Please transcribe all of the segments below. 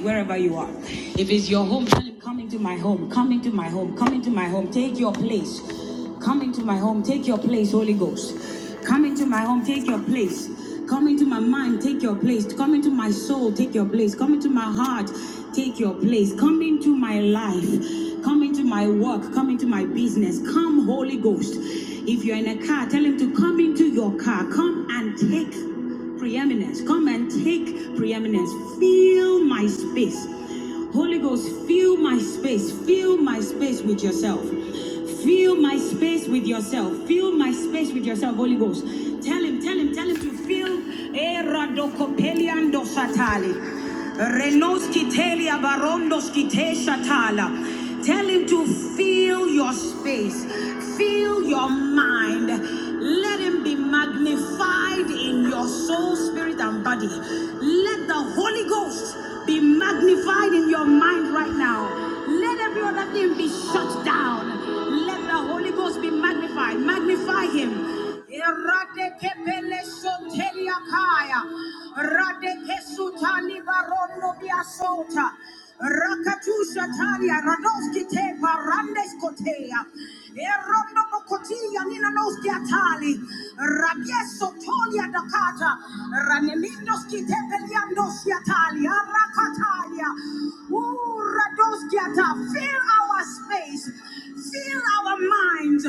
wherever you are. If it's your home, tell him, come into my home, come into my home, come into my home, take your place. Come into my home, take your place, Holy Ghost. Come into my home, take your place. Come into my mind, take your place. Come into my soul, take your place. Come into my heart, take your place. Come into my life. Come into my work. Come into my business. Come, Holy Ghost. If you're in a car, tell him to come into your car. Come and take preeminence. Come and take preeminence. Fill my space. Holy Ghost, fill my space. Fill my space with yourself. Fill my space with yourself. Fill my space with yourself, Holy Ghost. Tell him, tell him, tell him to fill. Eradokopeliando satali. Renoski telia barondoski Tell him to fill your space, fill your mind. Let him be be magnified in your soul, spirit, and body. Let the Holy Ghost be magnified in your mind right now. Let every other thing be shut down. Let the Holy Ghost be magnified. Magnify Him. Rakatusha Talia, Radoski Te, Parandes Kotea, Erondo Bokotia, Nina Noski Atali, Rabieso Tolia Dakata, Ranemindoski Te, Peliandoski Atali, Arakatalia, Uradoski Ata, fill our space, fill our minds,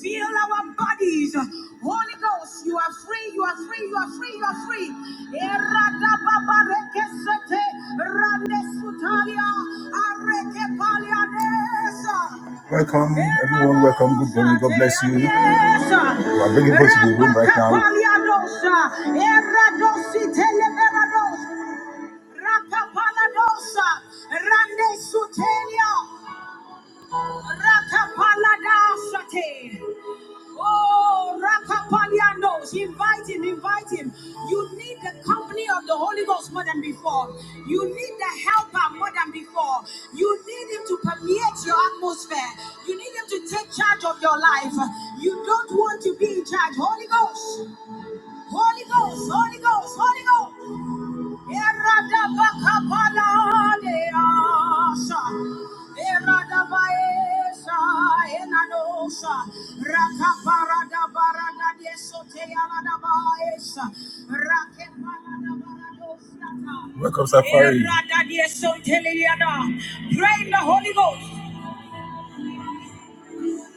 fill our bodies Holy Ghost, you are free, you are free, you are free, you are free. Eradababarekesete, randesutalia, arekepaliadesa. Rapakapaliadosa, eradositeleberados, rakapaladosa, randesutelia, rakapalada. sate. Oh, Rakapaliandos, invite him, invite him. You need the company of the Holy Ghost more than before. You need the helper more than before. You need him to permeate your atmosphere. You need him to take charge of your life. You don't want to be in charge. Holy Ghost, Holy Ghost, Holy Ghost, Holy Ghost. Welcome, Safari. Pray in the Holy Ghost.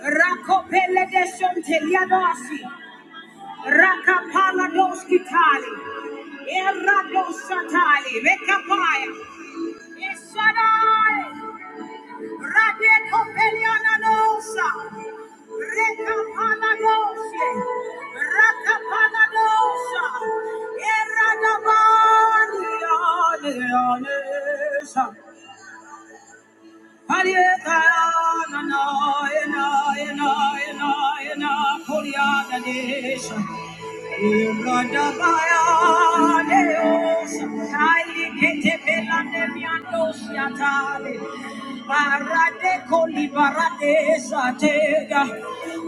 Rakopele de Sonteliadasi. Rakapala dos Kitali. Erados Satali. Rekapaya. Yes, Shaddai. Rade Kopeliana Nosa. Rekapana Nosa. Rakapana Nosa. Eradabani Anesa.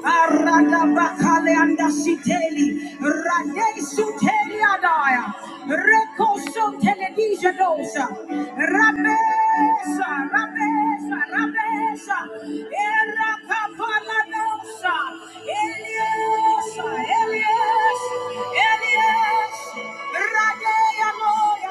Arada bakale anda siteli, rade suteli adaya. Recoso televisio dosa. Rabesa, rabesa, rabesa. Era capala dosa. Elias, Elias, Elias. Radea moya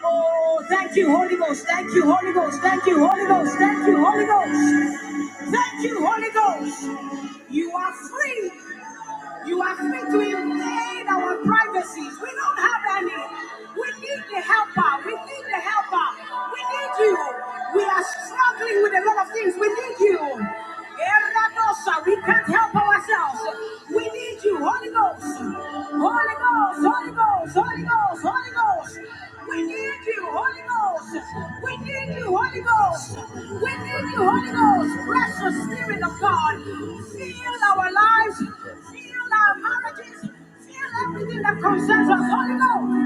Oh, thank you, Holy Ghost. Thank you, Holy Ghost. Thank you, Holy Ghost. Thank you, Holy Ghost. Thank you, Holy Ghost. You are free. You are free to invade our privacies. We don't have any. We need the helper. We need the helper. We need you. We are struggling with a lot of things. We need you. Erradosa, We can't help ourselves. We need you, Holy Ghost. Holy Ghost, Holy Ghost, Holy Ghost, Holy Ghost. We need you, Holy Ghost. We need you, Holy Ghost. We need you, Holy Ghost. Precious Spirit of God. Fill our lives. Fill our marriages. Fill everything that concerns us, Holy Ghost.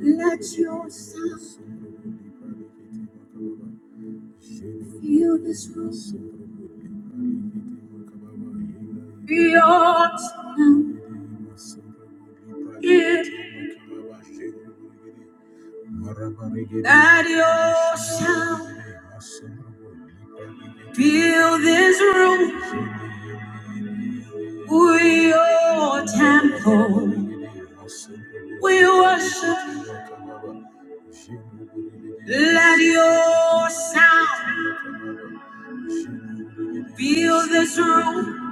Let your sound fill this room. That your sound fill this room with your temple. We worship. Let your sound fill this room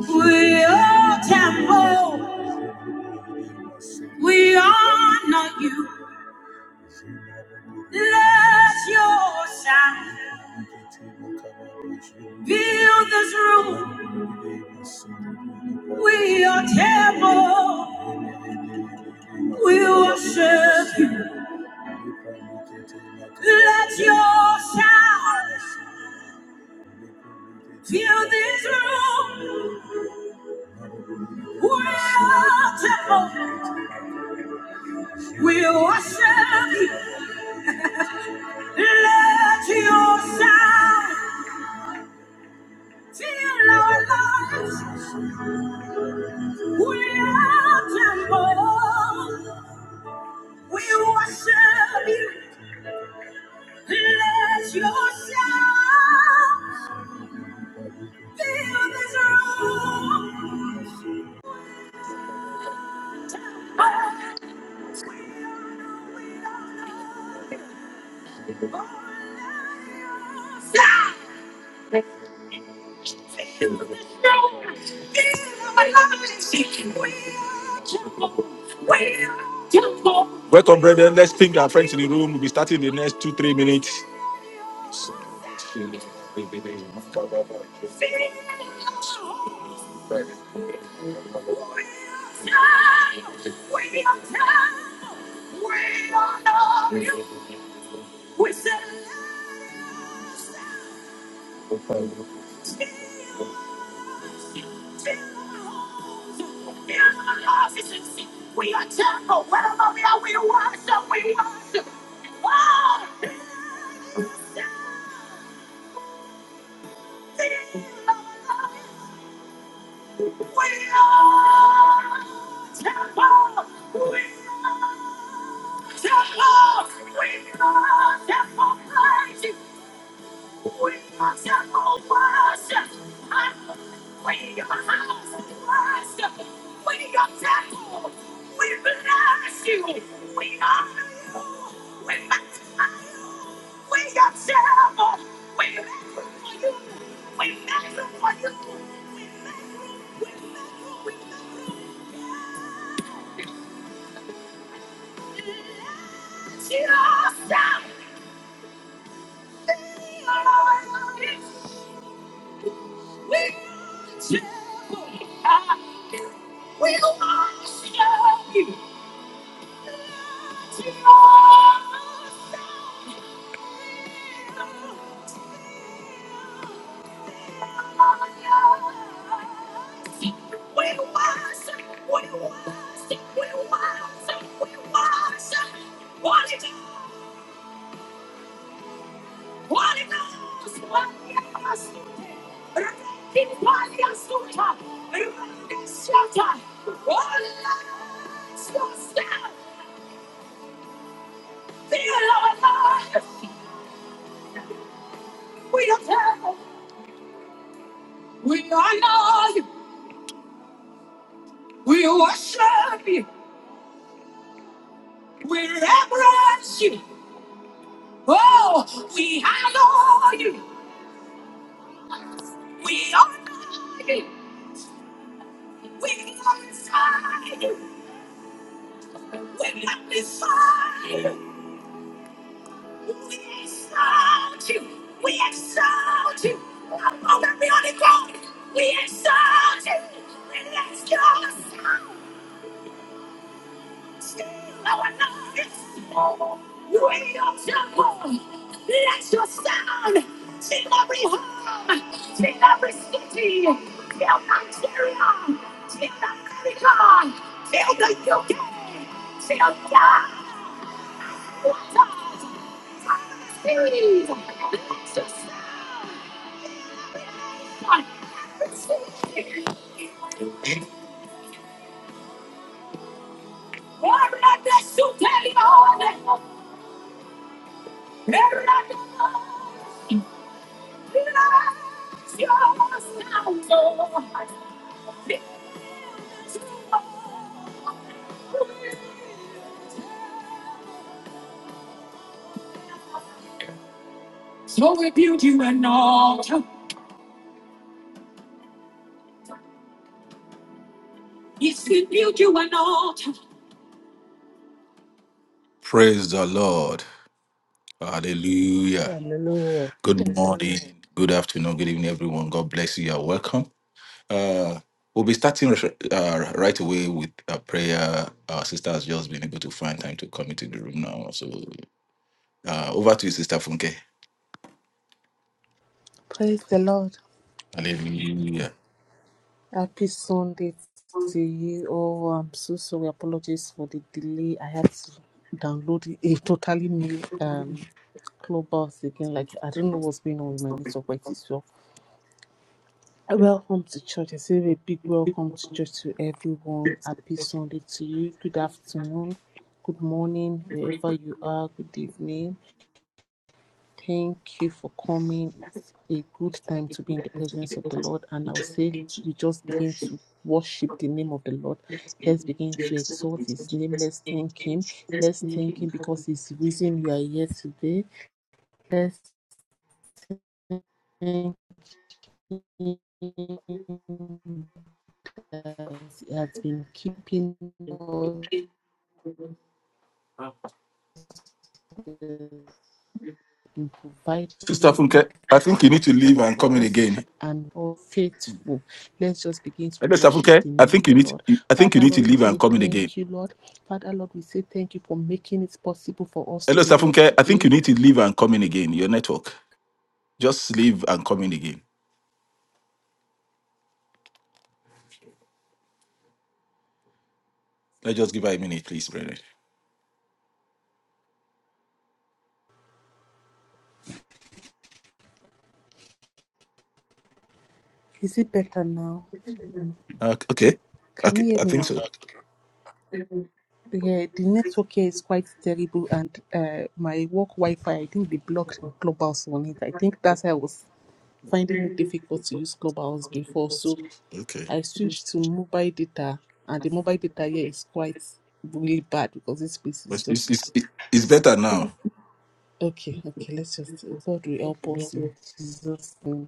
with your temple. We honor you. Let your sound fill this room. We are temple. We worship you. Let your sound fill this room. We are temple. We worship you. Let your sound fill our lives. We are temple. We worship you. Let yourself fill this room. Oh, we honor, we honor. Oh, let yourself fill our lives. We are temple. We are not yourself. We are temple. We are temple. We are the new. We said let us be temples in the offices. We are temple. Wherever we are, we worship. We worship. Oh, temples in the office. We are temple. We are. We adore, we love, we worship, we adore, we worship, we adore, we bless you, we honor you, we admire you, we adore, we make room for you, we make room for you, we make room, we make room, we make room for you, we adore. We worship, we worship, we worship. What is it? Holy Ghost, Paliasute, Rekin Paliasuta, Rendisata, Holy Ghost, yourself, fill our lives. We adore, we honor you, we worship you, we reverence you. Oh, we honor you, we honor you, we glorify you, we magnify We exalt you. We exalt you. Come on, everybody, go. We exalt you. We lift your sound. Still our noise. We your temple. Let your sound. Till every home. Till every city. Till Nigeria. Till America. Till the UK. Till God. What does? Series. Let your sound. So we build you an altar. Yes, we build you an altar. Praise the Lord. Hallelujah. Hallelujah. Good morning. Good afternoon. Good evening, everyone. God bless you. You're welcome. Uh, we'll be starting uh, right away with a prayer. Our sister has just been able to find time to come into the room now. So uh, over to you, Sister Funke. Praise the Lord. Hallelujah. Happy Sunday to you. Oh, I'm so sorry. Apologies for the delay. I had to download a totally new um clubhouse again. Like I don't know what's going on with my network, but it's well. Welcome to church. I say a big welcome to church to everyone. Happy Sunday to you. Good afternoon. Good morning, wherever you are. Good evening. Thank you for coming. It's a good time to be in the presence of the Lord. And I'll say, you just begin to worship the name of the Lord. Let's begin to exalt his name. Let's thank him. Let's thank him because he's the reason you are here today. Let's thank him that he has been keeping us, has been Sister providing Funke, I think you need to leave for and come in us again. and all faithful. Let's just begin to Hello, Sister worship Funke. the I name of think you the need. Lord. I think you Father, need to Lord, we leave and say come in again. thank you, Lord. Father, Lord, we say thank you for making it possible for us to Hello, be Sister here Funke. I think today. you need to leave and come in again. Your network. Just leave and come in again. Let's just give her a minute, please, brother. Is it better now? Uh, Okay. Can Okay. you hear I me think now? so. Yeah, the network here is quite terrible, and uh, my work Wi-Fi, I think they blocked Clubhouse on it. I think that's why I was finding it difficult to use Clubhouse before. So Okay. I switched to mobile data, and the mobile data here is quite really bad because this space is It's, just it's better now. okay. Okay, let's just God will help us in Jesus' name.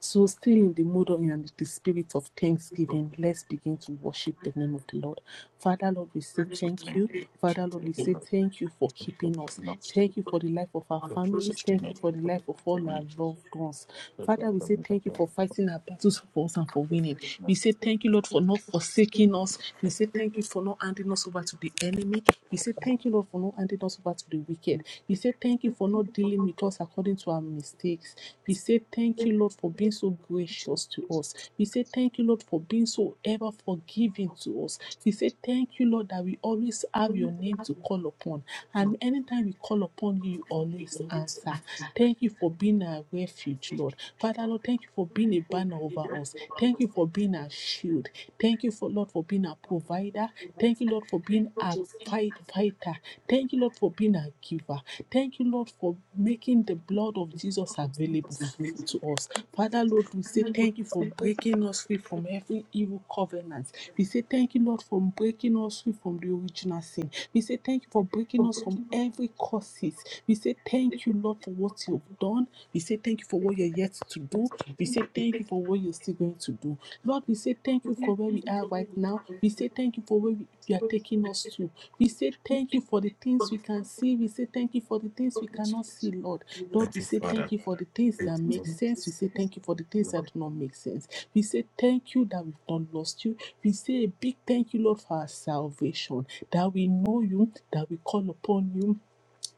So, still in the mood of- and the spirit of thanksgiving, let's begin to worship the name of the Lord. Father, Lord, we say thank you. Father, Lord, we say thank you for keeping us. Thank you for the life of our families. Thank you for the life of all our loved ones. Father, we say thank you for fighting our battles for us and for winning. We say thank you, Lord, for not forsaking us. We say thank you for not handing us over to the enemy. We say thank you, Lord, for not handing us over to the wicked. We say thank you for not dealing with us according to our mistakes. We say thank you, Lord, for being so gracious to us. We say thank you, Lord, for being so ever forgiving to us. We say thank you, Lord, that we always have your name to call upon. And anytime we call upon you, you always answer. Thank you for being our refuge, Lord. Father, Lord, thank you for being a banner over us. Thank you for being our shield. Thank you for Lord for being our provider. Thank you, Lord, for being our fight fighter. Thank you, Lord, for being our giver. Thank you, Lord, for making the blood of Jesus available f- to us. Father, Lord, we say thank you for breaking us free from every evil covenant. We say thank you, Lord, for breaking us free from the original sin. We say thank you for breaking us from every curses. We say thank you, Lord, for what you've done. We say thank you for what you're yet to do. We say thank you for what you're still going to do. Lord, we say thank you for where we are right now. We say thank you for where we, you are taking us to. We say thank you for the things we can see. We say thank you for the things we cannot see, Lord. Lord, we say thank you for the things that make sense. We say thank you for the things that do not make sense. We say thank you that we've not lost you. We say a big thank you, Lord, for our salvation. That we know you, that we call upon you,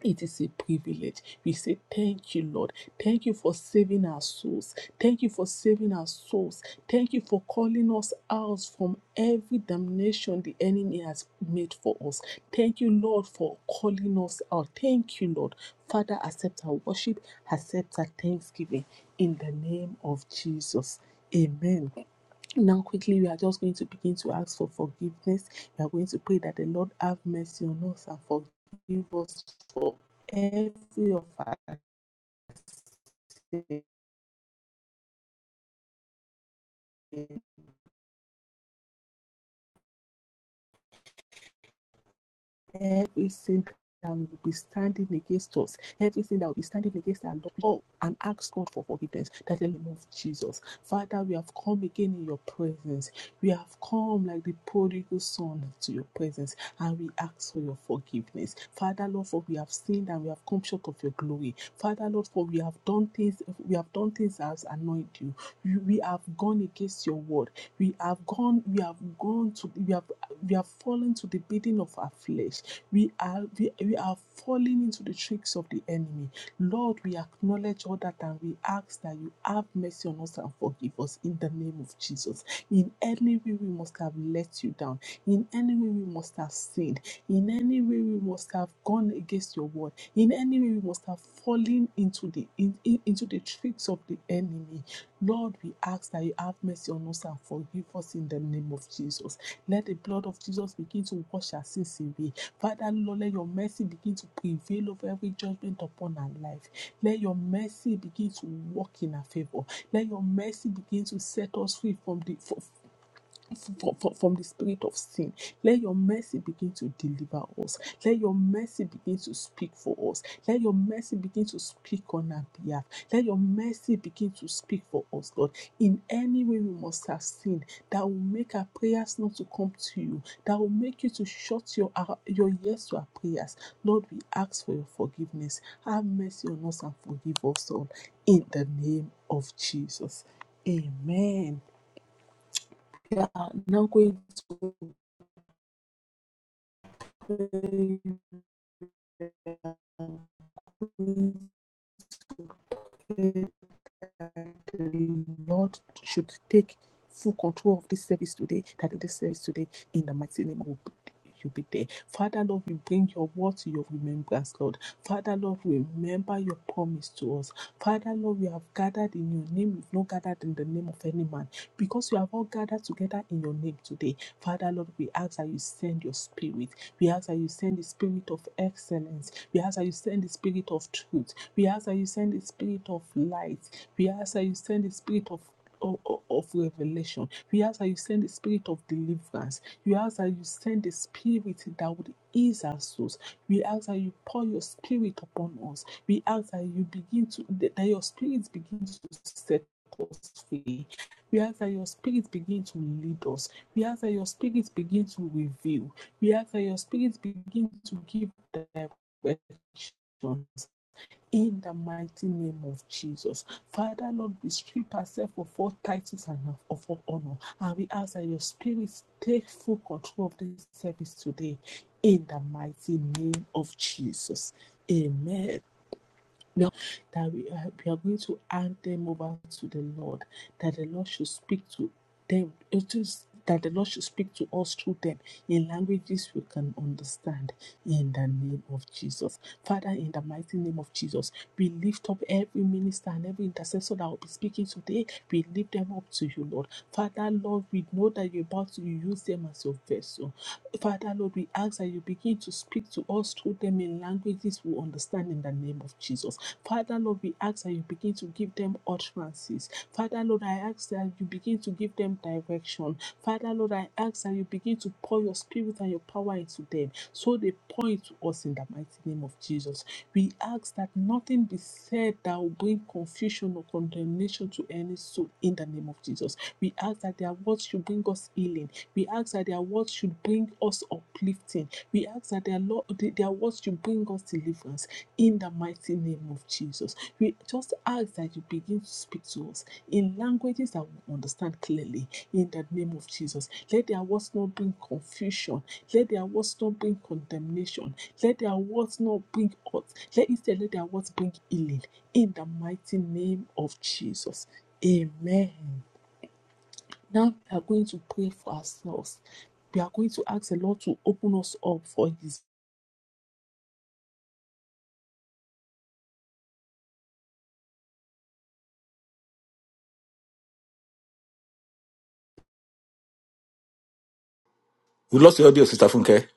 it is a privilege. We say, Thank you, Lord. Thank you for saving our souls. Thank you for saving our souls. Thank you for calling us out from every damnation the enemy has made for us. Thank you, Lord, for calling us out. Thank you, Lord. Father, accept our worship, accept our thanksgiving in the name of Jesus. Amen. Now, quickly, we are just going to begin to ask for forgiveness. We are going to pray that the Lord have mercy on us and forgive us for every of our sins. everything that will be standing against us, everything that will be standing against our Lord, oh, and ask God for forgiveness. That in the name of Jesus. Father, we have come again in your presence. We have come like the prodigal son to your presence, and we ask for your forgiveness. Father, Lord, for we have sinned and we have come short of your glory. Father, Lord, for we have done things, we have done things that has annoyed you. You- we have gone against your word we have gone we have gone to we have we have fallen to the bidding of our flesh we are we, we are falling into the tricks of the enemy lord we acknowledge all that and we ask that you have mercy on us and forgive us in the name of jesus in any way we must have let you down in any way we must have sinned in any way we must have gone against your word in any way we must have fallen into the in, in- into the tricks of the enemy Lord, we ask that you have mercy on us and forgive us in the name of Jesus. Let the blood of Jesus begin to wash our sins away. Father, Lord, let your mercy begin to prevail over every judgment upon our life. Let your mercy begin to work in our favor. Let your mercy begin to set us free from the from, from, from the spirit of sin. Let your mercy begin to deliver us. Let your mercy begin to speak for us. Let your mercy begin to speak on our behalf. Let your mercy begin to speak for us, Lord. In any way we must have sinned that will make our prayers not to come to you, that will make you to shut your, our- your ears to our prayers. Lord, we ask for your forgiveness. Have mercy on us and forgive us all. In the name of Jesus. Amen. We are now going. the Lord should take full control of this service today, that this service today, in the mighty name of you be there. Father, Lord, we bring your word to your remembrance, Lord. Father, Lord, we remember your promise to us. Father, Lord, we have gathered in your name. We've not gathered in the name of any man because we have all gathered together in your name today. Father, Lord, we ask that you send your spirit. We ask that you send the spirit of excellence. We ask that you send the spirit of truth. We ask that you send the spirit of light. We ask that you send the spirit of of, of revelation. We ask that you send the spirit of deliverance. We ask that you send the spirit that would ease our souls. We ask that you pour your spirit upon us. We ask that you begin to that that your spirit begins to set us free. We ask that your spirit begin to lead us. We ask that your spirit begin to reveal. We ask that your spirit begin to give direction in the mighty name of Jesus. Father, Lord, we strip ourselves of all titles and of all honor. And we ask that your spirit take full control of this service today in the mighty name of Jesus. Amen. No, that we are, we are going to hand them over to the Lord, that the Lord should speak to them. It is that the Lord should speak to us through them in languages we can understand in the name of Jesus. Father, in the mighty name of Jesus, we lift up every minister and every intercessor that will be speaking today. We lift them up to you, Lord. Father, Lord, we know that you're about to use them as your vessel. Father Lord, we ask that you begin to speak to us through them in languages we understand in the name of Jesus. Father Lord, we ask that you begin to give them utterances. Father Lord, I ask that you begin to give them direction. Father Lord, I ask that you begin to pour your spirit and your power into them so they point to us in the mighty name of Jesus. We ask that nothing be said that will bring confusion or condemnation to any soul in the name of Jesus. We ask that their words should bring us healing we ask that their words should bring us uplifting. We ask that their, Lord, their words should bring us deliverance in the mighty name of Jesus. We just ask that you begin to speak to us in languages that we understand clearly in the name of Jesus. Let their words not bring confusion. Let their words not bring condemnation. Let their words not bring hurt. Let instead let their words bring healing in the mighty name of Jesus. Amen. Now we are going to pray for ourselves. We are going to ask the Lord to open us up for His. We lost your audio, Sister Funke.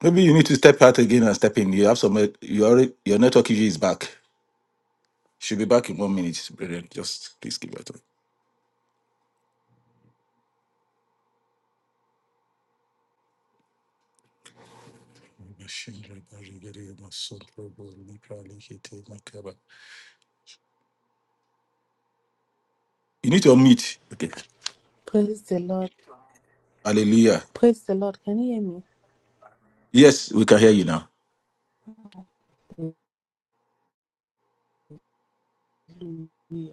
Maybe you need to step out again and step in. You have some. You already your network issue is back. Should be back in one minute, brethren. Just please give it time. You need to unmute. Okay. Praise the Lord. Hallelujah. Praise the Lord. Can you Yes, we can hear you now. hear me? Hallelujah.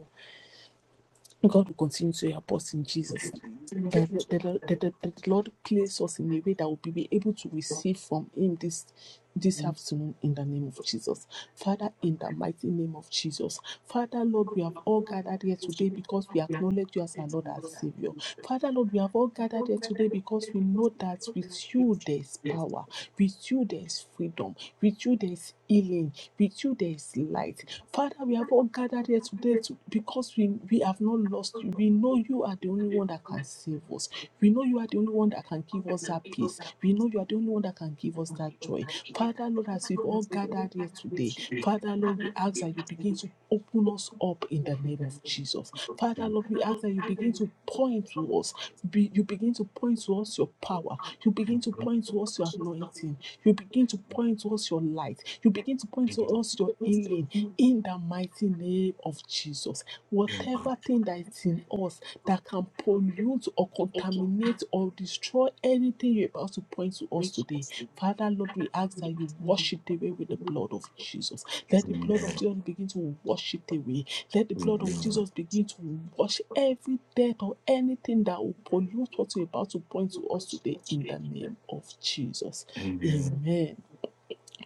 God will continue to help us in Jesus' name. That the, that the, the, the Lord place us in a way that we'll be able to receive from Him this this afternoon in the name of Jesus. Father, in the mighty name of Jesus. Father, Lord, we have all gathered here today because we acknowledge you as our Lord and Savior. Father, Lord, we have all gathered here today because we know that with you there is power, with you there is freedom, with you there is healing, with you there is light. Father, we have all gathered gathered here today to, because we, we have not lost you. We know you are the only one that can save us. We know you are the only one that can give us that peace. We know you are the only one that can give us that joy. Father, Lord, as we've all gathered here today, Father, Lord, we ask that you begin to open us up in the name of Jesus. Father, Lord, we ask that you begin to point to us. Be, you begin to point to us your power. You begin to point to us your anointing. You begin to point to us your light. You begin to point to us your healing in the mighty name of Jesus. Whatever thing that is in us that can pollute or contaminate or destroy anything you're about to point to us today, Father Lord, we ask that you wash it away with the blood of Jesus. Let the blood of Jesus begin to wash it away. Let the blood of Jesus begin to wash every death or anything that will pollute what you're about to point to us today in the name of Jesus. Amen.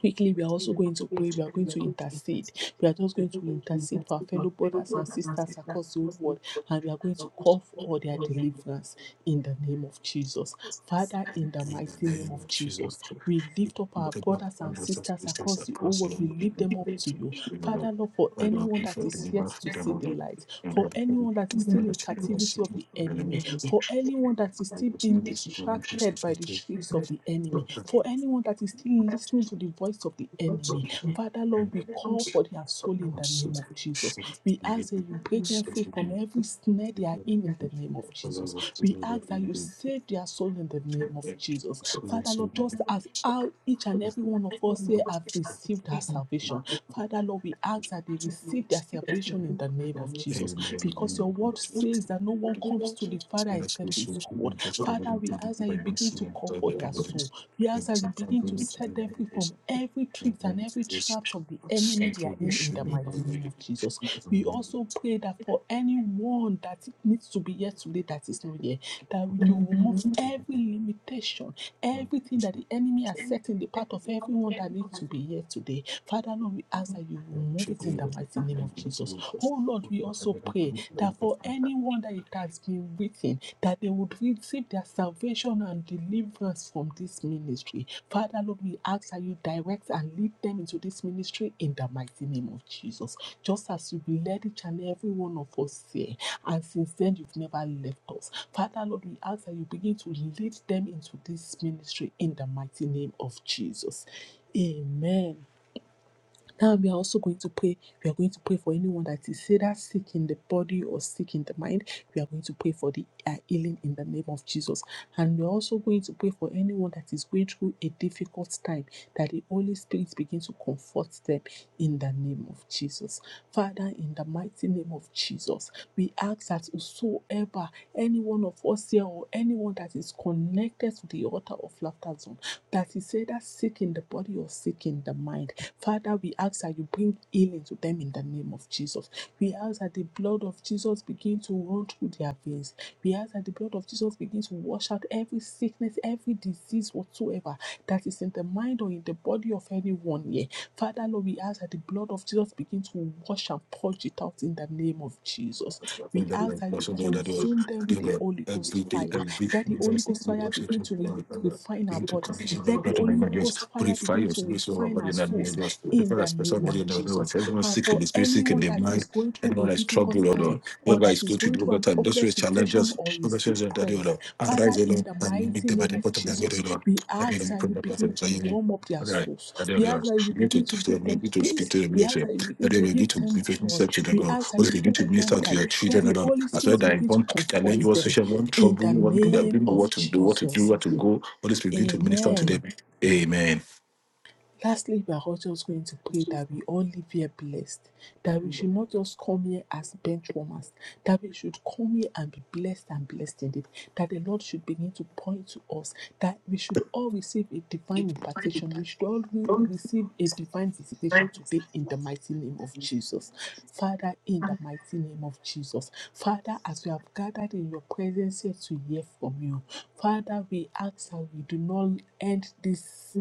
Quickly, we are also going to pray. We are going to intercede. We are just going to intercede for our fellow brothers and sisters across the whole world. And we are going to call for their deliverance in the name of Jesus. Father, in the mighty name of Jesus, we lift up our brothers and sisters across the whole world. We lift them up to you. Father, Lord, for anyone that is yet to see the light, for anyone that is still in captivity of the enemy, for anyone that is still being distracted by the tricks of the enemy, for anyone that is still listening to the voice of the enemy, Father, Lord, we call for their soul in the name of Jesus. We ask that you break them free from every snare they are in in the name of Jesus. We ask that you save their soul in the name of Jesus. Father Lord, just as how each and every one of us here have received our salvation, Father Lord, we ask that they receive their salvation in the name of Jesus, because your word says that no one comes to the Father except His God. Father, we ask that you begin to call for their soul. We ask that you begin to set them free from every trick and every traps of the enemy they are in, in the mighty name of Jesus. We also pray that for anyone that needs to be here today that is not here, that you remove every limitation Everything that the enemy has set in the path of everyone that needs to be here today, Father Lord, we ask that you remove it in the mighty name of Jesus. Oh Lord, we also pray that for anyone that it has been written, that they would receive their salvation and deliverance from this ministry. Father Lord, Lord, we ask that you direct and lead them into this ministry in the mighty name of Jesus. Just as you've led each and every one of us here, and since then you've never left us. Father, Lord, we ask that you begin to lead them into this ministry in the mighty name of Jesus. Amen. Now we are also going to pray. We are going to pray for anyone that is either sick in the body or sick in the mind. We are going to pray for the uh, healing in the name of Jesus. And we are also going to pray for anyone that is going through a difficult time, that the Holy Spirit begins to comfort them in the name of Jesus. Father, in the mighty name of Jesus, we ask that whosoever, any one of us here or anyone that is connected to the altar of laughter zone, that is either sick in the body or sick in the mind. Father, we ask that you bring healing to them in the name of Jesus. We ask that the blood of Jesus begin to run through their veins. We ask that the blood of Jesus begin to wash out every sickness, every disease whatsoever that is in the mind or in the body of anyone here. Father, Lord, we ask that the blood of Jesus begin to wash and purge it out in the name of Jesus. We ask that you consume them with the Holy Ghost fire. Let the Holy Ghost fire begin to re- refine our bodies. Let the to my Holy God, just Ghost fire purify begin your to spirit, soul, and refine body, our and that may souls just in purify your the special name body, of and the Jesus. ones. Everyone And sick in for the spirit, sick in anyone the that mind, is going through anyone a that is difficult troubled, Lord, time Lord. or Whoever is that is going through going through difficult an time, those who are hopeless situation challenges, or is those who are that, depressed, Lord, Father, arise, O in Lord, the and make mighty them at name the of bottom of the Jesus, middle, Lord. we Let me know ask you that you the begin blessing, so to you need. warm up their All right. And souls. the We ask others, that you you need to begin to talk to give them, you them need to speak peace. to them, you We need ask to that you that begin they to will need give to them different joy. minister to them, We Lord. ask that Also, you you need to hold them minister to tight. your Let children, O the Lord. Holy As well, Spirit that in begin to one comfort challenge, one them social, one in trouble, the one they don't name know what of to do, what to do, Jesus. where to go. Holy Spirit, begin to minister to Amen. them Amen. Lastly, we are all just going to pray that we all live here blessed, that we should not just come here as benchwarmers, that we should come here and be blessed and blessed indeed, that the Lord should begin to point to us, that we should all receive a divine impartation, we should all re- receive a divine visitation today in the mighty name of Jesus. Father, in the mighty name of Jesus, Father, as we have gathered in your presence here to hear from you, Father, we ask that we do not end this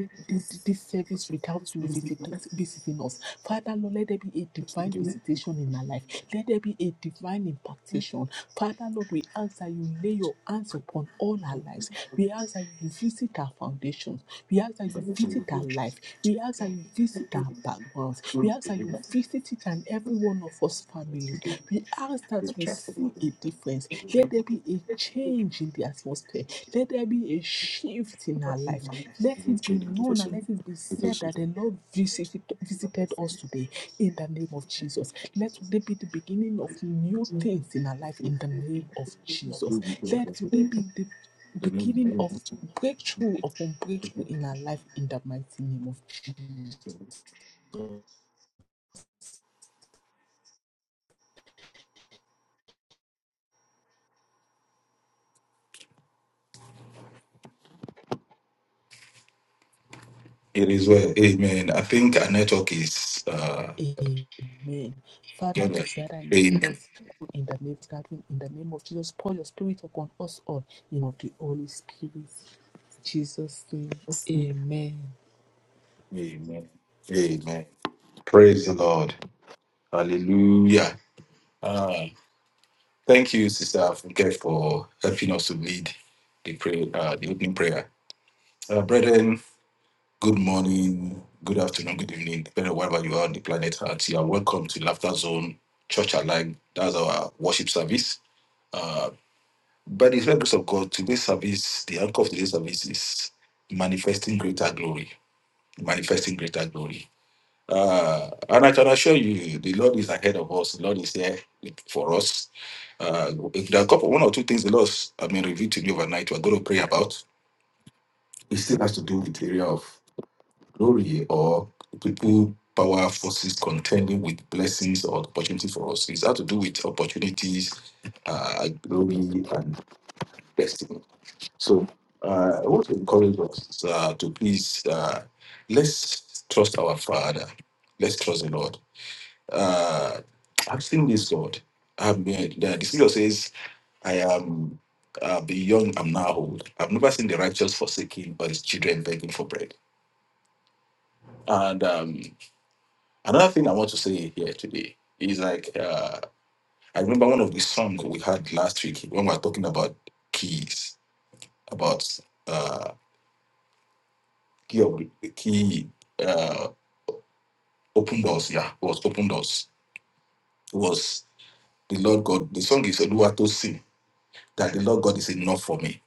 this service without you visit, visiting us. Father, Lord, let there be a divine visitation in our life. Let there be a divine impactation. Father, Lord, we ask that you lay your hands upon all our lives. We ask that you visit our foundations. We ask that you visit our life. We ask that you visit our backgrounds. We ask that you visit each and every one of us families. We ask that we see be a difference. Let there be a change in the atmosphere. Let there be a shift in our life. Let it be known and let it be said that the Lord visited, visited us today in the name of Jesus. Let today be the beginning of new things in our life in the name of Jesus. Let today be the beginning of breakthrough upon breakthrough in our life in the mighty name of It is well. Amen. I think our network is uh Amen. Father, Amen. Lord, gather in your Amen. praise in the name, gathering in the name of Jesus. Pour your spirit upon us all. In of the Holy Spirit. In Jesus' name. Amen. Amen. Amen. Praise the Lord. Hallelujah. Ah, thank you, Sister Afunke, for helping us to lead the prayer, uh, the opening prayer. Uh, brethren, good morning, good afternoon, good evening, depending on wherever you are on the planet Earth. You are welcome to Laughter Zone Church Alive. That's our worship service. Uh, by the grace of God, today's service, the anchor of today's service is testimony. So uh, I want to encourage us uh, to please uh, let's trust our Father. Let's trust the Lord. Uh, I've seen this Lord. I've been the the scripture says, "I am uh, the young, I'm now old. I've never seen the righteous forsaken or his children begging for bread." And um, another thing I want to say here today is like uh, I remember one of the songs we had last week when we were talking about keys, about uh, key of key. Uh, Open doors, yeah, it was open doors. It was the Lord God. The song is Oluwato Si, that the Lord God is enough for me.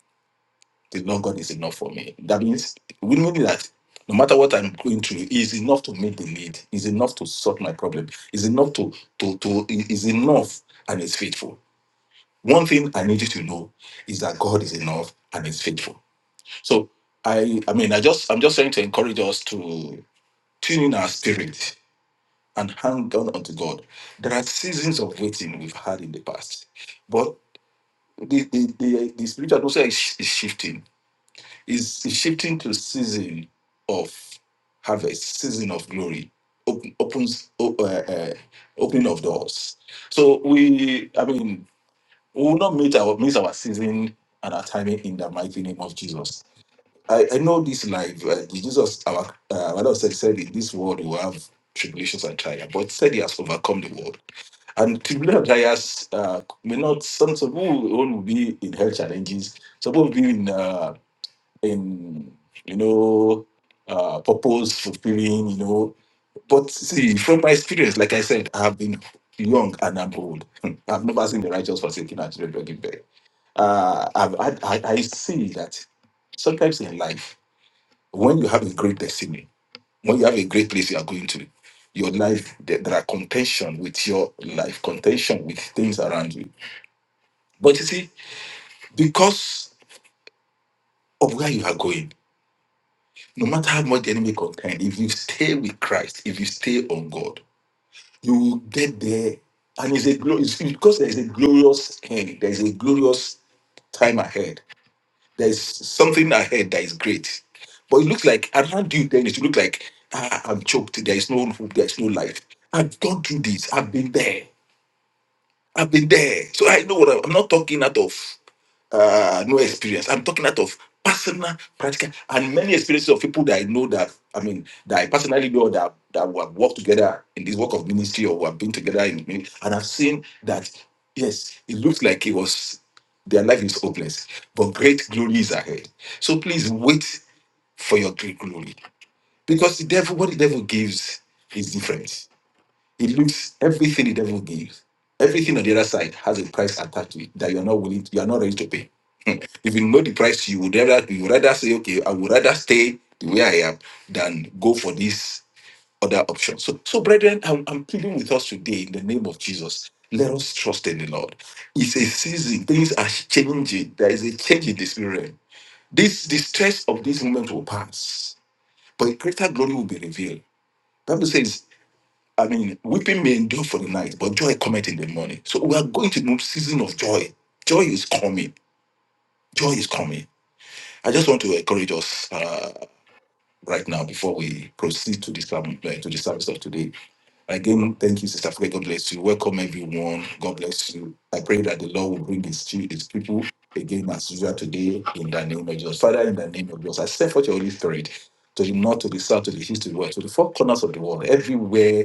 The Lord God is enough for me. That means we know that no matter what I'm going through, He is enough to meet the need. Is enough to solve my problem. Is enough to to to is enough and is faithful. One thing I need you to know is that God is enough and is faithful. So I I mean I just I'm just trying to encourage us to tune in our spirit and hang on unto God. There are seasons of waiting we've had in the past, but the the, the, the spiritual atmosphere is, sh- is shifting. Is is shifting to season of harvest, season of glory, open, opens op- uh, uh, opening of doors. So we, I mean, we will not meet our miss our season and our timing in the mighty name of Jesus. I, I know this life. Uh, Jesus, our uh, our Lord said, said in this world we will have tribulations and trials, but said he has overcome the world. And tubular dryers uh, may not, some, some people will will be in health challenges, some people will be in, uh, in you know, uh, purpose fulfilling, you know. But see, from my experience, like I said, I have been young and I'm old. Hmm. I've never seen the righteous forsaken and children begging bread. Uh, I've, I, I, I see that sometimes in life, when you have a great destiny, when you have a great place you are going to, your life, there, there are contention with your life, contention with things around you. But you see, because of where you are going, no matter how much the enemy contend, if you stay with Christ, if you stay on God, you will get there. And it's a glorious, because there is a glorious end, there is a glorious time ahead. There's something ahead that is great. But it looks like around you then it look like ah, I'm choked. There is no hope. There is no life. I've gone through this. I've been there. I've been there. So I know what I'm, I'm not talking out of uh, no experience. I'm talking out of personal, practical, and many experiences of people that I know that, I mean, that I personally know that, that we have worked together in this work of ministry or we have been together in min- And I've seen that, yes, it looks like it was, their life is hopeless, but great glory is ahead. So please wait for your great glory because the devil, what the devil gives is different. It looks everything the devil gives, everything on the other side has a price attached to it that you're not willing, you are not ready to pay. Hmm. if you know the price, you would rather you would rather say, okay, I would rather stay the way I am than go for this other option. So, so brethren, I'm, I'm pleading with us today in the name of Jesus. Let us trust in the Lord. It's a season; things are changing. There is a change in the spirit. realm. This the stress of this moment will pass, but greater glory will be revealed. Bible says I mean, weeping may endure for the night, but joy cometh in the morning. So we are going to a season of joy. Joy is coming. Joy is coming. I just want to encourage us. uh, right now before we proceed to the sermon, uh, to the service of today. Again, thank you, Sister Fred. God bless you. Welcome, everyone. God bless you. I pray that the Lord will bring his, chi- his people again as usual today in the name of Jesus. Father, in the name of Jesus, I send forth your Holy Spirit to the north, to the south, to the east, to the west, to the four corners of the world, everywhere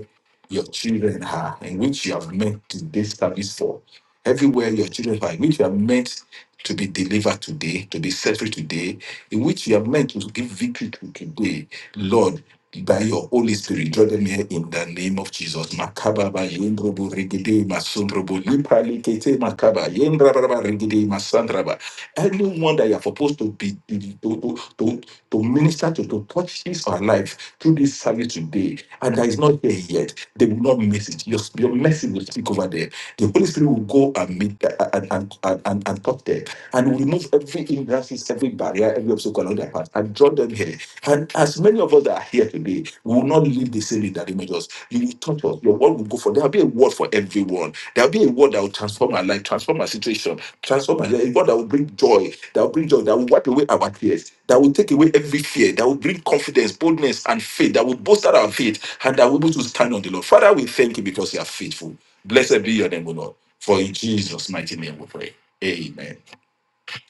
your children are, in which you have meant today's service for. Everywhere your children are, in which you are meant to be delivered today, to be set free today, in which you are meant to give victory to today Lord, by your Holy Spirit, draw them here in the name of Jesus. Makababa, Yendrobo, Regede, Masundrobo, Lipalikete, Makaba, Yendrabraba, Regede, Masandraba. Anyone that you are supposed to be to, to, to, to minister to, to touch his or her life through this service today, and that is not here yet, they will not miss it. Your, your message will speak over there. The Holy Spirit will go and meet and, and, and, and, and talk there and will remove every hindrances, every barrier, every obstacle along their path and draw them here. and. Many of us that are here today will not live in that image. We want to go for there will be a God that will bring joy, that will bring joy, that will wipe away our tears, that will take away every fear, that will bring confidence, boldness, and faith, that will bolster our faith, and that will be able to stand on the Lord. Father, we thank you because you are faithful. Blessed be your name, O Lord. For in Jesus' mighty name we pray. Amen.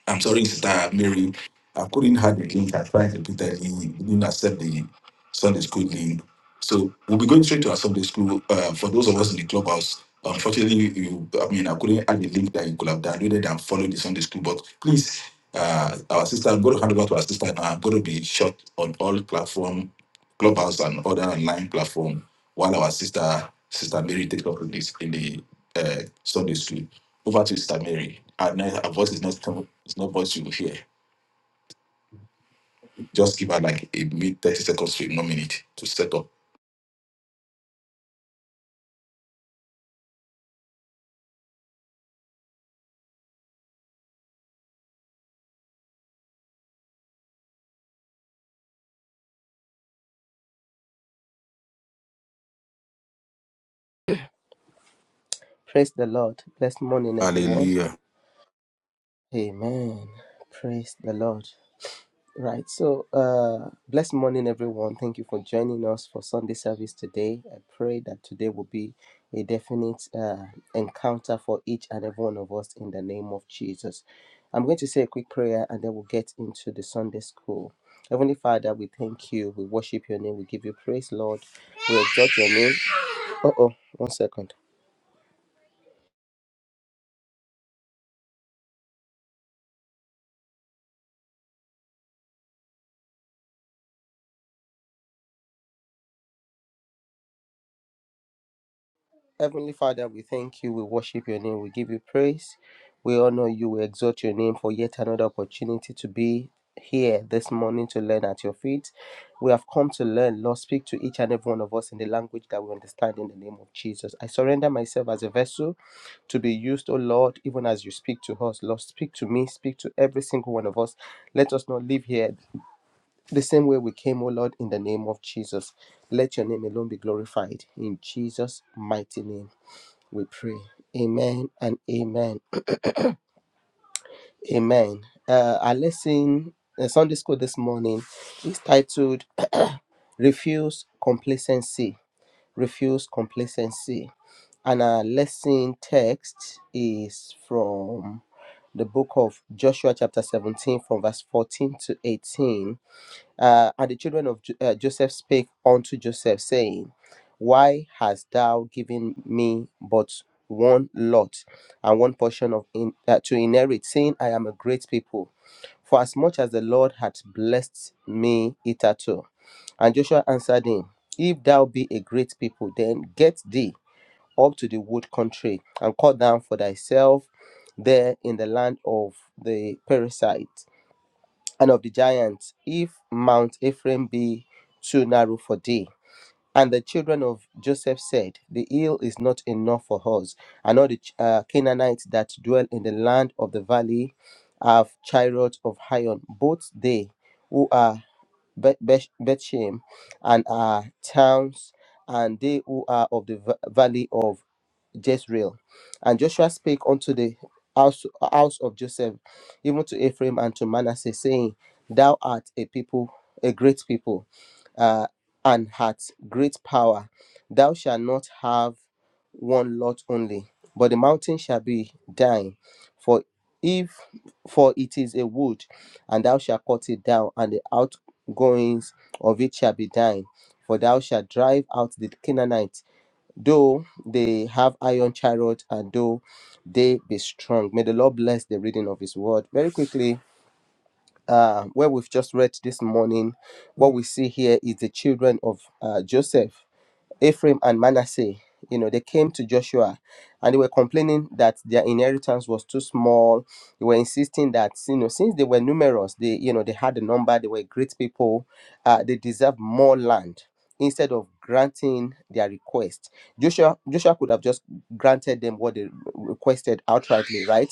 I'm sorry, Sister Mary. I couldn't have the link. I tried to put that in. It didn't accept the Sunday school link. So we'll be going straight to our Sunday school. Uh, for those of us in the clubhouse, unfortunately, you, I mean, I couldn't add the link that you could have downloaded and followed the Sunday school. But please, uh, our sister, I'm going to hand over to our sister. Now. I'm going to be short on all platform, clubhouse and other online platform, while our sister, sister Mary, takes up with this in the uh, Sunday school. Over to Sister Mary. Her, no- her voice is not, it's not voice you will hear. Just give her like a mid 30 seconds to a minute to set up. Praise the Lord. Blessed morning, everyone. Hallelujah. Amen. Praise the Lord. Right. So, uh, blessed morning, everyone. Thank you for joining us for Sunday service today. I pray that today will be a definite uh, encounter for each and every one of us in the name of Jesus. I'm going to say a quick prayer and then we'll get into the Sunday school. Heavenly Father, we thank you. We worship your name. We give you praise, Lord. We exalt your name. Uh oh. One second. Heavenly Father, we thank you, we worship your name, we give you praise, we honor you, we exalt your name for yet another opportunity to be here this morning to learn at your feet. We have come to learn, Lord, speak to each and every one of us in the language that we understand in the name of Jesus. I surrender myself as a vessel to be used, Oh Lord, even as you speak to us. Lord, speak to me, speak to every single one of us. Let us not live here the same way we came, Oh Lord, in the name of Jesus. Let your name alone be glorified in Jesus' mighty name we pray. Amen and amen. Amen. Uh, our lesson, uh, Sunday school this morning, is titled Refuse Complacency. Refuse Complacency. And our lesson text is from the book of Joshua, chapter 17, from verse 14 to 18. Uh, and the children of Jo- uh, Joseph spake unto Joseph, saying, Why hast thou given me but one lot and one portion of in, uh, to inherit, seeing I am a great people? For as much as the Lord hath blessed me hitherto. And Joshua answered him, If thou be a great people, then get thee up to the wood country and cut down for thyself there in the land of the Perizzites and of the giants, if Mount Ephraim be too narrow for thee. And the children of Joseph said, The hill is not enough for us, and all the Ch- uh, Canaanites that dwell in the land of the valley have chariots of iron, both they who are Be- Be- Bethshem and are towns, and they who are of the va- valley of Jezreel. And Joshua spake unto the house, house of Joseph, even to Ephraim and to Manasseh, saying, Thou art a people, a great people, uh, and hast great power. Thou shalt not have one lot only, but the mountain shall be thine. For if for it is a wood, and thou shalt cut it down, and the outgoings of it shall be thine. For thou shalt drive out the Canaanites though they have iron chariot and though they be strong. May the Lord bless the reading of his word. Very quickly, uh, where we've just read this morning, what we see here is the children of uh, Joseph. Ephraim and Manasseh, you know, they came to Joshua and they were complaining that their inheritance was too small. They were insisting that, you know, since they were numerous, they, you know, they had a number, they were great people, uh, they deserved more land instead of granting their request. Joshua Joshua could have just granted them what they requested outrightly, right?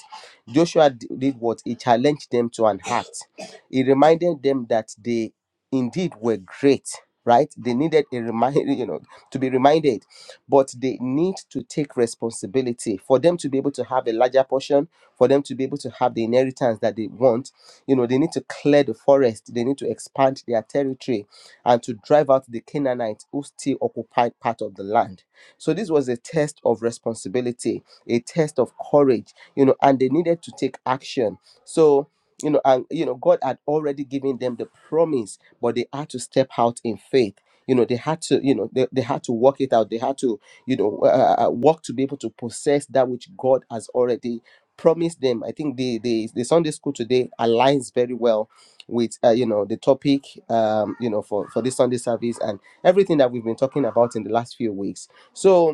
Joshua d- did what? He challenged them to an act. He reminded them that they indeed were great right they needed a reminder you know to be reminded, but they need to take responsibility for them to be able to have a larger portion, for them to be able to have the inheritance that they want. You know, they need to clear the forest, they need to expand their territory and to drive out the Canaanites who still occupied part of the land. So this was a test of responsibility, a test of courage, you know, and they needed to take action. So you know, and you know, God had already given them the promise, but they had to step out in faith you know they had to you know they, they had to work it out they had to you know uh, uh, uh, work to be able to possess that which god has already promised them i think the the, the sunday school today aligns very well with uh, you know the topic um you know for for this sunday service and everything that we've been talking about in the last few weeks so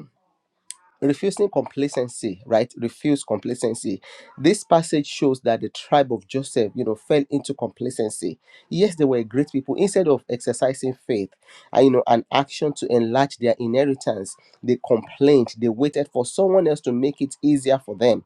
refusing complacency right refuse complacency this passage shows that the tribe of joseph you know fell into complacency yes they were great people instead of exercising faith and you know an action to enlarge their inheritance they complained they waited for someone else to make it easier for them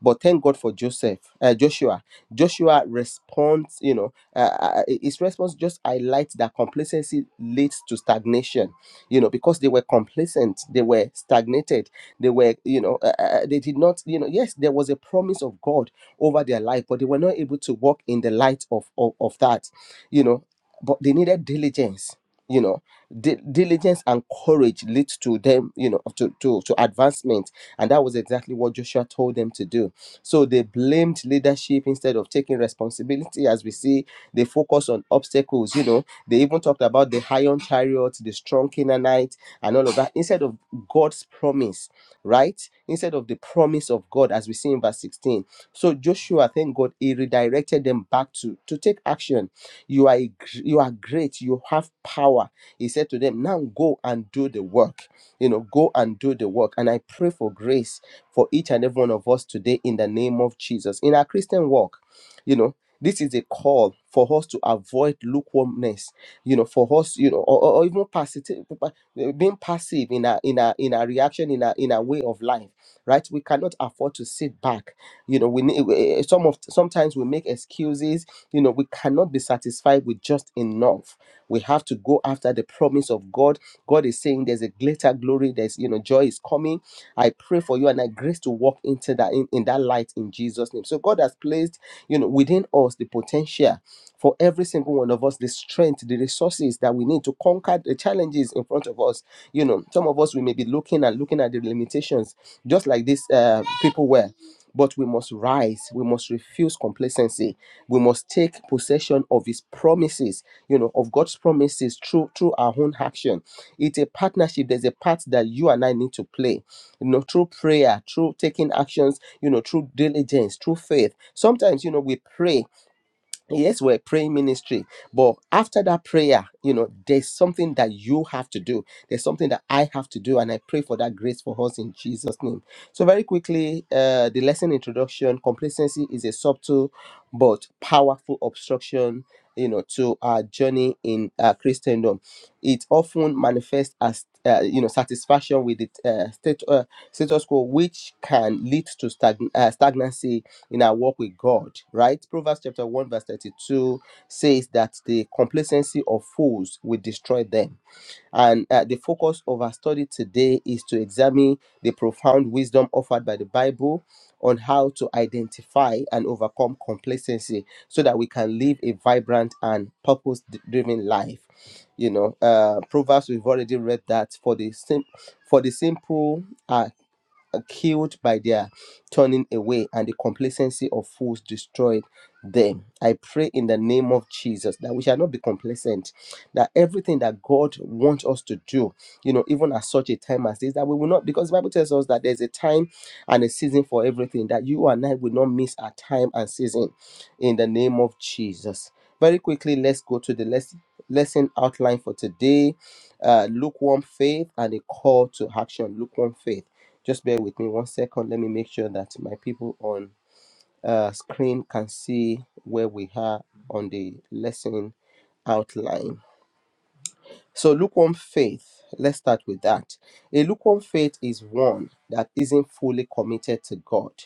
but thank God for Joseph, uh, Joshua. Joshua responds, you know, uh, uh, uh, his response just highlights that complacency leads to stagnation, you know, because they were complacent, they were stagnated, they were, you know, uh, uh, they did not, you know, yes, there was a promise of God over their life, but they were not able to walk in the light of, of, of that, you know, but they needed diligence. You know, di- diligence and courage leads to them, you know, to, to to advancement, and that was exactly what Joshua told them to do so they blamed leadership instead of taking responsibility. As we see, they focus on obstacles. You know, they even talked about the iron chariot, the strong Canaanite, and all of that instead of God's promise, right? Instead of the promise of God, as we see in verse 16. So Joshua, thank God, he redirected them back to to take action. You are a gr- you are great. You have power. He said to them, now go and do the work. You know, go and do the work. And I pray for grace for each and every one of us today in the name of Jesus. In our Christian walk, you know, this is a call for us to avoid lukewarmness, you know, for us, you know, or, or even passive, being passive in our in our in our reaction, in our in our way of life, right? We cannot afford to sit back. You know, we need eh, some of sometimes we make excuses. You know, we cannot be satisfied with just enough. We have to go after the promise of God. God is saying there's a greater glory. There's you know, joy is coming I pray for you and I grace to walk into that in, in that light in Jesus' name. So God has placed, you know, within us the potential for every single one of us, the strength, the resources that we need to conquer the challenges in front of us. You know, some of us we may be looking and looking at the limitations, just like these uh, people were. But we must rise. We must refuse complacency. We must take possession of His promises. You know, of God's promises through through our own action. It's a partnership. There's a part that you and I need to play you know, through prayer, through taking actions, you know, through diligence, through faith. Sometimes, you know, we pray yes we're praying ministry but after that prayer you know there's something that you have to do there's something that i have to do and i pray for that grace for us in jesus name so very quickly uh, the lesson introduction complacency is a subtle but powerful obstruction you know to our journey in uh, christendom it often manifests as uh, you know satisfaction with the uh, state, uh, status quo which can lead to stagn- uh, stagnancy in our walk with God, right? Proverbs chapter 1, verse 32 says that the complacency of fools will destroy them. And uh, the focus of our study today is to examine the profound wisdom offered by the Bible on how to identify and overcome complacency so that we can live a vibrant and purpose driven life. You know, uh, Proverbs, we've already read that for the, sim- for the simple are killed by their turning away and the complacency of fools destroyed them i pray in the name of jesus that we shall not be complacent that everything that god wants us to do you know even at such a time as this that we will not because the bible tells us that there's a time and a season for everything that you and i will not miss our time and season in the name of jesus very quickly let's go to the lesson lesson outline for today uh, lukewarm faith and a call to action lukewarm faith just bear with me one second. Let me make sure that my people on uh, screen can see where we are on the lesson outline. So, lukewarm faith, let's start with that. A lukewarm faith is one that isn't fully committed to God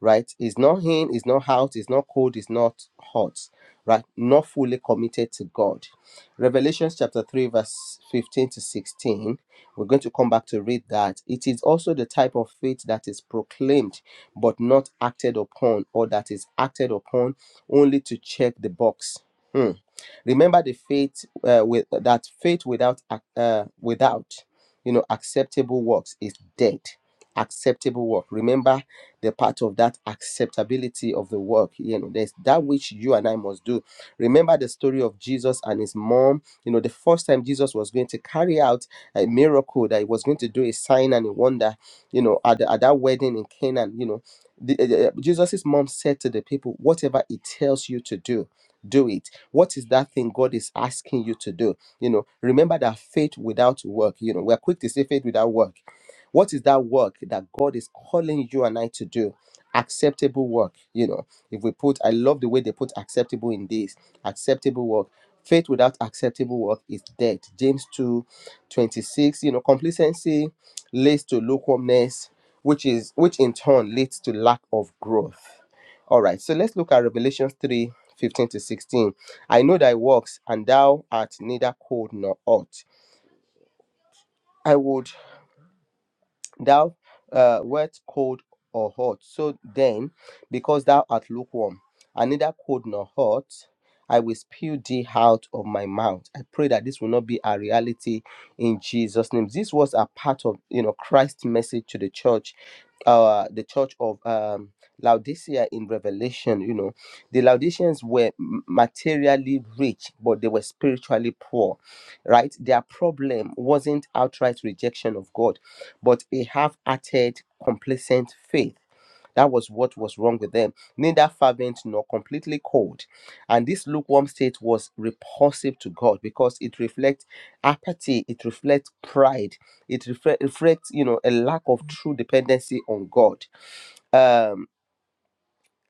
right? He's not in, he's not out, he's not cold, he's not hot, right? Not fully committed to God. Revelation chapter 3, verse 15 to 16. We're going to come back to read that. It is also the type of faith that is proclaimed but not acted upon, or that is acted upon only to check the box. Hmm. Remember the faith uh, with that faith without ac- uh, without you know acceptable works is dead. Acceptable work. Remember the part of that acceptability of the work you know there's that which you and i must do remember the story of jesus and his mom you know the first time jesus was going to carry out a miracle that he was going to do a sign and a wonder you know at, the- at that wedding in canaan you know the, uh, uh, jesus's mom said to the people whatever it tells you to do do it what is that thing god is asking you to do you know remember that faith without work you know we're quick to say faith without work what is that work that God is calling you and I to do? Acceptable work. You know, if we put, I love the way they put acceptable in this acceptable work. Faith without acceptable work is dead. James 2, 26. You know, complacency leads to lukewarmness, which is which in turn leads to lack of growth. All right, so let's look at Revelation 3, 15 to 16. I know thy works, and thou art neither cold nor hot. I would thou uh, wert cold or hot. So then, because thou art lukewarm, and neither cold nor hot, I will spew thee out of my mouth. I pray that this will not be a reality in Jesus' name. This was a part of you know Christ's message to the church, uh, the church of um, Laodicea in Revelation. You know, the Laodiceans were m- materially rich, but they were spiritually poor. Right, their problem wasn't outright rejection of God but a half-hearted, complacent faith. That was what was wrong with them, neither fervent nor completely cold. And this lukewarm state was repulsive to God because it reflects apathy, it reflects pride, it refle- reflects, you know, a lack of true dependency on God. Um,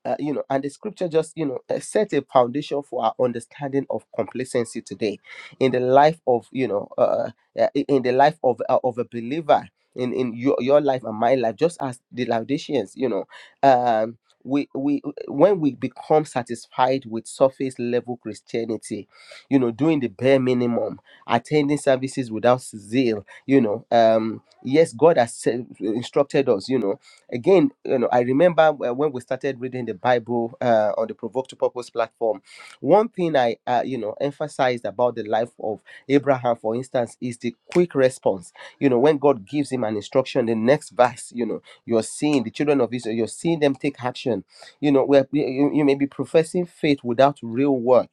uh, you know, and the scripture just, you know, uh, set a foundation for our understanding of complacency today in the life of, you know, uh, uh, uh, i- in the life of uh, of a believer in in your, your life and my life, just as the Laodiceans, you know, um, we we when we become satisfied with surface level Christianity, you know, doing the bare minimum, attending services without zeal, you know, um, yes, God has said- instructed us, you know. Again, you know, I remember uh, when we started reading the Bible uh, on the Provoke to Purpose platform. One thing I, uh, you know, emphasized about the life of Abraham, for instance, is the quick response. You know, when God gives him an instruction, the next verse, you know, you're seeing the children of Israel, you're seeing them take action. You know, where you, you you may be professing faith without real work,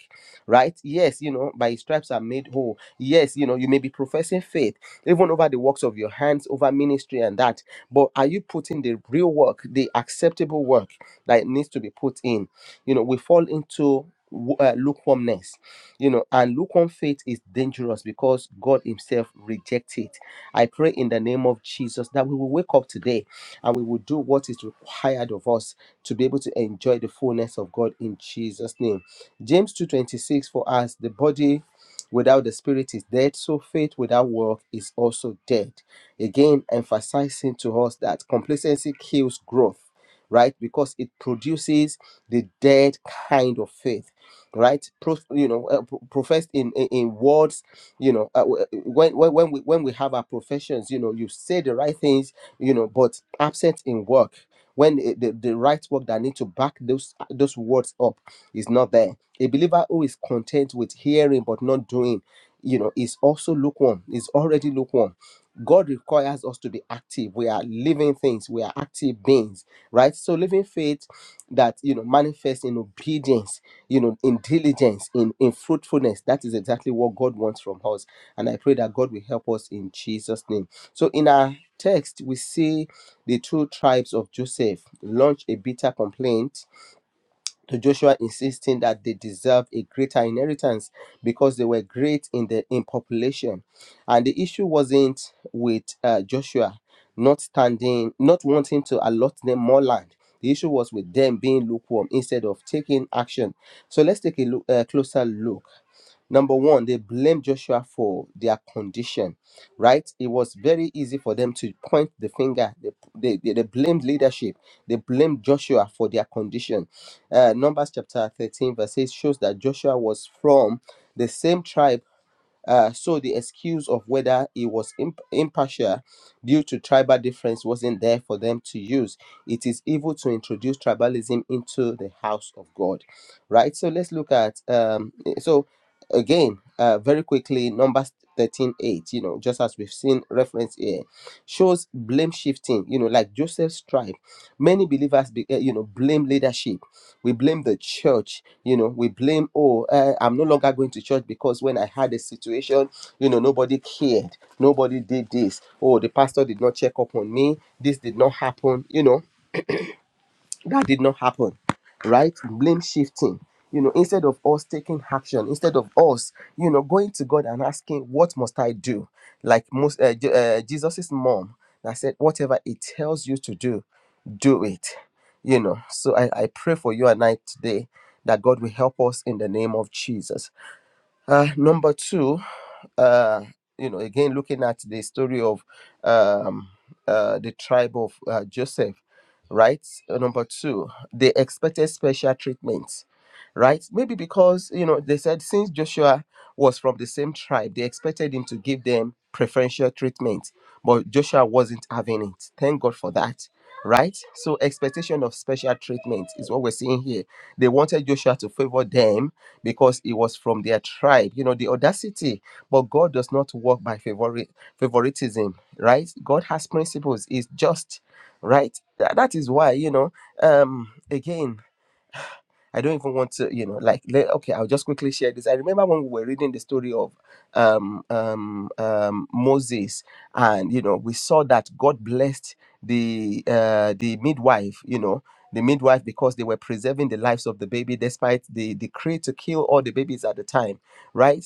right? Yes, you know, by his stripes are made whole. Yes, you know, you may be professing faith even over the works of your hands, over ministry and that but are you putting the real work the acceptable work that needs to be put in you know we fall into w- uh, lukewarmness you know and lukewarm faith is dangerous because god himself rejects it i pray in the name of jesus that we will wake up today and we will do what is required of us to be able to enjoy the fullness of god in jesus name james 2.26 for us the body without the spirit is dead so faith without work is also dead Again, emphasizing to us that complacency kills growth, right? Because it produces the dead kind of faith, right? Pro, you know, uh, pro- professed in, in in words, you know, uh, w- uh, when when when we when we have our professions, you know, you say the right things, you know, but absent in work. When i- the, the right work that need to back those those words up is not there. A believer who is content with hearing but not doing, you know, is also lukewarm, is already lukewarm God requires us to be active. We are living things. We are active beings, right? So living faith that you know manifests in obedience, you know, in diligence, in in fruitfulness. That is exactly what God wants from us, and I pray that God will help us in Jesus' name. So in our text, we see the two tribes of Joseph launch a bitter complaint to Joshua, insisting that they deserve a greater inheritance because they were great in the in population. And the issue wasn't with uh, Joshua not standing, not wanting to allot them more land. The issue was with them being lukewarm instead of taking action. So let's take a look, a closer look. Number one, they blame Joshua for their condition, right? It was very easy for them to point the finger. they, they they blamed leadership. They blamed Joshua for their condition uh, Numbers chapter 13, verse 8 shows that Joshua was from the same tribe. Uh, so the excuse of whether he was imp- impartial due to tribal difference wasn't there for them to use. It is evil to introduce tribalism into the house of God, right? So let's look at um, eh, so again uh, very quickly Numbers 13 8, You know, just as we've seen reference here, shows blame shifting. You know, like Joseph's tribe, many believers, be, eh, you know, blame leadership we blame the church you know we blame oh uh, i'm no longer going to church because when i had a situation you know nobody cared nobody did this oh the pastor did not check up on me this did not happen you know that did not happen right blame shifting you know instead of us taking action instead of us you know going to god and asking what must i do like most uh, Je- uh, jesus's mom that said whatever it tells you to do do it you know so I, I pray for you and i today that god will help us in the name of jesus uh, number two, uh, you know, again looking at the story of um, uh, the tribe of uh, Joseph, right? Uh, Number two, they expected special treatment, right? Maybe because you know they said since Joshua was from the same tribe, they expected him to give them preferential treatment, but Joshua wasn't having it. Thank God for that. Right, so expectation of special treatment is what we're seeing here. They wanted Joshua to favor them because he was from their tribe. You know, the audacity. But God does not work by favori- favoritism, right? God has principles, is just, right? Tha- that is why, you know, um, again, I don't even want to, you know, like let, okay, I'll just quickly share this. I remember when we were reading the story of um, um, um, Moses, and you know, we saw that God blessed the uh, the midwife, you know, the midwife because they were preserving the lives of the baby despite the decree to kill all the babies at the time, right?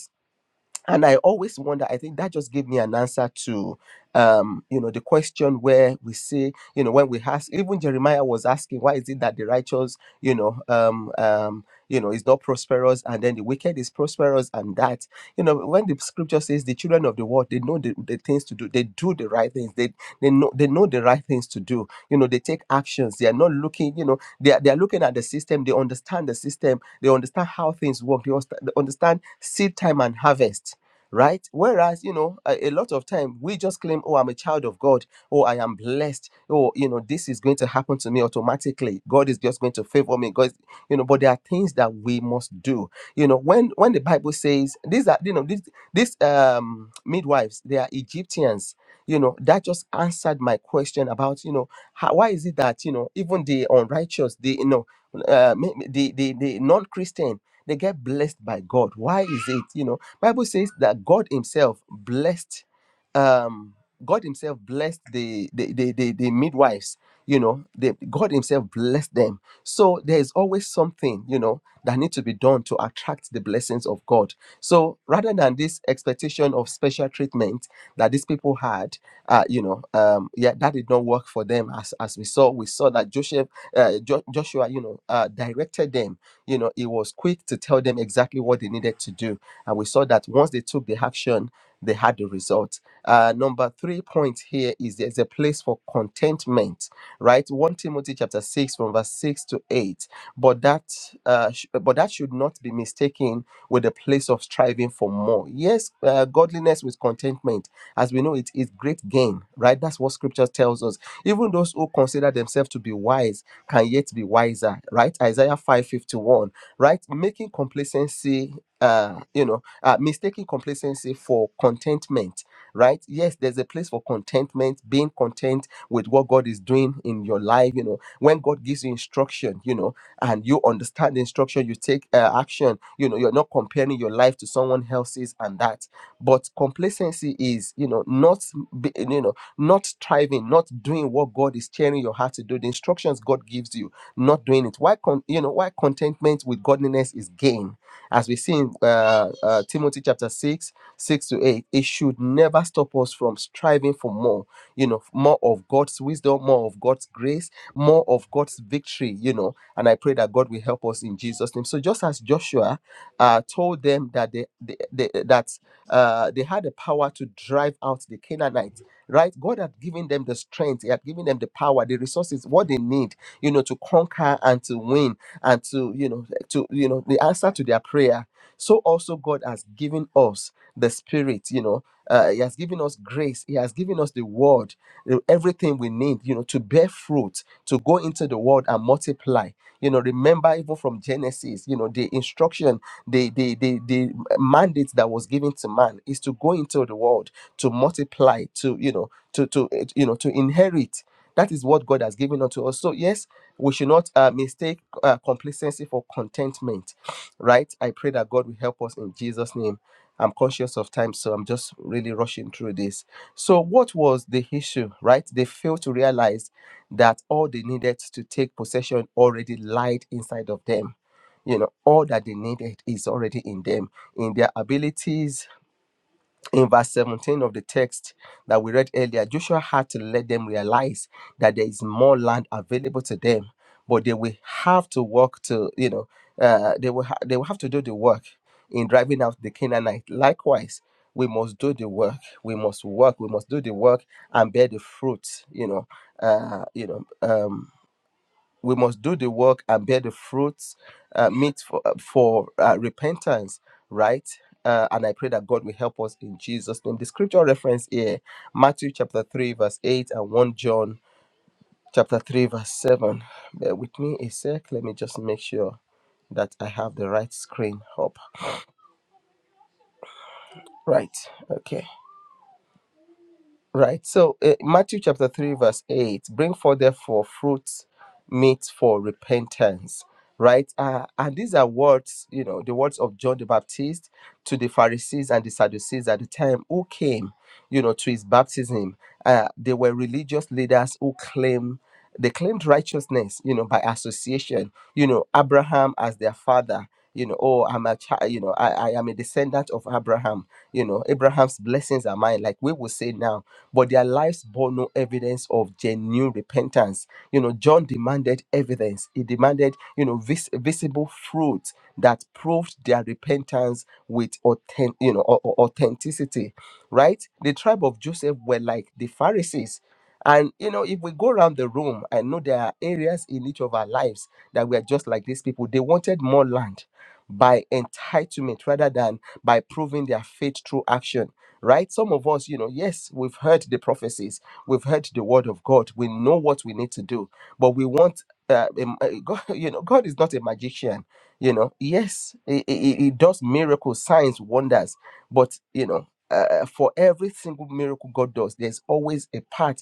and i always wonder i think that just gave me an answer to um you know the question where we see you know when we ask even jeremiah was asking why is it that the righteous you know um um you know is not prosperous and then the wicked is prosperous and that you know when the scripture says the children of the world they know the, the things to do they do the right things they they know they know the right things to do you know they take actions they are not looking you know they are, they are looking at the system they understand the system they understand how things work they understa- they understand seed time and harvest right whereas you know a, a lot of time we just claim oh i'm a child of god oh i am blessed oh you know this is going to happen to me automatically god is just going to favor me god is- you know but there are things that we must do you know when when the bible says these are you know these these um midwives they are egyptians you know that just answered my question about you know how, why is it that you know even the unrighteous the you know uh, ma- ma- the the, the non-christian they get blessed by god why is it you know Bible says that God Himself blessed, um, God Himself blessed the the, the, the, the midwives. You know, the, God Himself blessed them. So there is always something you know that needs to be done to attract the blessings of God. So rather than this expectation of special treatment that these people had, uh, you know, um, yeah, that did not work for them. As as we saw, we saw that Joseph, uh, jo- Joshua, you know, uh, directed them. You know, he was quick to tell them exactly what they needed to do and we saw that once they took the action, they had the result. Uh, number three point here is there's a place for contentment, right? 1 Timothy chapter 6 from verse 6 to 8. But that uh, sh- but that should not be mistaken with a place of striving for more. Yes, uh, godliness with contentment, as we know it, is great gain, right? That's what scripture tells us. Even those who consider themselves to be wise can yet be wiser, right? Isaiah 5:51 right? Making complacency, uh, you know, uh, mistaking complacency for contentment, right? Yes, there's a place for contentment, being content with what God is doing in your life, you know, when God gives you instruction, you know, and you understand the instruction, you take uh, action, you know, you're not comparing your life to someone else's and that. But complacency is, you know, not, be, you know, not striving, not doing what God is tearing your heart to do, the instructions God gives you not doing it why con- you know why contentment with godliness is gain as we see in uh, uh, timothy chapter 6 6 to 8 it should never stop us from striving for more you know more of god's wisdom more of god's grace more of god's victory you know and i pray that god will help us in jesus name so just as joshua uh, told them that they, they, they that uh, they had the power to drive out the canaanites right god had given them the strength he had given them the power the resources what they need you know, to conquer and to win and to, you know, to, you know, the answer to their prayer. So also God has given us the spirit, you know, uh, he has given us grace. He has given us the word, you know, everything we need, you know, to bear fruit, to go into the world and multiply. You know, remember even from Genesis, you know, the instruction, the the the, the mandate that was given to man is to go into the world, to multiply, to you know, to to eh, you know, to inherit. That is what God has given unto us. So, yes, we should not uh, mistake uh, complacency for contentment, right? I pray that God will help us in Jesus' name. I'm conscious of time, so I'm just really rushing through this. So, what was the issue, right? They failed to realize that all they needed to take possession already lied inside of them. You know, all that they needed is already in them, in their abilities, in verse 17 of the text that we read earlier, Joshua had to let them realize that there is more land available to them, but they will have to work to, you know, uh, they will ha- they will have to do the work in driving out the Canaanite. Likewise, we must do the work. We must work. We must do the work and bear the fruit. You know, uh, you know. Um, we must do the work and bear the fruits uh, meet for, uh, for uh, repentance right uh, and i pray that god will help us in jesus name the scripture reference here matthew chapter 3 verse 8 and 1 john chapter 3 verse 7 bear with me a sec let me just make sure that i have the right screen up right okay Right. So uh, Matthew chapter 3, verse 8 bring forth therefore fruits meet for repentance. Right. Uh, and these are words, you know, the words of John the Baptist to the Pharisees and the Sadducees at the time who came, you know, to his baptism. Uh, they were religious leaders who claim They claimed righteousness, you know, by association, you know, Abraham as their father, you know oh i'm a child you know I, I am a descendant of abraham you know abraham's blessings are mine like we will say now but their lives bore no evidence of genuine repentance you know john demanded evidence he demanded you know vis- visible fruit that proved their repentance with authentic you know au- au- authenticity right the tribe of joseph were like the pharisees and you know if we go around the room i know there are areas in each of our lives that we are just like these people they wanted more land by entitlement rather than by proving their faith through action. Right? Some of us, you know, yes, we've heard the prophecies, we've heard the word of God, we know what we need to do, but we want, uh, um, uh, God, you know, God is not a magician. You know, yes, he, he, he does miracles, signs, wonders, but you know, uh, for every single miracle God does, there's always a part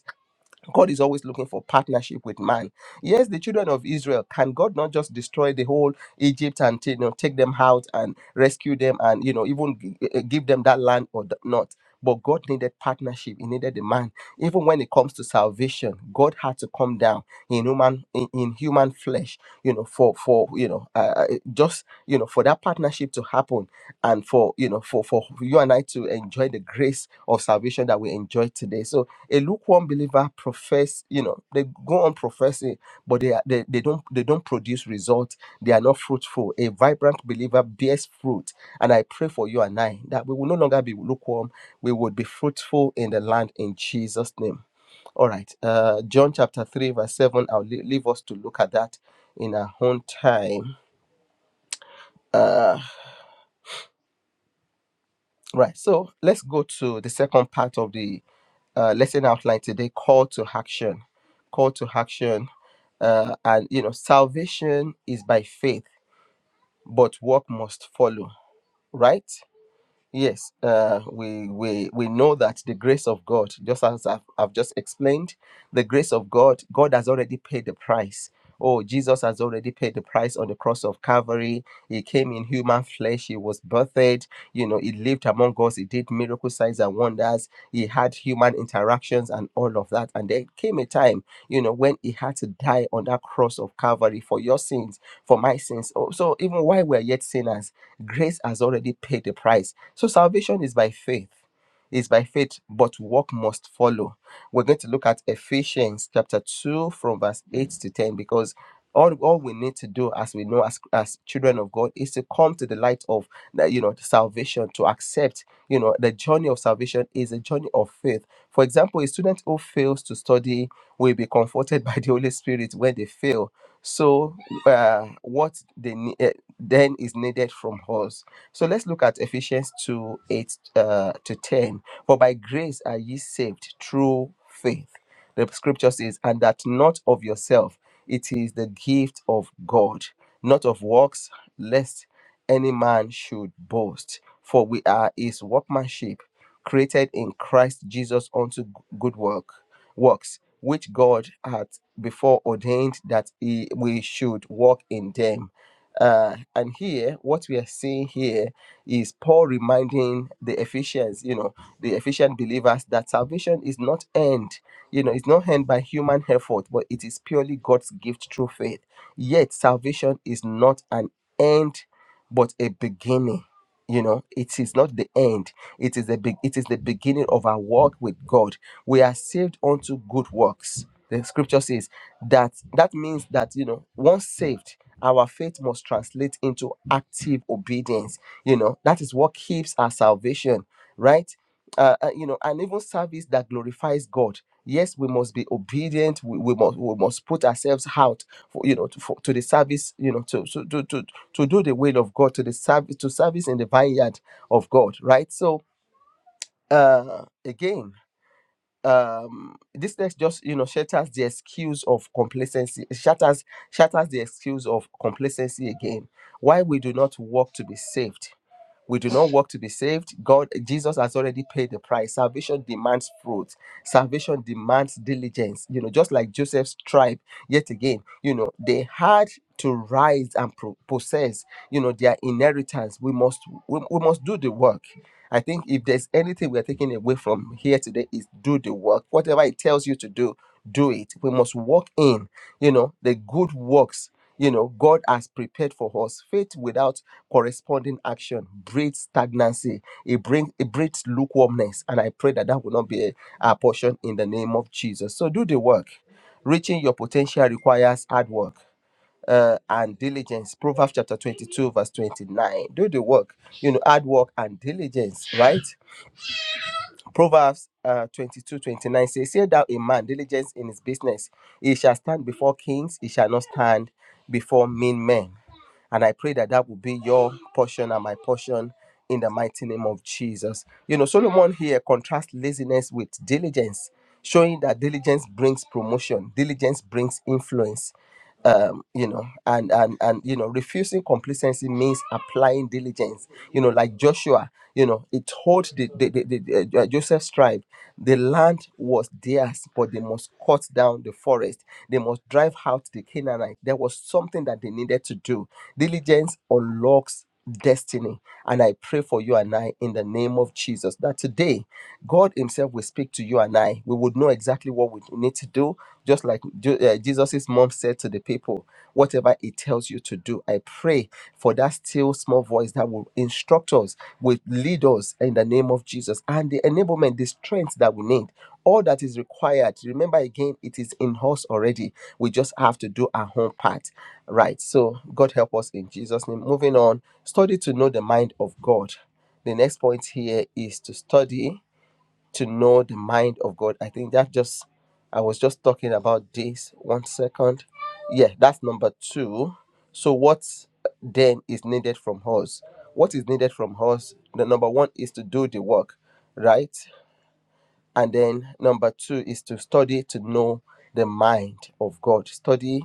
God is always looking for partnership with man. Yes, the children of Israel can God not just destroy the whole Egypt and take, you know, take them out and rescue them and you know even gi- eh, eh, give them that land or th- not? But God needed partnership. He needed a man. Even when it comes to salvation, God had to come down in human in, in human flesh. You know, for for you know, uh, uh, eh, just you know, for that partnership to happen, and for you know, for for you and I to enjoy the grace of salvation that we enjoy today. So a lukewarm believer profess you know they go on professing but they, are, they they don't they don't produce results they are not fruitful a vibrant believer bears fruit and i pray for you and i that we will no longer be lukewarm we would be fruitful in the land in jesus name all right uh john chapter 3 verse 7 i'll lea- leave us to look at that in our own time Uh Right. So let's go to the second part of the uh, lesson outline today: call to action. Call to action, uh, and you know, salvation is by faith, but work must follow. Right. Yes, uh, we, we we know that the grace of God, just as I've, I've just explained, the grace of God, God has already paid the price. Oh, Jesus has already paid the price on the cross of Calvary. He came in human flesh. He was birthed. You know, he lived among us. He did miracle signs and wonders. He had human interactions and all of that. And there came a time, you know, when he had to die on that cross of Calvary for your sins, for my sins. Oh, so even while we're yet sinners, grace has already paid the price so salvation is by faith. It's by faith, but work must follow. We're going to look at Ephesians chapter 2 from verse 8 to 10 because all, all we need to do as we know as, as children of God is to come to the light of the, you know the salvation to accept you know the journey of salvation is a journey of faith. For example, a student who fails to study will be comforted by the Holy Spirit when they fail. So uh, what they ne- eh, then is needed from us so let's look at Ephesians 2 8 uh, to 10. For by grace are ye saved through faith. The scripture says, and that not of yourself, it is the gift of God, not of works, lest any man should boast. For we are his workmanship, created in Christ Jesus unto g- good work, works, which God hath before ordained that he, we should walk in them uh, and here, what we are seeing here is Paul reminding the Ephesians, you know, the Ephesian believers that salvation is not end, you know, it's not end by human effort, but it is purely God's gift through faith. Yet, salvation is not an end, but a beginning. You know, it is not the end. It is the big. It is the beginning of our walk with God. We are saved unto good works. The scripture says that. That means that you know, once saved our faith must translate into active obedience you know that is what keeps our salvation right uh, uh, you know and even service that glorifies god yes we must be obedient we, we must we must put ourselves out for you know to, for, to the service you know to, to to to to do the will of god to the service to service in the vineyard of god right so uh again um this text just you know shatters the excuse of complacency it shatters shatters the excuse of complacency again why we do not work to be saved we do not work to be saved. God, Jesus has already paid the price. Salvation demands fruit. Salvation demands diligence. You know, just like Joseph's tribe, yet again, you know, they had to rise and pro- possess, you know, their inheritance. We must, we, we must do the work. I think if there's anything we are taking away from here today is do the work. Whatever it tells you to do, do it. We must walk in, you know, the good works you know, God has prepared for us. Faith without corresponding action breeds stagnancy. It brings it breeds lukewarmness, and I pray that that will not be a, our portion in the name of Jesus. So do the work. Reaching your potential requires hard work uh, and diligence. Proverbs chapter twenty-two, verse twenty-nine. Do the work. You know, hard work and diligence, right? Proverbs uh, 22 29 says, Say thou a man diligence in his business, he shall stand before kings, he shall not stand before mean men. And I pray that that will be your portion and my portion in the mighty name of Jesus. You know, Solomon here contrasts laziness with diligence showing that diligence brings promotion diligence brings influence um you know and and and you know refusing complacency means applying diligence you know like joshua you know it told the, the, the, the uh, joseph's tribe the land was theirs but they must cut down the forest they must drive out the canaanite there was something that they needed to do diligence unlocks destiny. And I pray for you and I in the name of Jesus that today God Himself will speak to you and I. We would know exactly what we need to do, just like Ju- uh, Jesus' mom said to the people, whatever He tells you to do. I pray for that still small voice that will instruct us, will lead us in the name of Jesus, and the enablement, the strength that we need. All that is required, remember again, it is in us already. We just have to do our own part. Right. So God help us in Jesus' name. Moving on, study to know the mind of God. The next point here is to study to know the mind of God. I think that just I was just talking about this one second. Yeah, that's number two. So what then is needed from us? What is needed from us? The number one is to do the work, right? And then number two is to study to know the mind of God. Study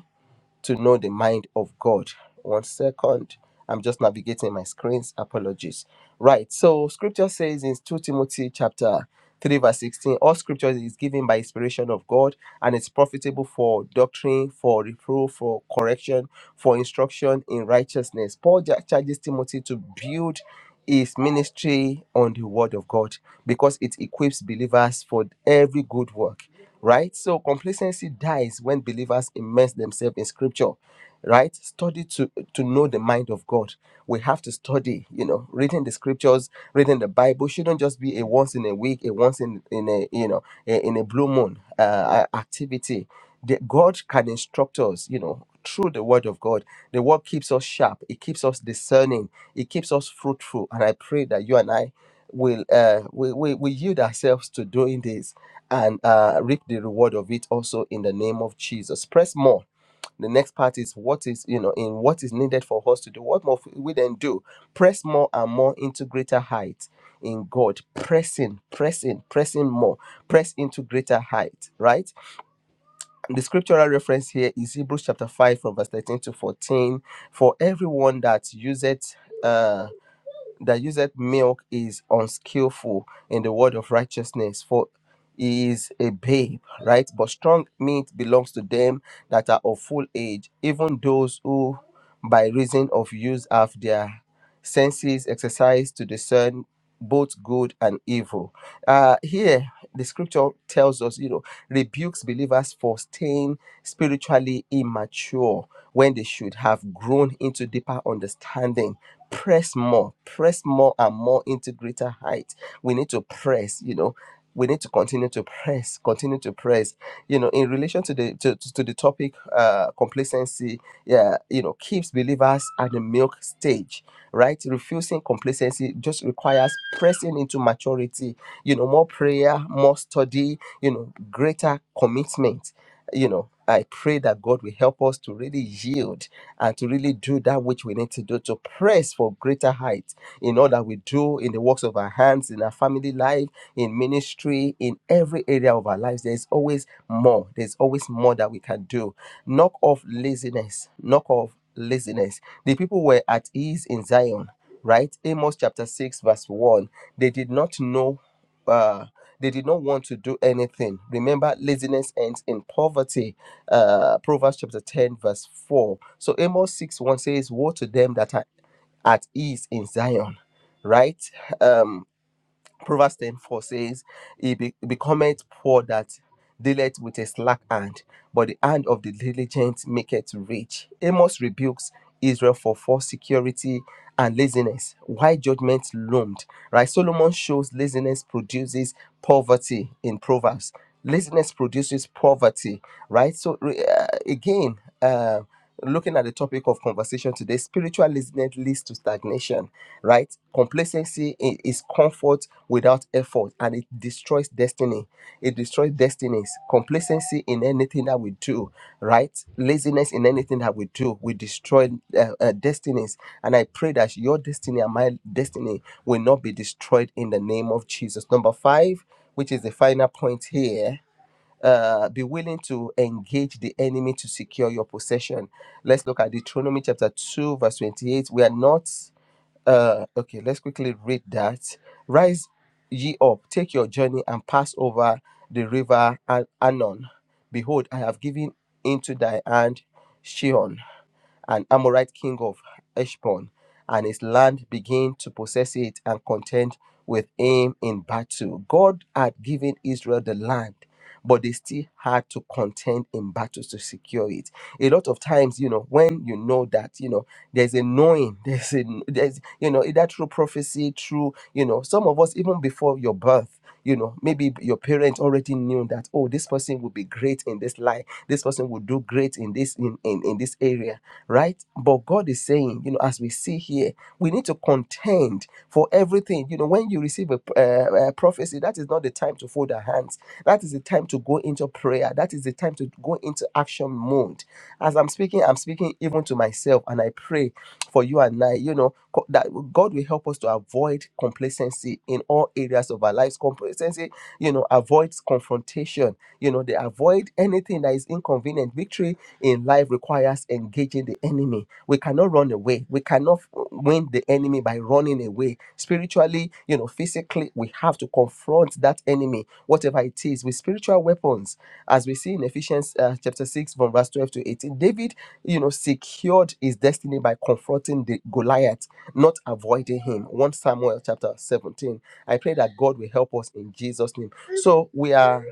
to know the mind of God. One second. I'm just navigating my screens. Apologies. Right. So scripture says in 2 Timothy chapter 3 verse 16, all scripture is given by inspiration of God and it's profitable for doctrine, for reproof, for correction, for instruction in righteousness. Paul ja- charges Timothy to build his ministry on the word of God because it equips believers for every good work right? So complacency dies when believers immerse themselves in scripture, right? Study to, to know the mind of God. We have to study, you know, reading the scriptures, reading the Bible shouldn't just be a once in a week, a once in, in a, you know, a- in a blue moon uh, activity. The, God can instruct us, you know, through the word of God. The word keeps us sharp. It keeps us discerning. It keeps us fruitful. And I pray that you and I will uh, we, we, we yield ourselves to doing this and uh, reap the reward of it also in the name of Jesus. Press more. The next part is what is, you know, in what is needed for us to do. What more we then do? Press more and more into greater height in God. Pressing, pressing, pressing more. Press into greater height, right? And the scriptural reference here is Hebrews chapter 5 from verse 13 to 14. For everyone that useth uh that useth milk is unskillful in the word of righteousness, for he is a babe, right? But strong meat belongs to them that are of full age, even those who, by reason of use, have their senses exercised to discern both good and evil. Uh, here, the scripture tells us, you know, rebukes believers for staying spiritually immature when they should have grown into deeper understanding press more, press more and more into greater height. We need to press, you know. We need to continue to press, continue to press. You know, in relation to the to, to the topic, uh, complacency, yeah, you know, keeps believers at the milk stage, right? Refusing complacency just requires pressing into maturity. You know, more prayer, more study. You know, greater commitment you know, I pray that God will help us to really yield and to really do that which we need to do to press for greater heights in all that we do in the works of our hands, in our family life, in ministry, in every area of our lives. There's always more. There's always more that we can do. Knock off laziness. Knock off laziness. The people were at ease in Zion, right? Amos chapter 6, verse 1. They did not know uh, they did not want to do anything. Remember, laziness ends in poverty. Uh, Proverbs chapter 10, verse 4. So Amos 6 1 says, Woe to them that are at ease in Zion, right? Um, Proverbs ten four says, It be- it becometh poor that dealeth with a slack hand, but the hand of the diligent maketh rich. Amos rebukes Israel for false security and laziness. Why judgment loomed? Right? Solomon shows laziness produces poverty in Proverbs. Laziness produces poverty, right? So, re- uh, again, uh, looking at the topic of conversation today, spiritual laziness leads to stagnation, right? Complacency i- is comfort without effort and it destroys destiny. It destroys destinies. Complacency in anything that we do, right? Laziness in anything that we do, we destroy uh, uh, destinies. And I pray that your destiny and my destiny will not be destroyed in the name of Jesus. Number five, which is the final point here uh, be willing to engage the enemy to secure your possession. Let's look at Deuteronomy chapter 2, verse 28. We are not, uh, okay, let's quickly read that. Rise ye up, take your journey, and pass over the river An- Anon. Behold, I have given into thy hand Shihon an Amorite king of Heshbon, and his land began to possess it and contend with him in battle. God had given Israel the land, but they still had to contend in battles to secure it. A lot of times, you know, when you know that, you know, there's a knowing, there's a there's you know, either through prophecy, through, you know, some of us even before your birth. You know, maybe your parents already knew that, oh, this person will be great in this life. This person will do great in this in, in, in this area right? But God is saying, you know, as we see here, we need to contend for everything. You know, when you receive a, uh, a prophecy, that is not the time to fold our hands. That is the time to go into prayer. That is the time to go into action mode as I'm speaking, I'm speaking even to myself, and I pray for you and I, you know, co- that God will help us to avoid complacency in all areas of our lives. Complacency, you know, avoids confrontation, you know, they avoid anything that is inconvenient. Victory in life requires engaging the enemy. We cannot run away. We cannot win the enemy by running away. Spiritually, you know, physically, we have to confront that enemy, whatever it is, with spiritual weapons. As we see in Ephesians uh, chapter 6, from verse 12 to 18, David, you know, secured his destiny by confronting the Goliath, not avoiding him. 1 Samuel chapter 17. I pray that God will help us in Jesus' name. So we are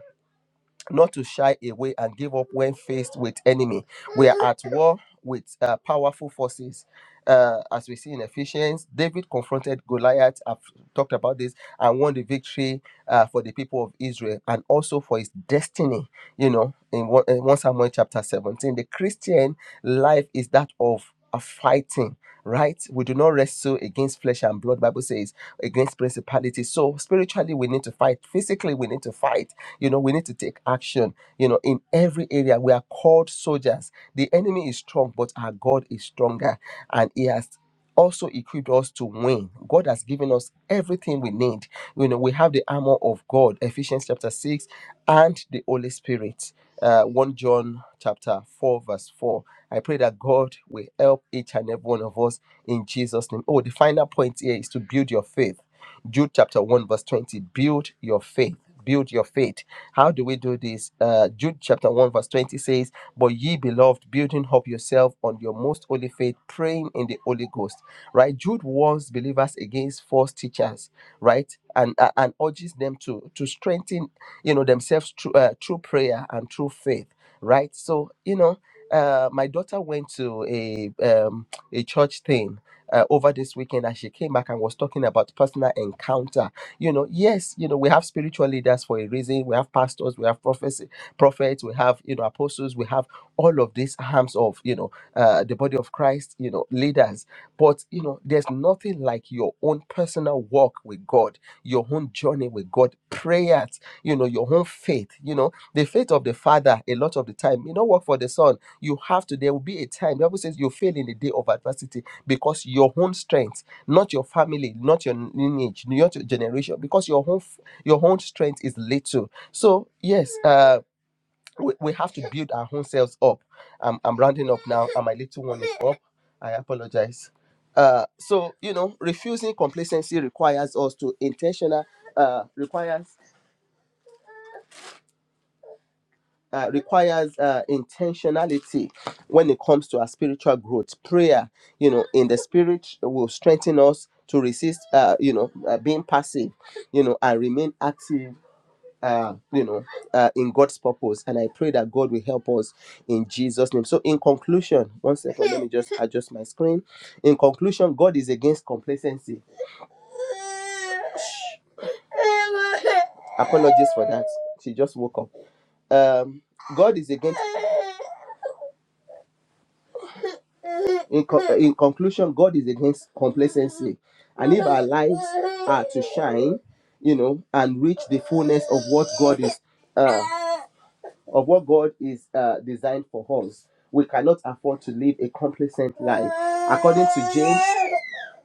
not to shy away and give up when faced with enemy. We are at war with uh, powerful forces. Uh, as we see in Ephesians, David confronted Goliath. I've talked about this and won the victory uh, for the people of Israel and also for his destiny. You know, in one, in 1 Samuel chapter 17, the Christian life is that of a fighting right we do not wrestle against flesh and blood bible says against principalities so spiritually we need to fight physically we need to fight you know, we need to take action. You know, in every area, we are called soldiers. The enemy is strong, but our God is stronger, and He has also equipped us to win. God has given us everything we need. You know, we have the armor of God, Ephesians chapter 6, and the Holy Spirit. Uh, 1 John chapter 4, verse 4. I pray that God will help each and every one of us in Jesus' name. Oh, the final point here is to build your faith. Jude chapter 1, verse 20. Build your faith. Build your faith. How do we do this? Uh, Jude chapter 1, verse 20 says, But ye beloved, building up yourself on your most holy faith, praying in the Holy Ghost. Right? Jude warns believers against false teachers, right? And, uh, and urges them to, to strengthen, you know, themselves through, uh, through prayer and through faith, right? So, you know, uh, my daughter went to a, um, a church thing uh, over this weekend and she came back and was talking about personal encounter you know, yes, you know, we have spiritual leaders for a reason. We have pastors, we have prophets, prophets, we have, you know, apostles, we have all of these arms of, you know, uh, the body of Christ, you know, leaders. But, you know, there's nothing like your own personal walk with God, your own journey with God, prayers, you know, your own faith, you know, the faith of the father a lot of the time you know work for the son you have to there will be a time the bible says you fail in the day of adversity because your own strength not your family, not your lineage, not your generation, because your own f- your own strength is little. So yes, uh, we, we have to build our own selves up. I'm, I'm rounding up now, and my little one is up. I apologize. Uh, so you know, refusing complacency requires us to intentional. Uh, requires uh, requires uh, intentionality when it comes to our spiritual growth. Prayer, you know, in the spirit will strengthen us to resist, uh, you know, uh, being passive, you know, and remain active. Uh, you know, uh, in God's purpose, and I pray that God will help us in Jesus' name. So, in conclusion, one second, let me just adjust my screen. In conclusion, God is against complacency. Apologies for that. She just woke up. Um, God is against. In, co- in conclusion, God is against complacency. And if our lives are to shine, you know, and reach the fullness of what God is. Uh, of what God is uh, designed for us. We cannot afford to live a complacent life. According to James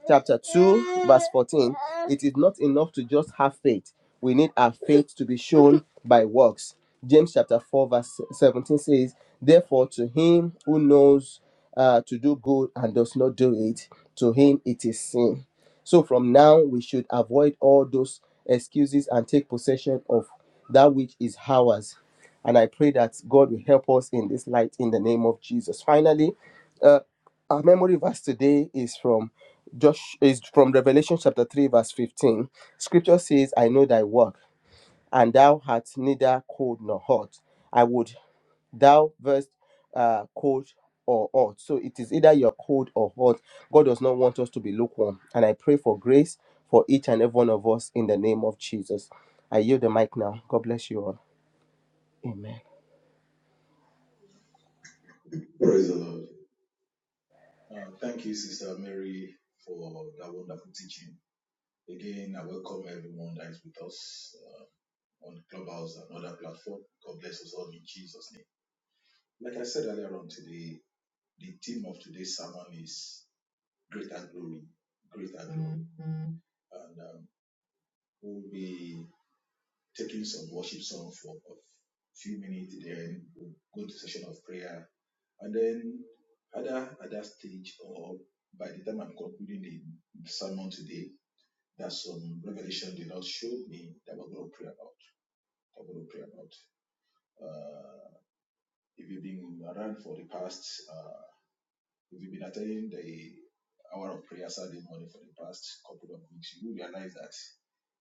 chapter 2, verse 14, it is not enough to just have faith. We need our faith to be shown by works. James chapter 4, verse 17 says, Therefore, to him who knows uh, to do good and does not do it, to him it is sin. So from now, we should avoid all those excuses and take possession of that which is ours and I pray that God will help us in this light in the name of Jesus. Finally, uh, our memory verse today is from Josh is from Revelation chapter 3, verse 15. Scripture says, I know thy work, and thou art neither cold nor hot. I would thou verse uh, cold or hot. So it is either you're cold or hot. God does not want us to be lukewarm. And I pray for grace for each and every one of us in the name of Jesus. I yield the mic now. God bless you all. Amen. Praise the Lord. Uh, thank you, Sister Mary, for that wonderful teaching. Again, I welcome everyone that is with us uh, on Clubhouse and other platforms. God bless us all in Jesus' name. Like I said earlier on today, the theme of today's sermon is greater glory, greater glory, and um, we'll be taking some worship song for a few minutes, then we'll go to session of prayer. And then at that at that stage or by the time I'm concluding the sermon today, there's some revelation the Lord showed me that we're going to pray about. That we're going to pray about. Uh, if you've been around for the past, uh, if you've been attending the hour of prayer Saturday morning for the past couple of weeks, you will realize that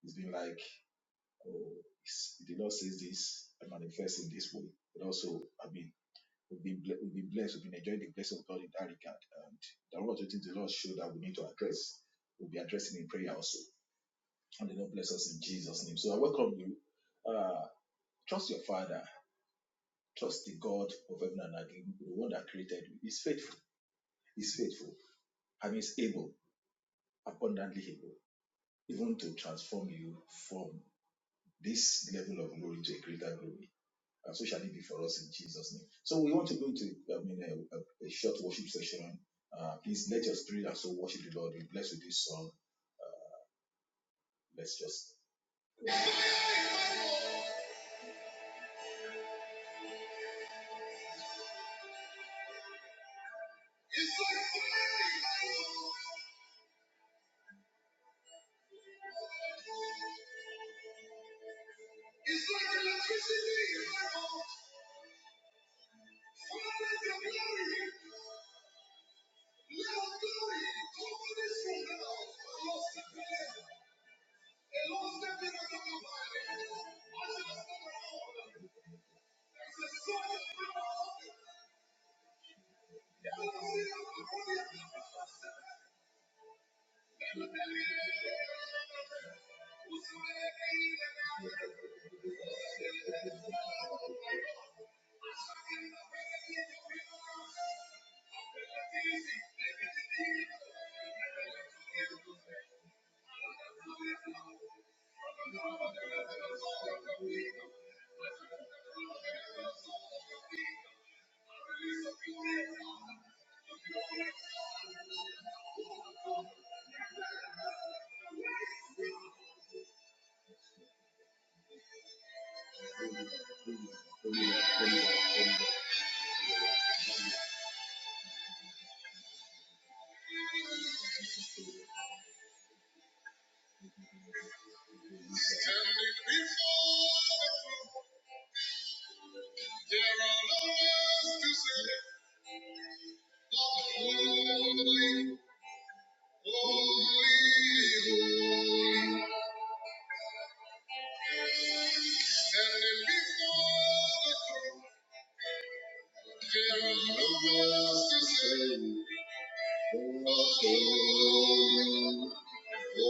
it's been like oh, the Lord says this and manifests in this way. But also, I mean, we've been, ble- we've been blessed, we've been enjoying the blessing of God in that regard. And there are a lot of things the Lord showed that we need to address. We'll be addressing in prayer also. And the Lord bless us in Jesus' name. So I welcome you. Uh, trust your Father. Trust the God of heaven and earth, the one that created you. He's faithful. He's faithful. And he's able, abundantly able, even to transform you from this level of glory to a greater glory. and so shall it be for us in Jesus' name. So we want to go into, I mean, a, a, a short worship session. Uh, please let your spirit and soul worship the Lord. Be blessed with this song. Let's just. It's like fire. It's like electricity. Father, your glory. Let our glory come to this room now. Lord, step in. And Lord, step in and come by. I shall step around. There's a song of power. Yeah. Standing before the throne, there are no words to say but holy, holy, holy. Standing before the throne, there are no words to say but holy. Thank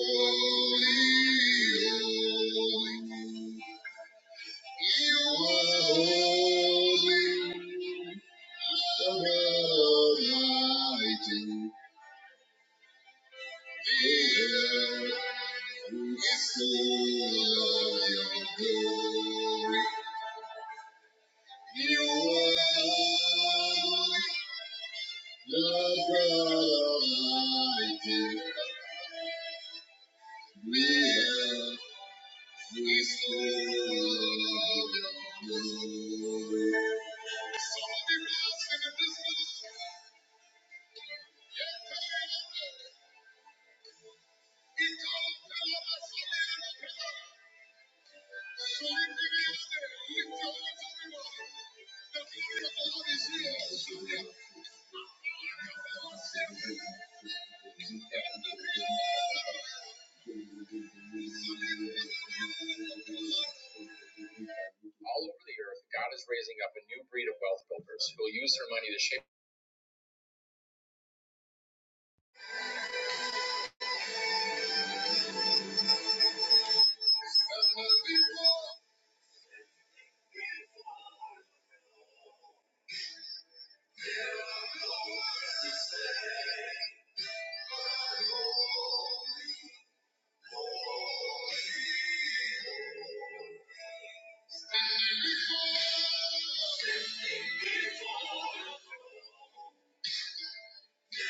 you. Thank you. All over the earth, God is raising up a new breed of wealth builders who will use their money to shape. Thank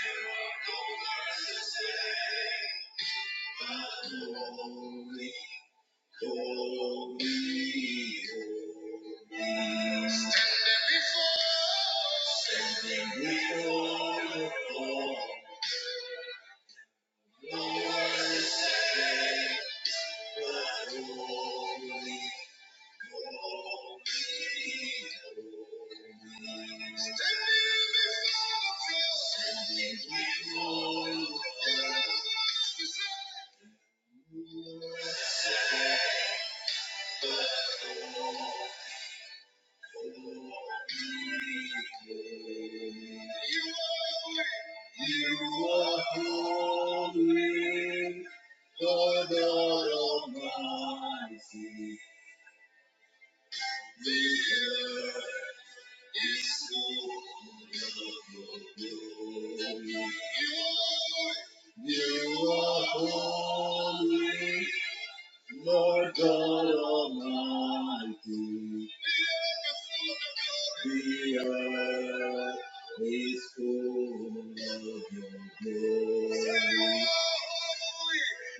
you. You are holy, Lord God Almighty. The earth You are holy, Lord God Almighty. The earth is full of your glory.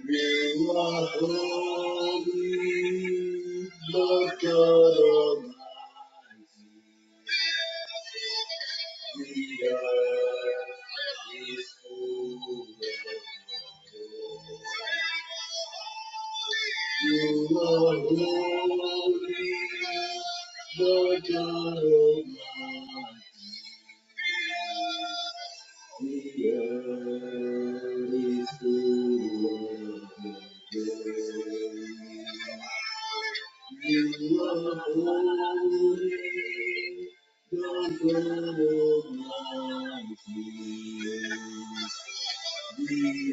You are holy, Lord God Almighty. You are holy, Lord God Almighty. The Earth is full of your glory. You are holy, Lord God Almighty. Hallelujah.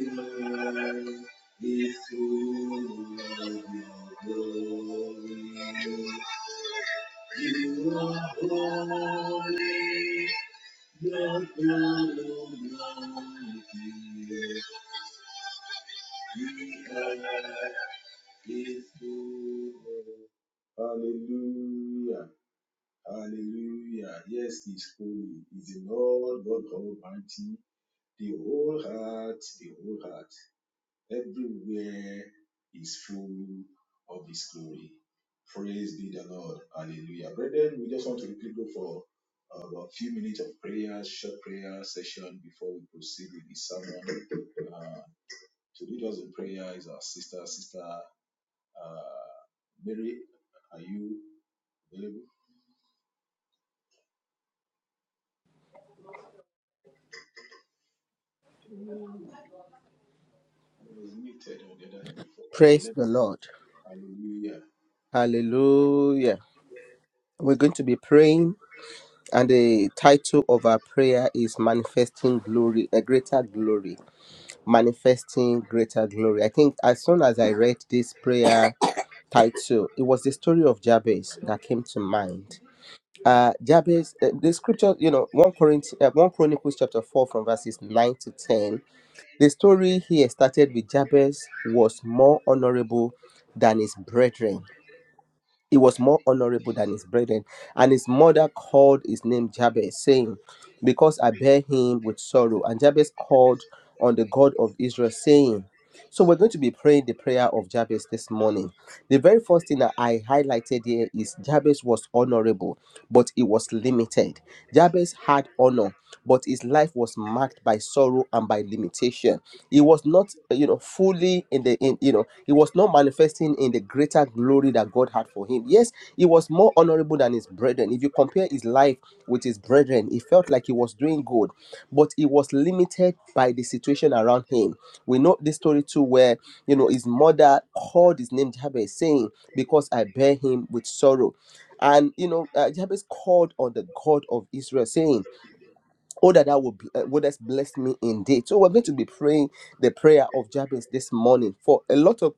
Hallelujah. Yes, he's holy. He's the Lord God Almighty. The whole heart, the whole heart. Everywhere is full of His glory. Praise be the Lord. Hallelujah. Brethren, we just want to quickly go for about a few minutes of prayer, short prayer session before we proceed with this sermon. Uh, to lead us in prayer is our sister, Sister uh, Mary. Are you available? I was muted on the other hand before. Okay, Praise let the Lord. Hallelujah. Hallelujah. We're going to be praying, and the title of our prayer is Manifesting Glory, a Greater Glory. Manifesting Greater Glory. I think as soon as I read this prayer title, it was the story of Jabez that came to mind. Uh, Jabez, uh, the scripture, you know, 1 Corinthians, uh, 1 Chronicles chapter 4 from verses 9 to 10. The story here started with Jabez was more honorable than his brethren he was more honorable than his brethren. And his mother called his name Jabez, saying, Because I bear him with sorrow. And Jabez called on the God of Israel, saying, So we're going to be praying the prayer of Jabez this morning. The very first thing that I highlighted here is Jabez was honorable, but it was limited. Jabez had honor, but his life was marked by sorrow and by limitation he was not uh, you know fully in the in you know he was not manifesting in the greater glory that god had for him yes he was more honorable than his brethren if you compare his life with his brethren he felt like he was doing good but he was limited by the situation around him we know this story too where you know his mother called his name jabez saying because i bear him with sorrow and you know uh, jabez called on the god of israel saying Oh, that thou would, uh, wouldest bless me indeed. So, we're going to be praying the prayer of Jabez this morning. For a lot of,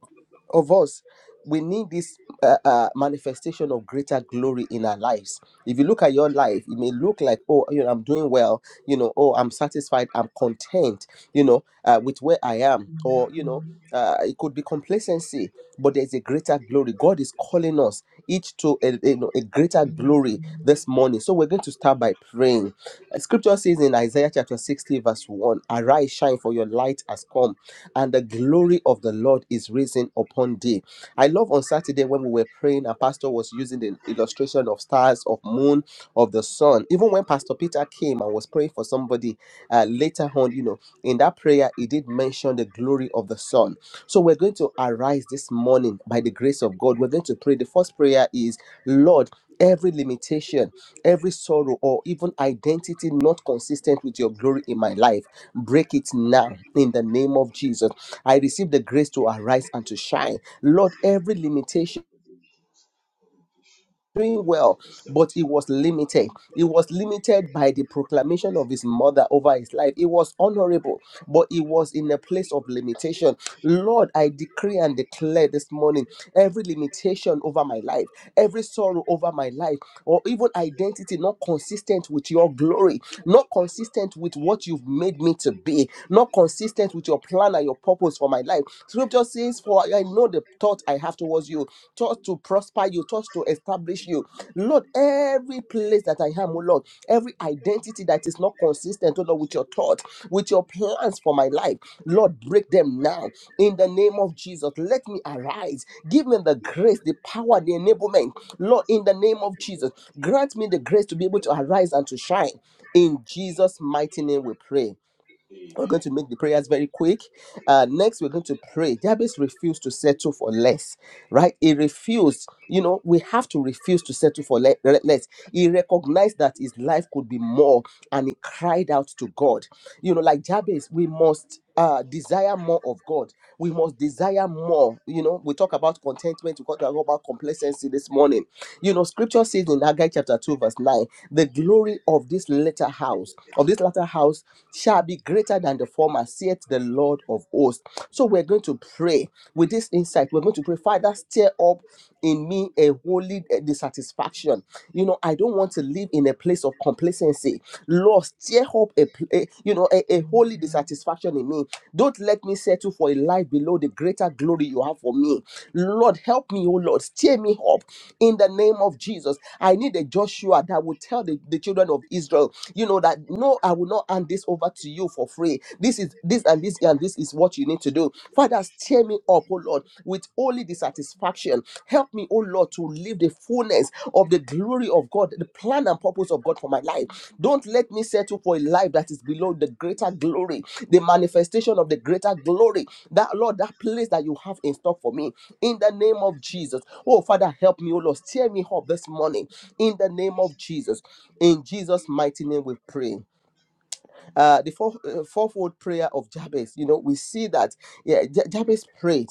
of us, we need this uh, uh, manifestation of greater glory in our lives. If you look at your life, it may look like, oh, you know, I'm doing well, you know, oh, I'm satisfied, I'm content, you know, uh, with where I am, or, you know, uh, it could be complacency, but there's a greater glory. God is calling us each to a, you know, a greater glory this morning. So we're going to start by praying uh, Scripture says in Isaiah chapter 60, verse 1 Arise, shine, for your light has come, and the glory of the Lord is risen upon thee. I love on Saturday when we were praying, and Pastor was using the illustration of stars, of moon, of the sun. Even when Pastor Peter came and was praying for somebody uh, later on, you know, in that prayer, he did mention the glory of the sun. So we're going to arise this morning by the grace of God. We're going to pray. The first prayer is, Lord, every limitation. Every sorrow or even identity not consistent with your glory in my life, break it now in the name of Jesus. I receive the grace to arise and to shine. Lord, every limitation Let doing me well, consent but with he you. was limited. He was limited by the proclamation of his mother over his life. He was honorable, but he was in a place of limitation. Lord, I decree and declare this morning every limitation over my life, every sorrow over my life, or even identity not consistent with your glory, not consistent with what you've made me to be, not consistent with your plan and your purpose for my life. Scripture says, For I know the thought I have towards you Touch to prosper you, touch to establish you. Lord, every place that I am, oh Lord, every identity that is not consistent, oh Lord, with your thought, with your plans for my life, Lord, break them now in the name of Jesus. Let me arise. Give me the grace, the power, the enablement. Lord, in the name of Jesus, grant me the grace to be able to arise and to shine. In Jesus' mighty name, we pray we're going Amen. to make the prayers very quick. Uh, next, we're going to pray. Jabez refused to settle for less, right? He refused. You know, we have to refuse to settle for le- le- less. He recognized that his life could be more and he cried out to God. You know, like Jabez, we must. Uh, desire more of God. We must desire more. You know, we talk about contentment, we talk about complacency this morning. You know, scripture says in Haggai chapter 2, verse 9, the glory of this latter house, of this latter house, shall be greater than the former, saith the Lord of hosts. So we're going to pray with this insight. We're going to pray, Father, stir up in me a holy eh, dissatisfaction. You know, I don't want to live in a place of complacency. Lord, stir up a, pl- eh, you know, a, a holy dissatisfaction in me. Don't let me settle for a life below the greater glory you have for me. Lord, help me, oh Lord, stir me up in the name of Jesus. I need a Joshua that will tell the, the children of Israel, you know, that no, I will not hand this over to you for free. This is this and this and this is what you need to do. Father, stir me up, oh Lord, with only the satisfaction. Help me, oh Lord, to live the fullness of the glory of God, the plan and purpose of God for my life. Don't let me settle for a life that is below the greater glory, the manifestation of the greater glory. That Lord, that place that you have in stock for me in the name of Jesus. Oh, Father, help me, oh Lord. Steer me up this morning in the name of Jesus. In Jesus' mighty name, we pray. Uh, the fourth, uh, fourfold prayer of Jabez, you know, we see that yeah, Ja- Jabez prayed.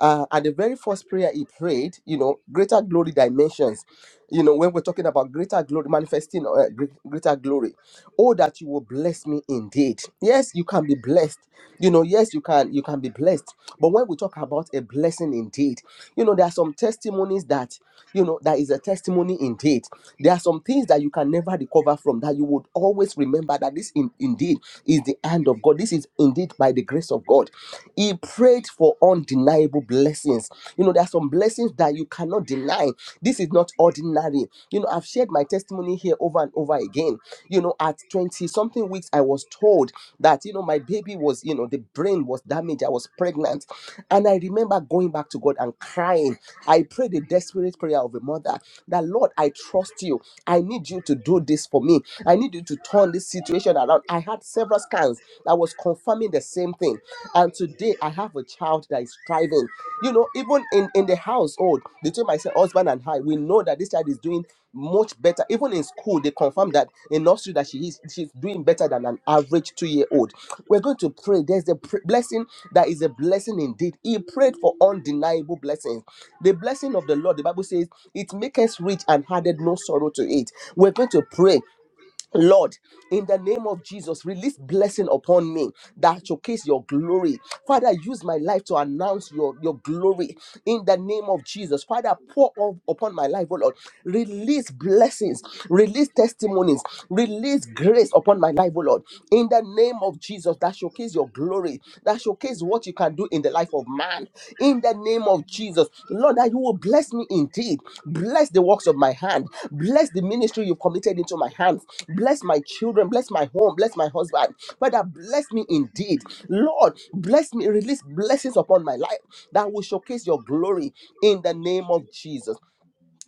Uh, and the very first prayer he prayed, you know, greater glory dimensions. You know, when we're talking about greater glory, manifesting uh, gre- greater glory oh that you will bless me indeed yes you can be blessed you know yes you can you can be blessed but when we talk about a blessing indeed you know there are some testimonies that you know that is a testimony indeed there are some things that you can never recover from that you would always remember that this in, indeed is the hand of god this is indeed by the grace of god he prayed for undeniable blessings you know there are some blessings that you cannot deny this is not ordinary you know i've shared my testimony here over and over again you know at 20 something weeks i was told that you know my baby was you know the brain was damaged i was pregnant and i remember going back to god and crying i prayed a desperate prayer of a mother that lord i trust you i need you to do this for me i need you to turn this situation around i had several scans that was confirming the same thing and today i have a child that is thriving you know, even in, in the household, between myself, husband, and I, we know that this child is doing much better. Even in school, they confirm that in nursery that she is she's doing better than an average two-year-old. We're going to pray. There's a pr- blessing that is a blessing indeed. He prayed for undeniable blessings. The blessing of the Lord, the Bible says, it makes rich and added no sorrow to it. We're going to pray Lord, in the name of Jesus, release blessing upon me that showcase your glory. Father, use my life to announce your, your glory in the name of Jesus. Father, pour up upon my life, oh Lord. Release blessings, release testimonies, release grace upon my life, oh Lord. In the name of Jesus, that showcase your glory, that showcase what you can do in the life of man. In the name of Jesus, Lord, that you will bless me indeed. Bless the works of my hand. Bless the ministry you've committed into my hands. Bless my children. Bless my home. Bless my husband. Father, bless me indeed. Lord, bless me. Release blessings upon my life that will showcase your glory in the name of Jesus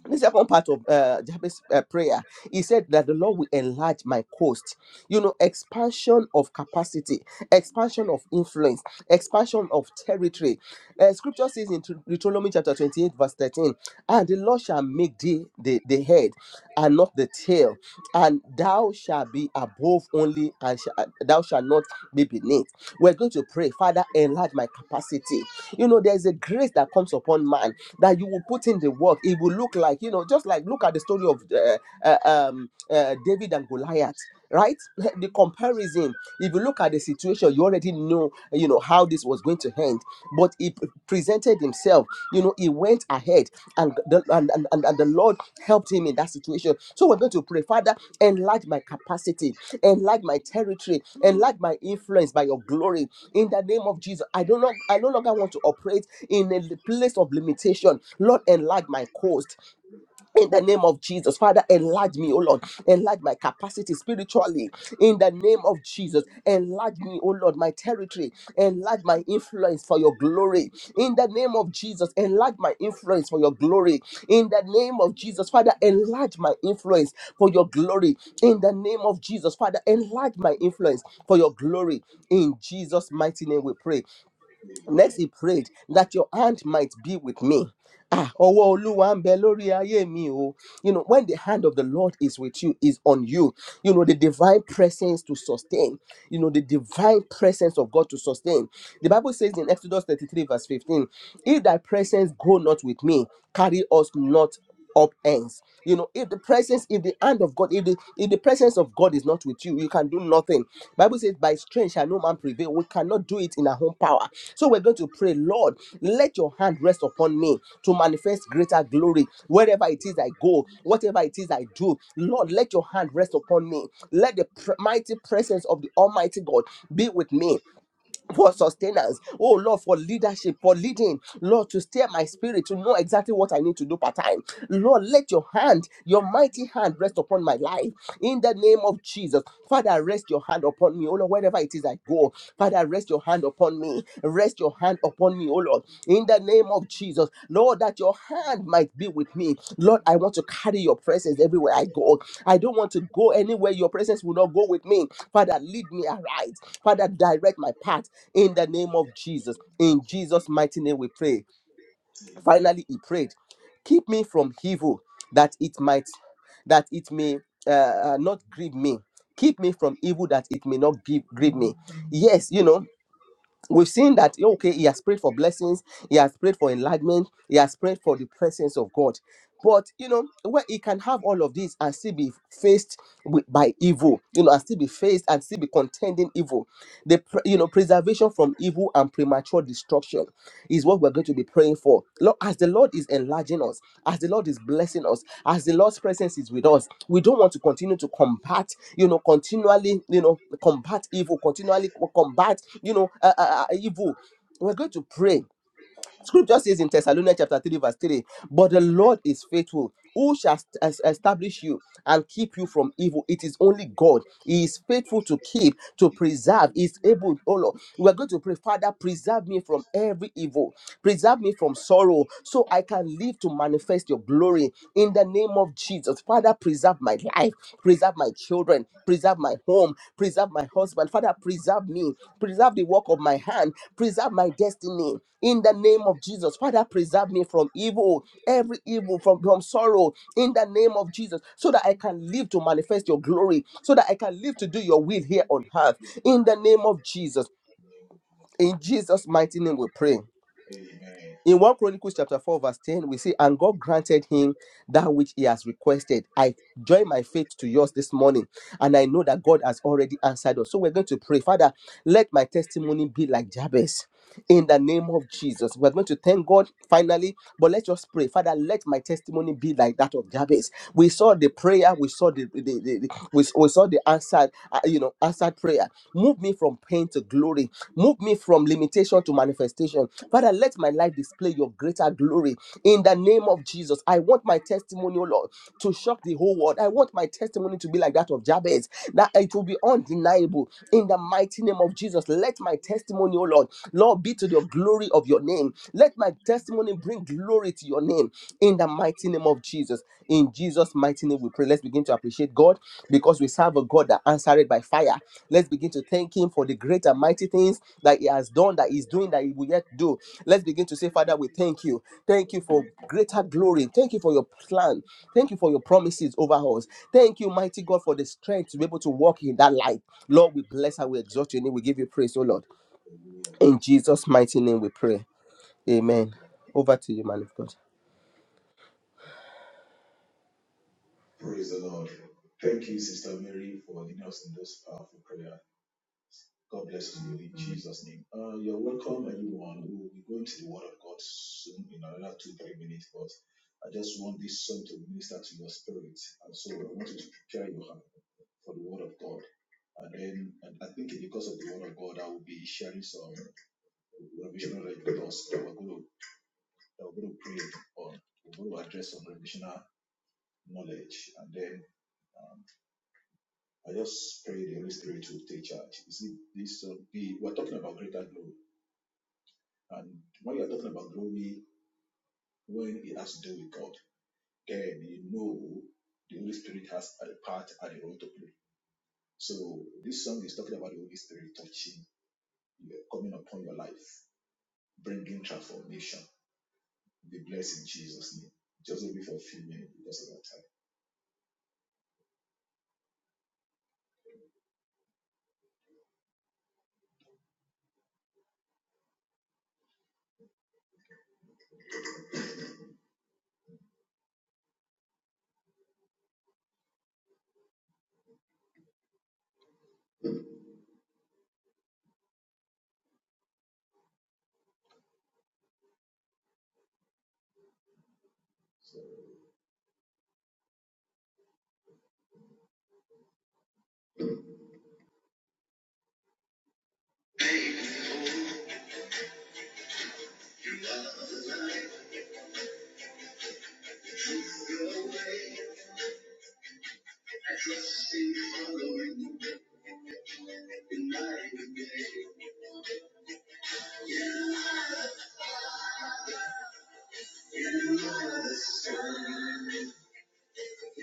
the second part of uh, Jabez uh, prayer, he said that the Lord will enlarge my coast. You know, expansion of capacity, expansion of influence, expansion of territory. Uh, scripture says in Deut- Deuteronomy chapter 28, verse 13, and the Lord shall make thee the, the head and not the tail, and thou shalt be above only, and sh- uh, thou shalt not be beneath. We're going to pray, Father, enlarge my capacity. You know, there's a grace that comes upon man that you will put in the work. It will look like, you know, just like look at the story of uh, uh, um, uh, David and Goliath. Right, the comparison. If you look at the situation, you already know, you know, how this was going to end. But he p- presented himself. You know, he went ahead, and the and, and, and and the Lord helped him in that situation. So we're going to pray, Father, enlarge my capacity, enlarge my territory, enlarge my influence by your glory in the name of Jesus. I do not I no longer want to operate in a place of limitation. Lord, enlarge my coast. In the name of Jesus, Father, enlarge me, oh Lord, enlarge my capacity spiritually. In the name of Jesus, enlarge me, oh Lord, my territory, enlarge my influence for your glory. In the name of Jesus, enlarge my influence for your glory. In the name of Jesus, Father, enlarge my influence for your glory. In the name of Jesus, Father, enlarge my influence for your glory. In Jesus' mighty name, we pray. Next, Amen. he prayed that your hand might be with me. Ah, ọwọ́ Olúwa ń bẹ lórí ayé mi o. You know, when the hand of the Lord is with you, is on you, you know, the divine presence to sustain, you know, the divine presence of God to sustain. The Bible says in Exodus 33, verse 15, if thy presence go not with me, carry us not up ends. You know, if the presence, if the hand of God, if the if the presence of God is not with you, you can do nothing. Bible says, by strength shall no man prevail. We cannot do it in our own power. So we're going to pray, Lord, let your hand rest upon me to manifest greater glory wherever it is I go, whatever it is I do. Lord, let your hand rest upon me. Let the pre- mighty presence of the Almighty God be with me for sustenance. Oh Lord, for leadership, for leading. Lord, to steer my spirit to know exactly what I need to do part time. Lord, let your hand, your mighty hand, rest upon my life in the name of Jesus. Father, rest your hand upon me, oh Lord, wherever it is I go. Father, rest your hand upon me. Rest your hand upon me, oh Lord, in the name of Jesus. Lord, that your hand might be with me. Lord, I want to carry your presence everywhere I go. I don't want to go anywhere your presence will not go with me. Father, lead me aright. Father, direct my path in the name of Jesus. In Jesus' mighty name we pray Amen. finally he prayed keep me from evil that it might that it may uh, uh, not grieve me keep me from evil that it may not grieve, grieve me yes you know we've seen that oh, okay he has prayed for blessings he has prayed for enlightenment he has prayed for the presence of god but you know where he can have all of this and still be faced with, by evil you know and still be faced and still be contending evil the pre- you know preservation from evil and premature destruction is what we're going to be praying for. Lord, as the Lord is enlarging us, as the Lord is blessing us, as the Lord's presence is with us, we don't want to continue to combat, you know, continually, you know, combat evil, continually co- combat, you know, uh, uh, uh, evil. We're going to pray Scripture says in Thessalonians chapter 3, verse 3, but the Lord is faithful, who shall est- es- establish you and keep you from evil. It is only God. He is faithful to keep, to preserve. He is able, oh Lord. We are going to pray, Father, preserve me from every evil, preserve me from sorrow, so I can live live to manifest your glory in the name of Jesus. Father, preserve my life, preserve my children, preserve my home, preserve my husband. Father, preserve me, preserve the work of my hand, preserve my destiny in the name of Jesus. Father, preserve me from evil, every evil, from, from sorrow in the name of Jesus, so that I can live to manifest your glory, so that I can live to do your will here on earth in the name of Jesus. In Jesus' mighty name, we pray. Amen. In 1 Chronicles chapter 4, verse 10, we see, And God granted him that which he has requested. I join my faith to yours this morning, and I know that God has already answered us. So we're going to pray, Father, let my testimony be like Jabez in the name of Jesus. We're going to thank God finally, but let's just pray. Father, let my testimony be like that of Jabez. We saw the prayer, we saw the, the, the- the- we, we saw the answered, uh, you know, answered prayer. Move me from pain to glory. Move me from limitation to manifestation. Father, let my life display your greater glory in the name of Jesus. I want my testimony, O Lord to shock the whole world. I want my testimony to be like that of Jabez, that it will be undeniable in the mighty name of Jesus. Let my testimony, oh Lord, Lord, be to the glory of your name. Let my testimony bring glory to your name in the mighty name of Jesus. In Jesus' mighty name, we pray. Let's begin to appreciate God because we serve a God that answered by fire. Let's begin to thank Him for the great and mighty things that He has done, that He's doing, that He will yet do. Let's begin to say, Father, we thank you. Thank you for greater glory. Thank you for your plan. Thank you for your promises over us. Thank you, mighty God, for the strength to be able to walk in that light. Lord, we bless and we exalt your name. We give you praise, oh Lord. Hallelujah. In Jesus' mighty name we pray. Amen. Over to you, man of God. Praise the Lord. Thank you, Sister Mary, for leading us in this powerful prayer. God bless you in Jesus' name. Uh, you're welcome, everyone. We will be going to the Word of God soon in another two, three minutes, but I just want this song to minister to your spirit. And so I want you to prepare your heart for the Word of God. And then and I think because of the Word of God, I will be sharing some revisional records that we're going to, that we're going to pray on. We're going to address some revisional knowledge. And then um, I just pray the Holy Spirit will take charge. You see, this uh, the we're talking about greater glory, and when you're talking about glory, when it has to do with God, then you know the Holy Spirit has a part and a role to play. So this song is talking about the Holy Spirit touching, you, know, coming upon your life, bringing transformation. Be blessed in Jesus' name. Just only for a few minutes because of our time.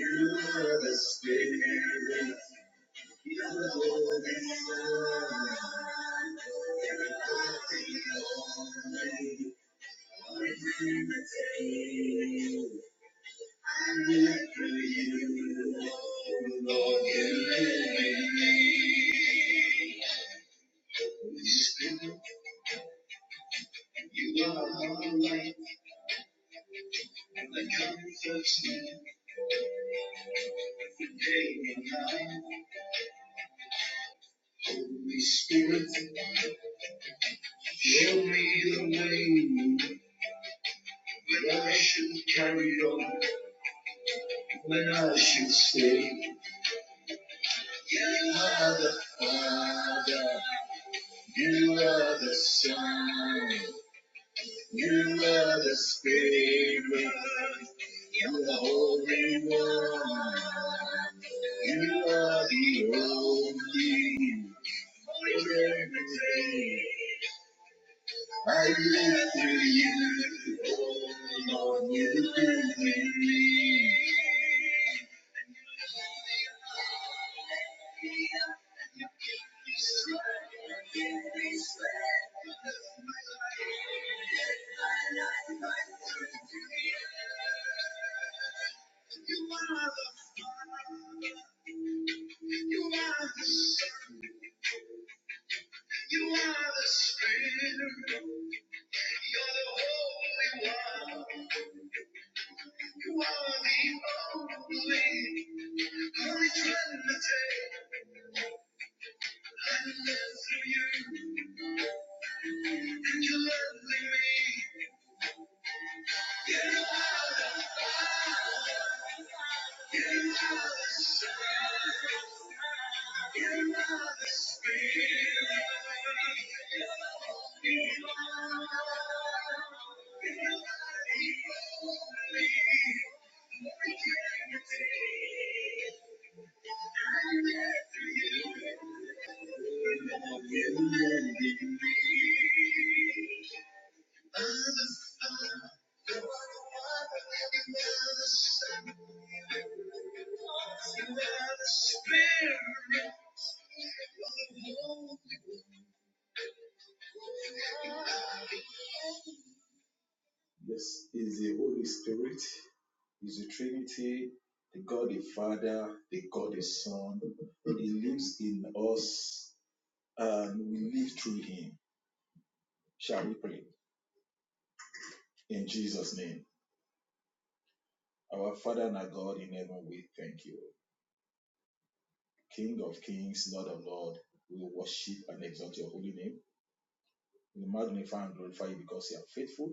You are the Spirit. You are the light. I come to sleep day and night. Holy Spirit, show me the way. When I should carry on, when I should stay. You are the Father. You are the Son. You are the Savior. You are the Holy One. You are the only everything. I live for you. Oh, Lord, you do me. You are the, you are the spirit. You're the holy one. You are the only holy trinity. You love me. You are the spirit. You are you are the only holy trinity. I'm here for you. You know I'm here for me. Another heart, another water, another sun, another spirit. I'm holding on. Yes, is the Holy Spirit, is the Trinity, the God the Father, the God the Son. He lives in us and we live through him. Shall we pray? In Jesus' name. Our Father and our God in heaven, we thank you. King of kings, Lord of Lords. we worship and exalt your holy name. We magnify and glorify you because you are faithful.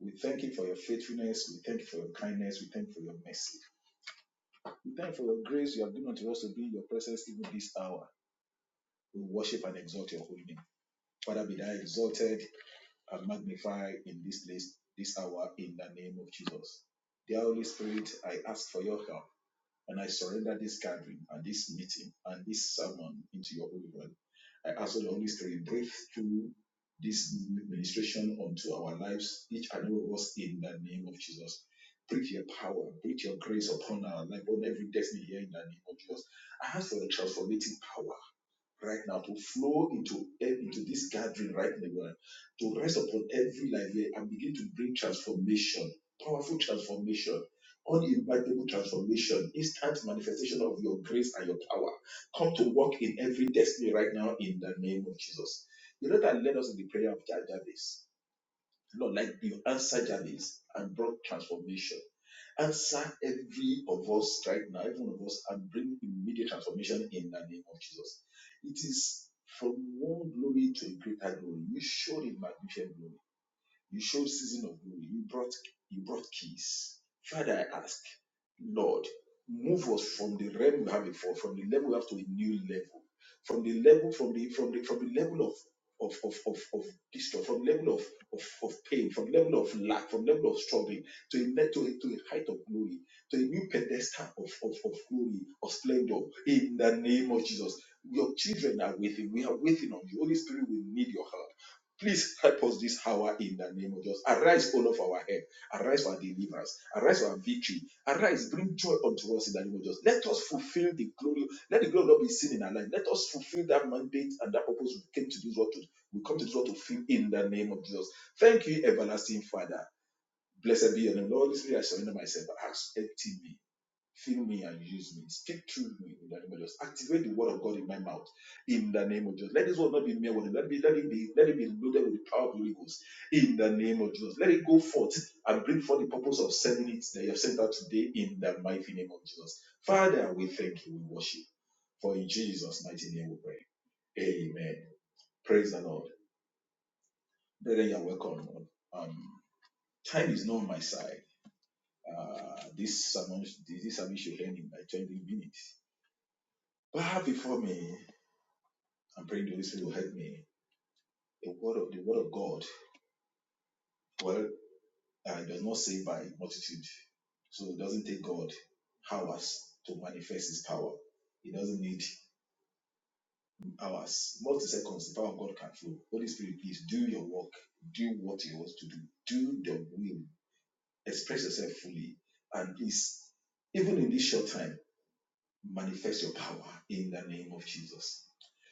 We thank you for your faithfulness. We thank you for your kindness. We thank you for your mercy. We thank you for your grace you have given unto us to be in your presence even this hour. We worship and exalt your holy name. Father, be thou exalted and magnified in this place, this hour, in the name of Jesus. Dear Holy Spirit, I ask for your help and I surrender this gathering and this meeting and this sermon into your holy hand. I ask for the Holy Spirit, breathe through this ministration onto our lives, each and every of us, in the name of Jesus. Breathe your power, breathe your grace upon our life, on every destiny here in the name of Jesus. I ask for the transformative power right now to flow into e, into this gathering right now to rest upon every life here and begin to bring transformation powerful transformation uninvitable transformation instant manifestation of your grace and your power come to work in every destiny right now in the name of jesus you know that led us in the prayer of jabez Lord, like you answered Jabez and brought transformation. Answer every of us right now, every one of us, and bring immediate transformation in the name of Jesus. It is from one glory to a greater glory. You showed in magnificent glory. You showed season of glory. You brought you brought keys. Father, I ask, Lord, move us from the realm we have before, from the level we have to a new level, from the level from the from the from the level of of of of, of distress, from the level of, of of pain, from the level of lack, from the level of struggling, to a le- to a, to a height of glory, to a new pedestal of of, of glory of splendor. In the name of Jesus, your children are waiting. We are waiting on you. Holy Spirit, we need your help. Please help us this hour in the name of Jesus. Arise, all of our help. Arise for our deliverance. Arise for our victory. Arise, bring joy unto us in the name of Jesus. Let us fulfill the glory. Let the glory not be seen in our life. Let us fulfill that mandate and that purpose we came to this world to. We come to this world to fill in the name of Jesus. Thank you, everlasting Father. Blessed be your name, Lord. This day I surrender myself. Ask, empty me. Fill me and use me. Speak through me in the name of Jesus. Activate the word of God in my mouth in the name of Jesus. Let this word not be mere word. Let, it be, let it be let it be loaded with the power of the Holy Ghost in the name of Jesus. Let it go forth and bring forth the purpose of sending it that you have sent out today in the mighty name of Jesus. Father, we thank you. We worship. For in Jesus' mighty name we pray. Amen. Praise the Lord. Brethren, you're welcome. Um, time is not on my side. Uh, this sermon, this sermon should end in like 20 minutes But I have before me, I'm praying the Holy Spirit will help me. The word of the word of God, well, uh, it does not save by multitude, so it doesn't take God hours to manifest His power. He doesn't need hours, multi seconds. The power of God can flow. Holy Spirit, please do your work. Do what you want to do. Do the will. Express yourself fully, and please, even in this short time, manifest your power in the name of Jesus.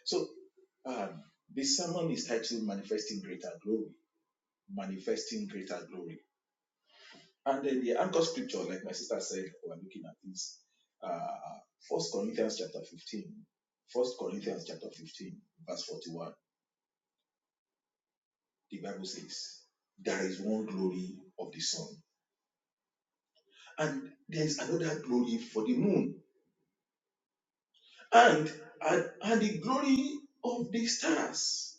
So um, this sermon is titled "Manifesting Greater Glory." manifesting greater glory. And then the anchor scripture, like my sister said, we're looking at this. Uh, 1 Corinthians chapter 15, First Corinthians chapter 15, verse 41. The Bible says, There is one glory of the sun, and there is another glory for the moon, and, and, and the glory of the stars.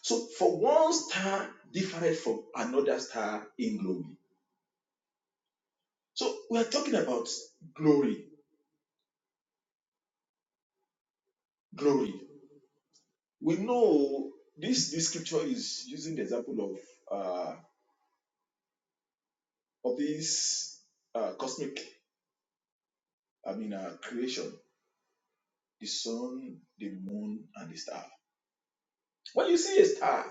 So, for one star different from another star in glory. So, we are talking about glory, glory. we know this this scripture is using the example of uh of this uh cosmic i mean uh creation the sun the moon and the star when you see a star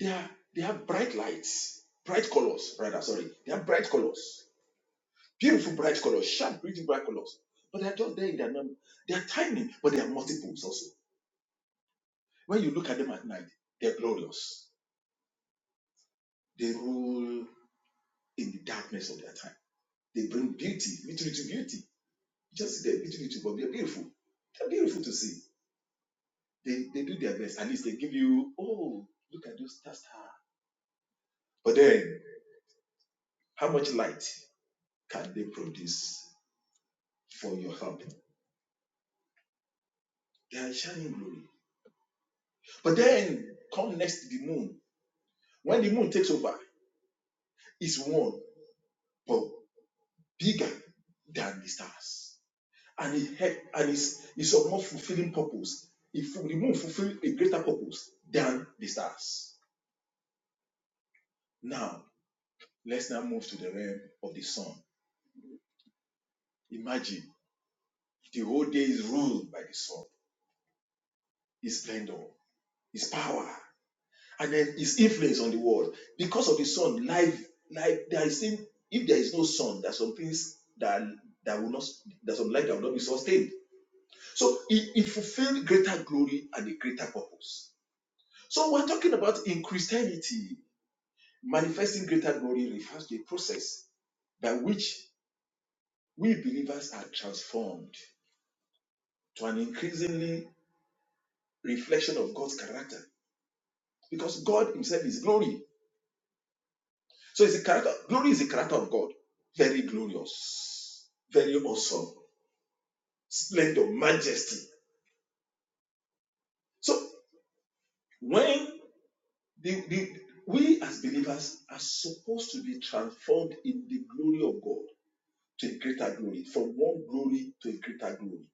they are they have bright lights bright colors rather sorry they have bright colors beautiful bright colors sharp beautiful bright colors but they're just there in their number they are tiny but they are multiples also when you look at them at night they're glorious they rule in the darkness of their time they bring beauty literally to beauty Just they're little, little, but they're beautiful. They're beautiful to see. They they do their best. At least they give you, oh, look at those that's her. But then, how much light can they produce for your help? They are shining glory. But then, come next to the moon. When the moon takes over, it's one, but bigger than the stars, and it help, and it's it's of more fulfilling purpose. If the moon fulfills a greater purpose than the stars. Now, let's now move to the realm of the sun. Imagine the whole day is ruled by the sun, his splendor, his power, and then his influence on the world. Because of the sun, life, life, there is in, if there is no sun, there are some things that that will not there's some life that will not be sustained. So it, it fulfilled greater glory and a greater purpose. So we're talking about in Christianity, manifesting greater glory refers to a process by which we believers are transformed to an increasingly reflection of God's character Because God Himself is glory. So it's a character, glory is the character of God. Very glorious, very awesome, splendor, majesty. So when the, the, we as believers are supposed to be transformed in the glory of God to a greater glory, from one glory to a greater glory.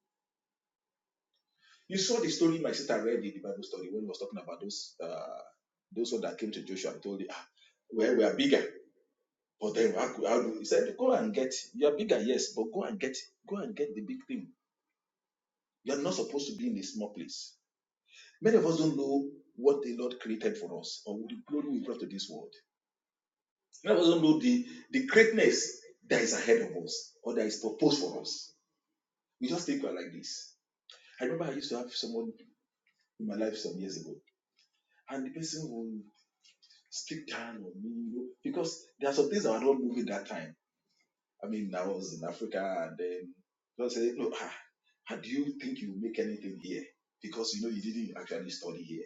You saw the story my sister read in the Bible story when he was talking about those uh, those that came to Joshua and told him, ah, well, we are bigger. But then I, could- I, would- he said, go and get, you're bigger, yes, but go and get, go and get the big thing. You're not supposed to be in a small place. Many of us don't know what the Lord created for us or the glory we brought to this world. Many of us don't know the, the greatness that is ahead of us or that is proposed for us. We just think we're like this. I remember I used to have someone in my life some years ago, and the person would speak down on me you know, because there are some things that were not moving that time I mean, I was in Africa and then God said, Look, ah, ah, do you think you make anything here? Because you know you didn't actually study here.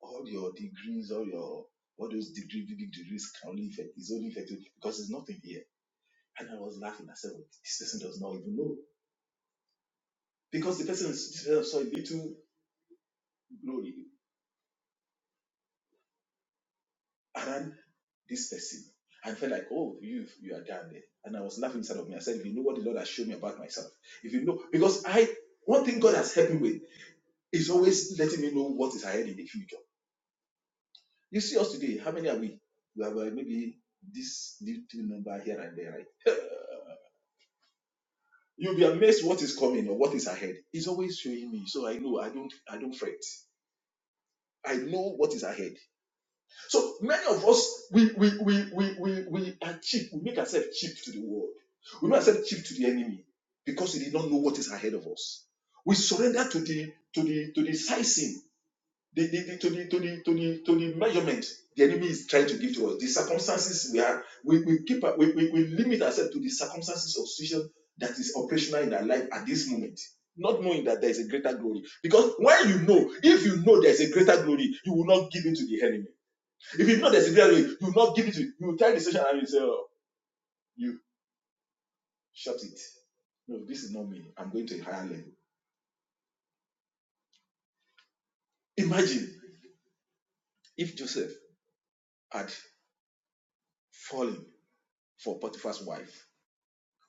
All your degrees, all your all those degree, big degrees can only effect is only effective because there's nothing here. And I was laughing. I said, well, this person does not even know. Because the person saw a little glory around this person. I felt like, oh, you you are down there. And I was laughing inside of me. I said, if you know what the Lord has shown me about myself, if you know, because I one thing God has helped me with It's always letting me know what is ahead in the future. You see us today, how many are we? We have uh, maybe this little number here and there, right? You'll be amazed what is coming or what is ahead. It's always showing me, so I know I don't I don't fret. I know what is ahead. So many of us we we we we we, we are cheap. We make ourselves cheap to the world. We make ourselves cheap to the enemy because we did not know what is ahead of us. We surrender to the to the to the sizing the, the, the- to the to the to the to the measurement the enemy is trying to give to us. The circumstances we are we, we keep we, we, we limit ourselves to the circumstances of situation that is operational in our life at this moment, not knowing that there is a greater glory. Because when you know, if you know there is a greater glory, you will not give it to the enemy. If you know there's a greater glory, you will not give it to you will tell the situation and you say, Oh, you shut it. No, this is not me. I'm going to a higher level. Imagine if Joseph had fallen for Potiphar's wife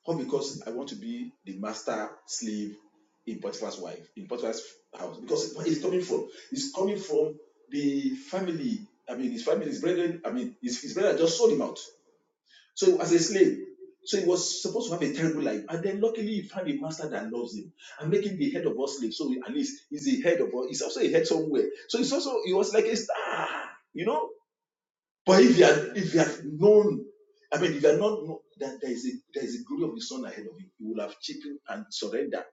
All because I want to be the master slave in Potiphar's wife, in Potiphar's house. Because where it's coming from? It's coming from the family. I mean, his family, his brethren, I mean, his, his brother just sold him out. So as a slave. So he was supposed to have a terrible life. And then luckily he found a master that loves him and make him the head of all slaves. So at least he's the head of all, he's also a head somewhere. So he's also, he was like a star, you know? But if you are if you have known, I mean, if you are not know that there is a there is a glory of the sun ahead of you, you will have cheapened and surrendered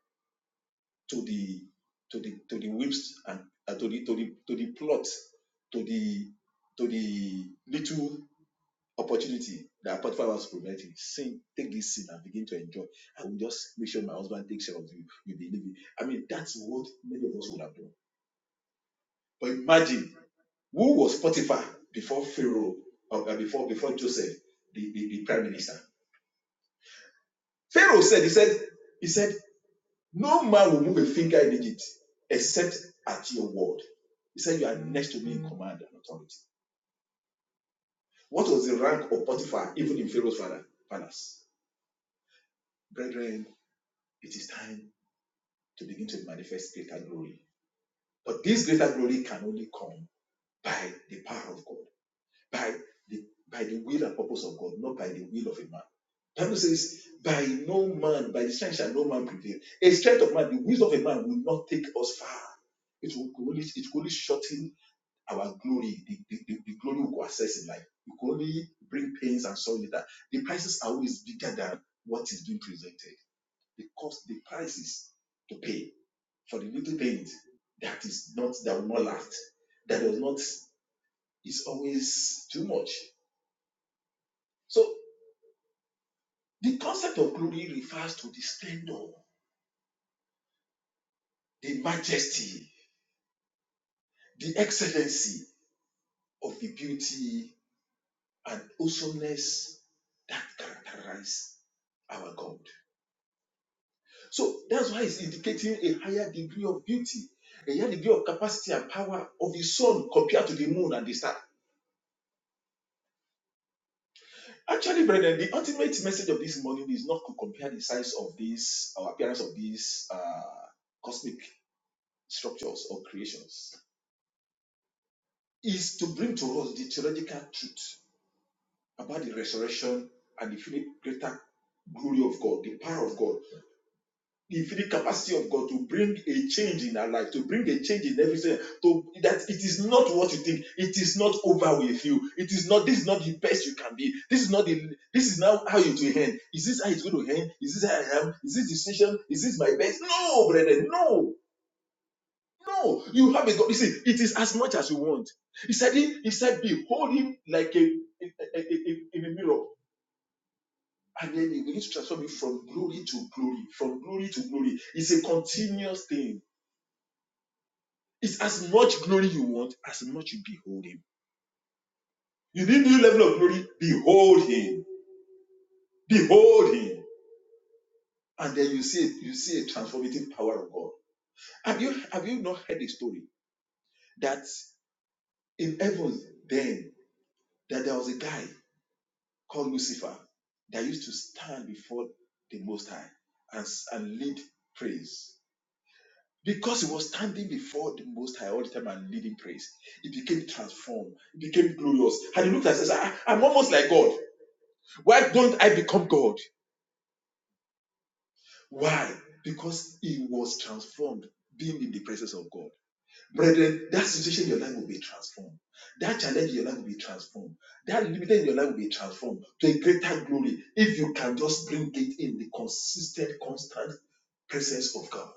to the to the to the whips and uh, to the to the to the plot, to the to the little opportunity that part five was preventing. Sin, take this sin and begin to enjoy. I will just make sure my husband takes care of you. You believe it. I mean, that's what many of us would have done. But imagine Who was Potiphar before Pharaoh, or uh, before before Joseph, the, the, the prime minister? Pharaoh said, he said, he said, no man will move a finger in Egypt except at your word. He said, you are next to me in command and authority. What was the rank of Potiphar, even in Pharaoh's father, palace? Brethren, it is time to begin to manifest greater glory. But this greater glory can only come by the power of God. by the by the will and purpose of God, not by the will of a man. The Bible says, by no man, by the strength shall no man prevail. A strength of man, the wisdom of a man will not take us far. It will only it will only shorten our glory. The, the, the, the glory we go access in life. It will only bring pains and sorrow later. The prices are always bigger than what is being presented. Because the prices to pay for the little things that is not that will not last, that does not is always too much. So The concept of glory refers to the splendor, the majesty, the excellency of the beauty and awesomeness that characterize our God. So that's why it's indicating a higher degree of beauty, a higher degree of capacity and power of the sun compared to the moon and the star. Actually, brethren, the ultimate message of this morning is not to compare the size of these or appearance of these uh, cosmic structures or creations is to bring to us the theological truth about the resurrection and the infinite greater glory of God, the power of God, the infinite capacity of God to bring a change in our life, to bring a change in everything. To that it is not what you think. It is not over with you. It is not. This is not the best you can be. This is not the. This is now how you will end. Is this how it's going to end? Is this how I am? Is this decision? Is this my best? No, brethren, no. No, you have a God. Listen, it is as much as you want. He said, He, he said, Behold him like a, a- a- a- in a mirror. And then he begins to transform you from glory to glory, from glory to glory. It's a continuous thing. It's as much glory you want, as much you behold him. You need new level of glory, behold him. Behold him. And then you see you see a transformative power of God. Have you have you not heard a story that in heaven then that there was a guy called Lucifer that used to stand before the Most High and, and lead praise. Because he was standing before the Most High all the time and leading praise, it became transformed, it became glorious. And he looked at us and said, I'm almost like God. Why don't I become God? Why? Because he was transformed being in the presence of God. Brethren, that situation in your life will be transformed. That challenge in your life will be transformed. That limitation in your life will be transformed to a greater glory if you can just bring it in the consistent, constant presence of God.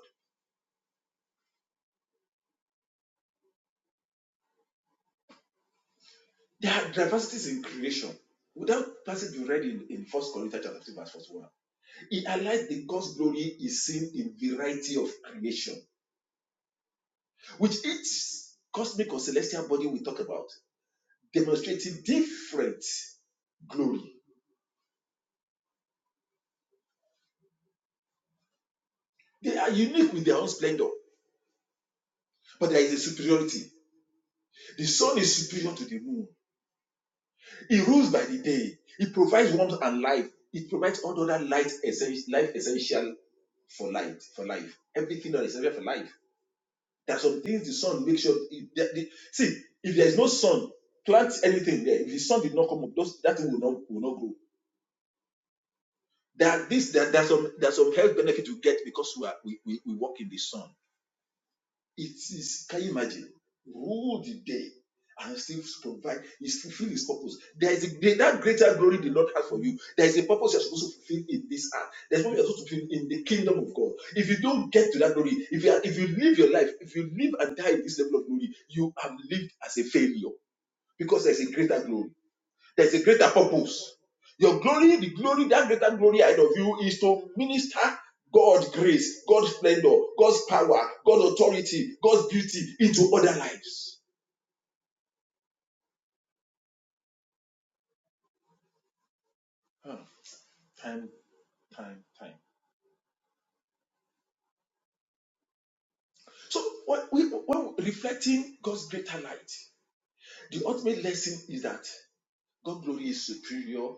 There are diversities in creation. Would that passage you read in, in 1 Corinthians chapter 2, verse 41? It highlights the God's glory is seen in variety of creation, which each cosmic or celestial body we talk about demonstrating different glory. They are unique with their own splendor. But there is a superiority. The sun is superior to the moon. It rules by the day. It provides warmth and life. It provides all the other light essential, life essential for light, for life. Everything that is essential for life. There are some things the sun makes sure. If the, the- see, if there is no sun, plant anything there. If the sun did not come up, those, that thing will not will not grow. There are this there, there are some there are some health benefits we get because we are we, we, we walk in the sun It is, can you imagine? Rule the day and still provide, you still fulfill his purpose. There is a, great- that greater glory the Lord has for you. There is a purpose you're supposed to fulfill in this earth. There's what you're supposed to fulfill in the kingdom of God. If you don't get to that glory, if you are, if you live your life, if you live and die in this level of glory, you have lived as a failure because there's a greater glory. There's a greater purpose. Your glory, the glory, that greater glory ahead of you is to minister God's grace, God's splendor, God's power, God's authority, God's beauty into other lives. Hmm. Time, time, time. So when we when we're reflecting God's greater light, the ultimate lesson is that God's glory is superior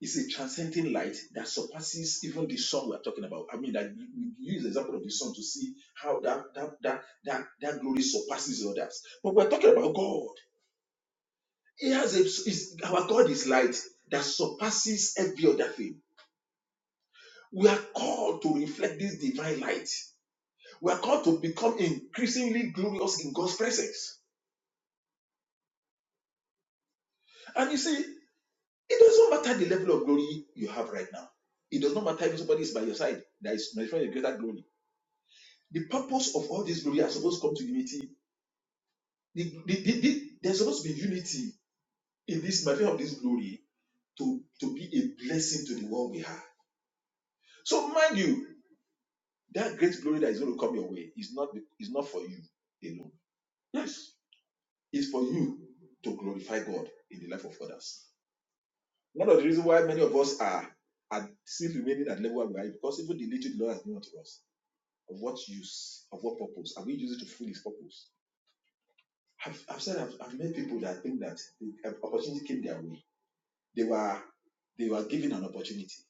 It's a transcending light that surpasses even the sun we're talking about. I mean, that you you use the example of the sun to see how that that that that, that glory surpasses others. But we're talking about God. He has a, is, our God is light that surpasses every other thing. We are called to reflect this divine light. We are called to become increasingly glorious in God's presence. And you see, it doesn't matter the level of glory you have right now. It does not matter if somebody is by your side that is manifesting a greater glory The purpose of all these glory are supposed to come to unity. The, the, the, the- there's supposed to be unity in this matter of this glory to, to be a blessing to the world we have. So mind you, that great glory that is going to come your way is not is not for you alone. Yes, it's for you to glorify God in the life of others. One of the reasons why many of us are are still remaining at level where we are because even the little the Lord has given unto us, of what use, of what purpose, are we using to fulfill His purpose? I've, I've said I've, I've met people that think that the um, opportunity came their way. They were they were given an opportunity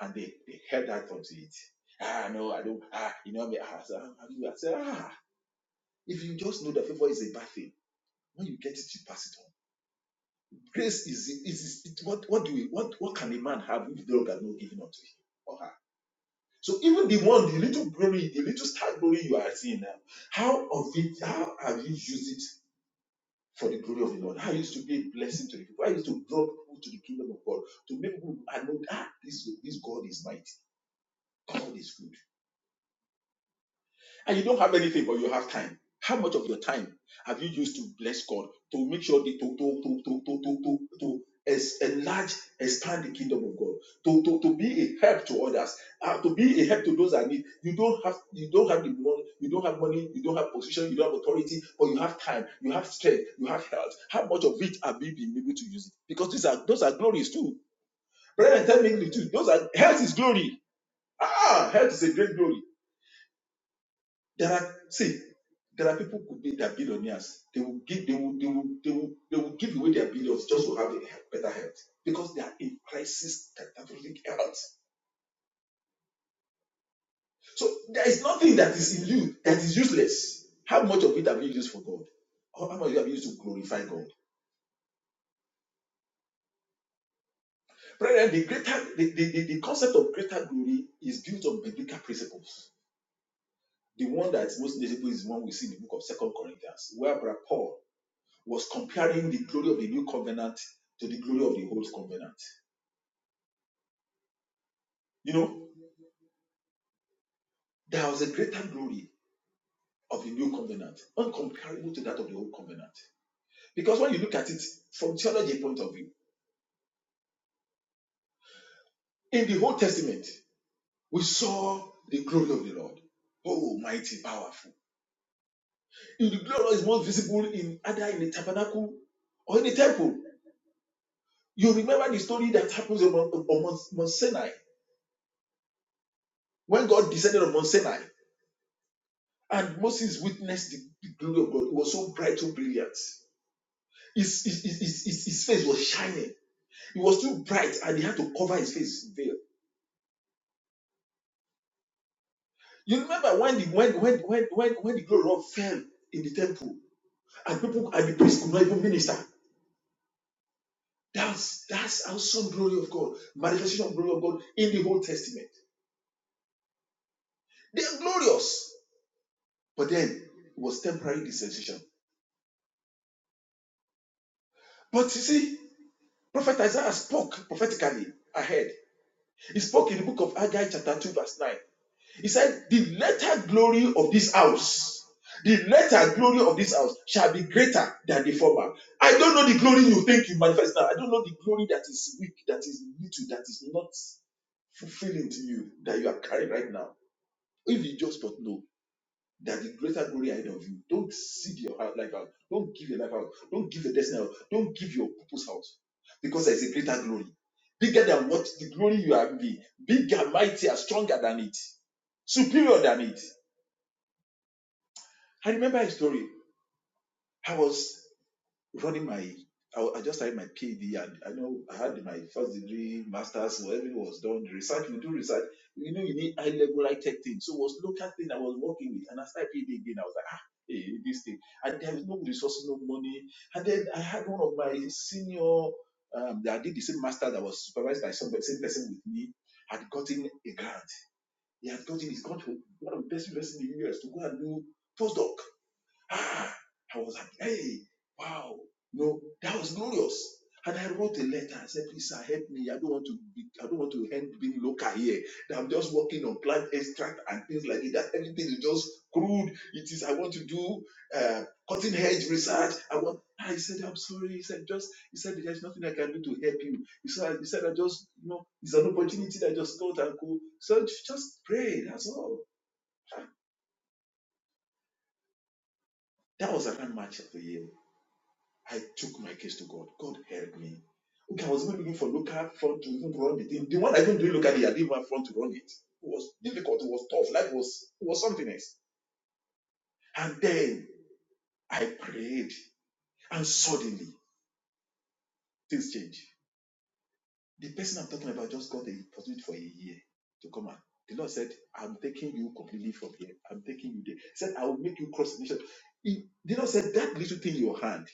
and they, they held out onto it. Ah no, I don't. Ah, you know me. Ah, so, ah, I said, ah, if you just know that favor is a bad thing, when you get it, you pass it on. Grace is is, is it, what what do we what what can a man have if the Lord has not given up to him or her? So even the one, the little glory, the little star glory you are seeing now, how of it, how have you used it for the glory of the Lord. I used to be a blessing to the people. I used to draw people to the kingdom of God to make people I know that ah, this, this God is mighty. God is good and you don't have anything, but you have time. How much of your time have you used to bless God to make sure the to to to to to to to, to es- enlarge, expand the kingdom of God, to to, to be a help to others, uh, to be a help to those that need. You don't have you don't have the money, you don't have money, you don't have position, you don't have authority, but you have time, you have strength, you have health. How much of it have you been able to use it? Because these are those are glories too. Brethren, tell me the truth. Those are health is glory. Ah, health is a great glory there are see, there are people who be that billionaires. They will give they will they will they will they will give away their billions just to have a he- better health because they are in crisis catastrophic health. So there is nothing that is in you that is useless. How much of it have you used for God? Or how much you have used to glorify God? Brethren, the greater the, the, the, the concept of greater glory is built on biblical principles. The one that is most notable is the one we see in the book of Second Corinthians, where Brother Paul was comparing the glory of the new covenant to the glory of the old covenant. You know, there was a greater glory of the new covenant, uncomparable to that of the old covenant. Because when you look at it from theology point of view, in the Old Testament, we saw the glory of the Lord. Oh, mighty, powerful. In the glory is most visible in either in the tabernacle or in the temple. You remember the story that happens on, Mount- on Mount Sinai when God descended on Mount Sinai. And Moses witnessed the, the glory of God. It was so bright, so brilliant. His, his, his, his, his face was shining. It was too bright, and he had to cover his face with veil. You remember when the when when when when, when the glory of God fell in the temple, and people and the priests could not even minister. That's that's awesome glory of God, manifestation of glory of God in the Old Testament. They are glorious, but then it was temporary dispensation. But you see, Prophet Isaiah spoke prophetically ahead. He spoke in the book of Haggai, chapter 2, verse 9. He said, The latter glory of this house, the latter glory of this house shall be greater than the former. I don't know the glory you think you manifest now. I don't know the glory that is weak, that is little, that is not fulfilling to you, that you are carrying right now. If you just but know that the greater glory ahead of you, don't seed your heart- life out. Don't give your life out. Don't give your destiny out. Don't give your purpose out. Because there is a greater glory. Bigger than what the glory you have been. Bigger, mightier, stronger than it. Superior than it. I remember a story. I was running my, I, I just had my PhD and I know I had my first degree, master's, so everything was done. The research, you do research, you know, you need high level high tech things. So it was local thing I was working with. And I started PhD again. I was like, ah, hey, this thing. And there was no resources, no money. And then I had one of my senior, um, that I did the same master that was supervised by somebody, same person with me, had gotten a grant. He had gotten, he's gone to one of the best universities in the US to go and do postdoc Ah, I was like, hey, wow. No, that was glorious. And I wrote a letter. I said, please, sir, help me. I don't want to be, I don't want to end being local here. That I'm just working on plant extract and things like it. That everything is just crude. It is, I want to do uh, cutting edge research. I want I said, I'm sorry. He said, just he said there's nothing I can do to help you. He said, he said, I just, you know, it's an opportunity that I just thought I could. So just pray, that's all. That was around March of the year. I took my case to God. God helped me. Okay, I was even looking for local front to even run the thing. The one I even do locally, I didn't even have front to run it. It was difficult. It was tough. Life was it was something else. And then I prayed, and suddenly things changed. The person I'm talking about just got the opportunity for a year to come and the Lord said, I'm taking you completely from here. I'm taking you there. He said, I will make you cross the nation. He- The Lord said, That little thing in your hand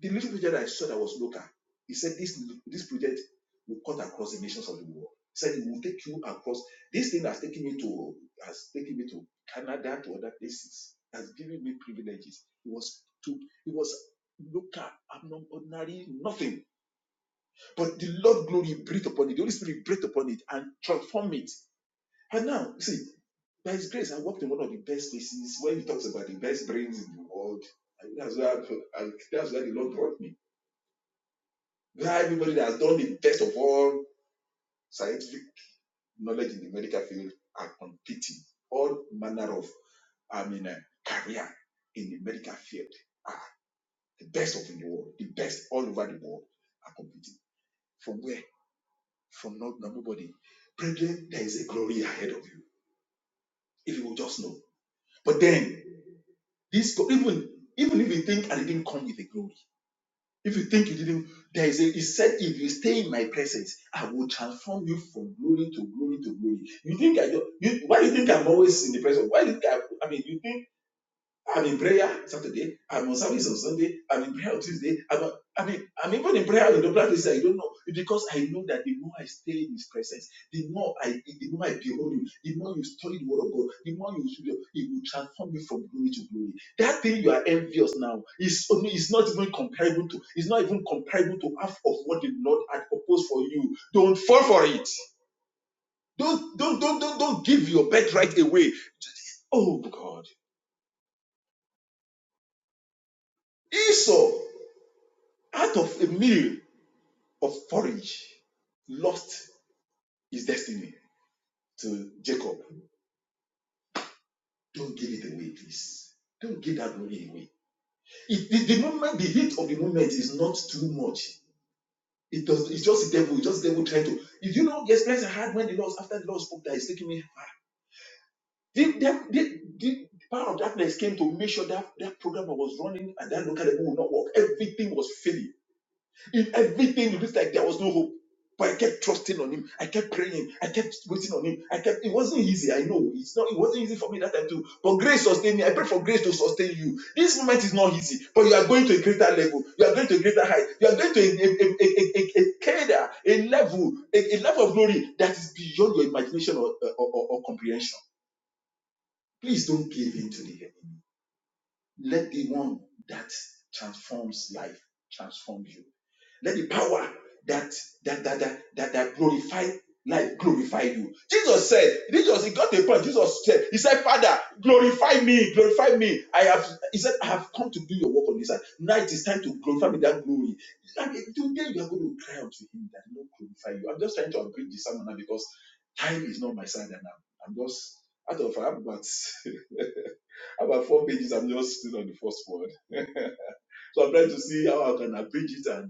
The little project I saw that was local, he said this, this project will cut across the nations of the world. He said it will take you across. This thing has taken me to has taken me to Canada to other places, has given me privileges. It was to it was local, abnormal, ordinary, nothing. But the Lord glory breathed upon it. The Holy Spirit breathed upon it and transformed it. And now, see, by His grace, I worked in one of the best places where He talks about the best brains in the world. And that's where I- that's where the Lord brought me. We have everybody that has done the best of all scientific knowledge in the medical field are competing. All manner of, I mean, uh, career in the medical field are the best of in the world, the best all over the world are competing. From where? From not nobody. Brethren, there is a glory ahead of you if you will just know. But then, this even even if you think I didn't come with a glory If you think you didn't, there is a, he said, if you stay in my presence, I will transform you from glory to glory to glory. You think I don't, you, why do you think I'm always in the presence? Why do you think I, I mean, you think I'm in prayer Saturday. I'm on service on Sunday. I'm in prayer on Tuesday. I'm, I mean, I'm even in prayer in the practice. I don't know because I know that the more I stay in His presence, the more I, the more I behold Him, the more you study the Word of God, the more you, you He will transform you from glory to glory. That thing you are envious now is only is not even comparable to. It's not even comparable to half of what the Lord had proposed for you. Don't fall for it. Don't don't don't don't, don't give your birthright away. Oh God, Esau out of a meal. of forage, lost his destiny to Jacob. Don't give it away, please. Don't give that glory away. It, the, the moment, the heat of the moment is not too much. It does. It's just the devil. It's just the devil trying to. If you know the experience I had when the Lord, after the Lord spoke, that is taking me far. The, the, the, the power of darkness came to make sure that that program I was running at that local level would not work. Everything was failing In everything, it looks like there was no hope. But I kept trusting on him. I kept praying. I kept waiting on him. I kept. It wasn't easy. I know it's not. It wasn't easy for me that time too. But grace sustained me. I pray for grace to sustain you. This moment is not easy, but you are going to a greater level. You are going to a greater height. You are going to a a a a, a, a, cadre, a level, a, a level of glory that is beyond your imagination or, or, or, or comprehension. Please don't give in to the enemy. Let the one that transforms life transform you let the power that that that that that, that glorified life glorify you. Jesus said, Jesus, he got the point. Jesus said, He said, Father, glorify me, glorify me. I have he said, I have come to do your work on this earth. Now it is time to glorify me with that glory. And today you are going to cry out to him that he will glorify you. I'm just trying to abridge this sermon now because time is not my side and I'm, I'm just out of I have about about four pages. I'm just still on the first word, so I'm trying to see how I can abridge it and.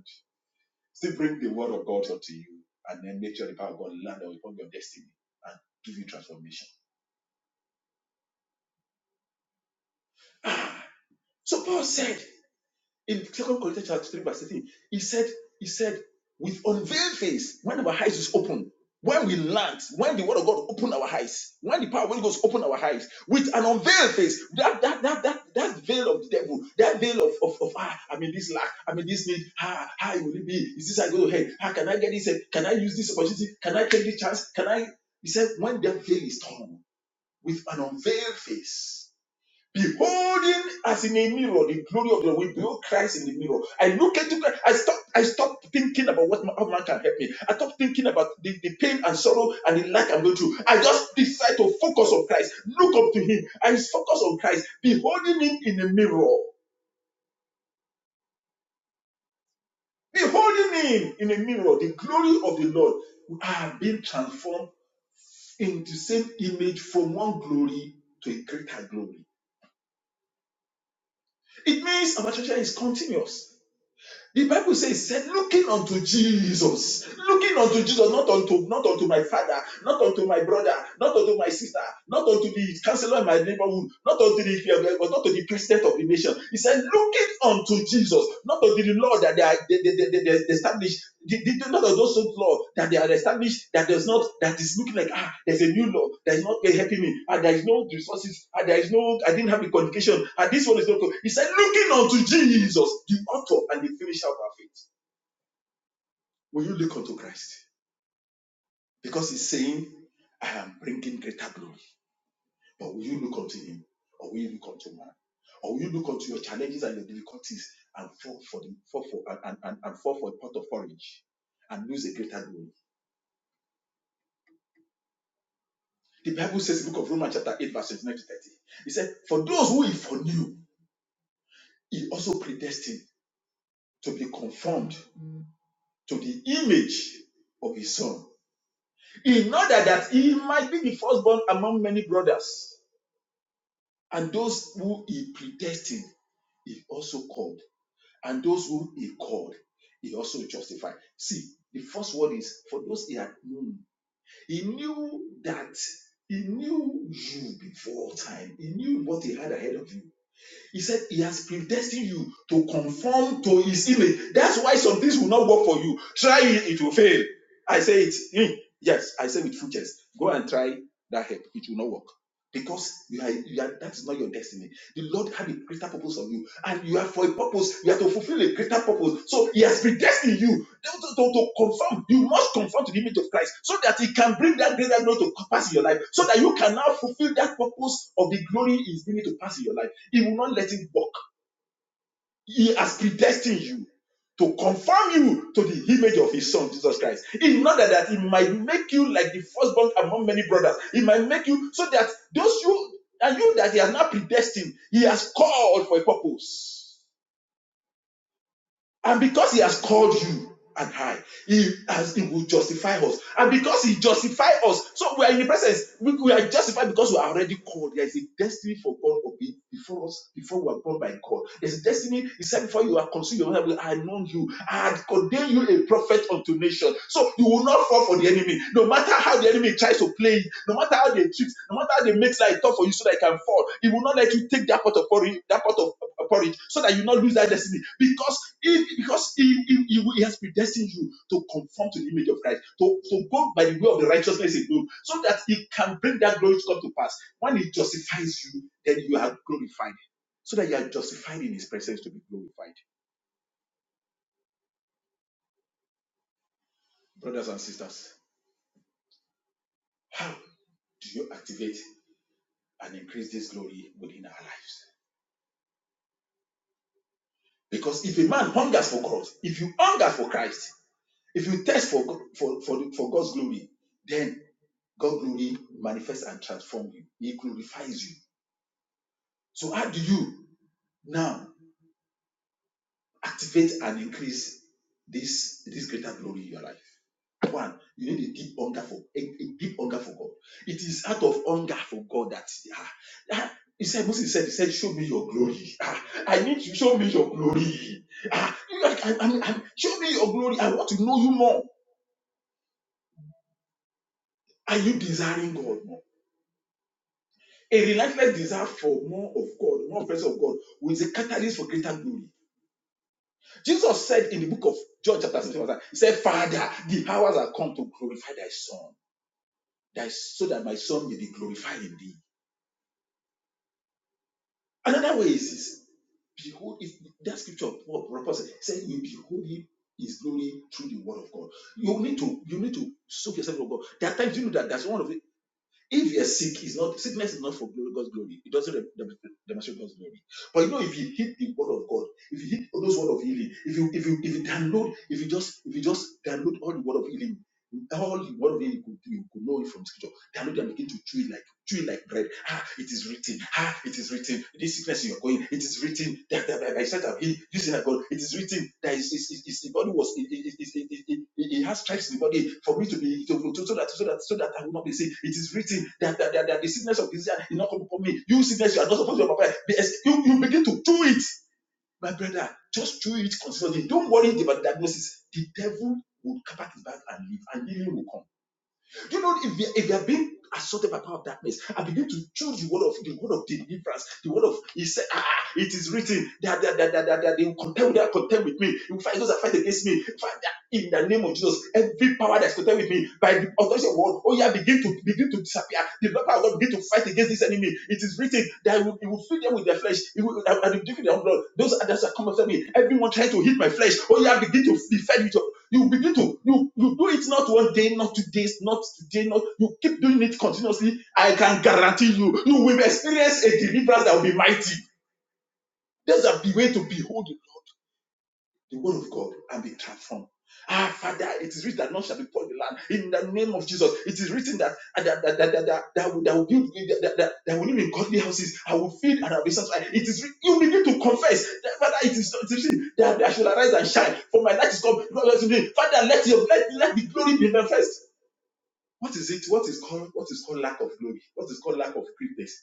Still bring the word of God up to you and then make sure the power of God land on upon your destiny and give you transformation. So Paul said, in Second Corinthians chapter 3, verse 13, he said, He said, with unveiled face, when our eyes is open, when we learnt, when the word of God open our eyes, when the power of God goes open our eyes, with an unveiled face, that that that that that veil of the devil, that veil of of, of ah, I mean this lack, I mean this need, ah, how will it be? Is this I go ahead? How can I get this? eh? Can I use this opportunity? Can I take this chance? Can I? He said, when that veil is torn with an unveiled face beholding as in a mirror the glory of the Lord. we behold Christ in the mirror. I look into Christ. I stop. I stop thinking about what man, how man can help me. I stop thinking about the, the pain and sorrow and the lack I'm going through. I just decide to focus on Christ. Look up to Him. I focus on Christ, beholding Him in the mirror, beholding Him in the mirror, the glory of the Lord. We are being transformed into the same image from one glory to a greater glory. It means our treasure is continuous. The Bible says, said, looking unto Jesus, looking unto Jesus, not unto not unto my father, not unto my brother, not unto my sister, not unto the counselor in my neighborhood, not unto the not unto the president of the nation. He said, looking unto Jesus, not unto the Lord that they are they, they, they, they, establish the, the, not of those old law that they are established that does not that is looking like ah there's a new law that is not eh, helping me and ah there is no resources and ah there is no I didn't have a qualification and ah this one is not good. He said looking unto Jesus the author and the finisher of our faith. Will you look unto Christ? Because he's saying I am bringing greater glory. But will you look unto him or will you look unto man? Or will you look unto your challenges and your difficulties and fall for the fall for and, and and fall for a pot of porridge and lose a greater glory? The Bible says in the book of Romans, chapter 8, verse 29 to 30. He said, For those who he foreknew, he also predestined to be conformed to the image of his son, in order that he might be the firstborn among many brothers. And those who he predestined, he also called. And those who he called, he also justified. See, the first word is for those he had known. He knew that he knew you before time. He knew what he had ahead of you He said he has predestined you to conform to his image. That's why some things will not work for you. Try it, it will fail. I say it. Hmm. Yes, I say with full chest. Go and try that help. It will not work because you are, you are that is not your destiny. The Lord had a greater purpose of you, and you are for a purpose. You are to fulfill a greater purpose. So He has predestined you to, to, to- to conform. You must conform to the image of Christ, so that He can bring that greater glory to pass in your life, so that you can now fulfill that purpose of the glory He's bringing to pass in your life. He will not let it walk. He has predestined you to conform you to the image of his son Jesus Christ. In order that he might make you like the firstborn among many brothers. He might make you so that those you and you that he has not predestined, he has called for a purpose. And because he has called you and I, he has he will justify us. And because he justified us, so we are in the presence. We, we are justified because we are already called. There is a destiny for God of it before us, before we are born by God. There's a destiny, he said, before you are conceived, your mother will- I have known you. I had ordained you a prophet unto nation. So you will not fall for the enemy. No matter how the enemy tries to play, it, no matter how they trick, no matter how they make life tough for you so that you can fall, he will not let you take that part of glory, that part of porridge so that you not lose that destiny because if because he, he, he he has predestined you to conform to the image of Christ to, to go by the way of the righteousness in him so that he can bring that glory to come to pass when he justifies you then you are glorified so that you are justified in his presence to be glorified brothers and sisters do you activate and increase this glory within our lives because if a man hungers for God if you hunger for Christ if you thirst for, God- for, for, for God's glory then. God glory manifests and transforms you. He glorifies you. So how do you now activate and increase this this greater glory in your life? One, you need a deep hunger for a, a deep hunger for God. It is out of hunger for God that ah, ah, he said, Moses said, he said, show me your glory. Ah, I need you, show me your glory. Ah, I- I- i i show me your glory. I want to know you more. Are you desiring God more? A relentless desire for more of God, more presence of God, was a catalyst for greater glory. Jesus said in the book of John, chapter 16, verse 9, He said, Father, the hours are come to glorify thy son, thy, so that my son may be glorified in thee. Another way is this behold, if that scripture of Paul purpose said, You behold him his glory through the word of God. You need to you need to soak yourself of God. There are times you know that that's one of the If you're sick, it's not sickness is not for God's glory. It doesn't demonstrate God's glory. But you know, if you hit the word of God, if you hit those word of healing, if you if you if you download, if you just if you just download all the word of healing all you one day you could do, you could know it from scripture. They are not there and begin to chew it like chew it like bread. Ah, it is written. Ah, it is written. This sickness you are going, it is written. That that that- by sight of he, this is I got, it is written. that is, is, is the body was it, it, it, it, it, it, it it has stripes in the body for me to be to, to, so that so that so that I will not be sick. It is written that that, that, that the sickness of this is not come upon me. You sickness, you are not supposed to be upon You, you begin to do it my brother, just do it consistently. Don't worry about diagnosis. The devil will come back his back and leave, and healing will come. Do you know if you if they are being assaulted by power of darkness and begin to choose the word of the word of deliverance, the word of he said, ah, ah, it is written that that that that, that, that they will contend with that contend with me. He will those that fight against me in the name of Jesus, every power that's connected with me by the authority of God, oh yeah, begin to begin to disappear. The power of God begin to fight against this enemy. It is written that it will, it will feed them with their flesh. It will, I, give you their blood. Those others that come after me, everyone trying to hit my flesh, oh yeah, begin to be fed with your. You begin to you you do it not one day, not two days, not today, not you keep doing it continuously. I can guarantee you, you will experience a deliverance that will be mighty. That's the way to behold the Lord the word of God and be transformed. Ah, Father, it is written that none shall be poor in the land. In the name of Jesus, it is written that that that that that that, that, will, that will build that, that, that, that will live in godly houses. I will feed and I will be satisfied. It is writ- you begin to confess that Father, it is it is written that I shall arise and shine, for my light is come. God is with me. Father, let your let, let the glory be manifest. What is it? What is called what is called lack of glory? What is called lack of greatness?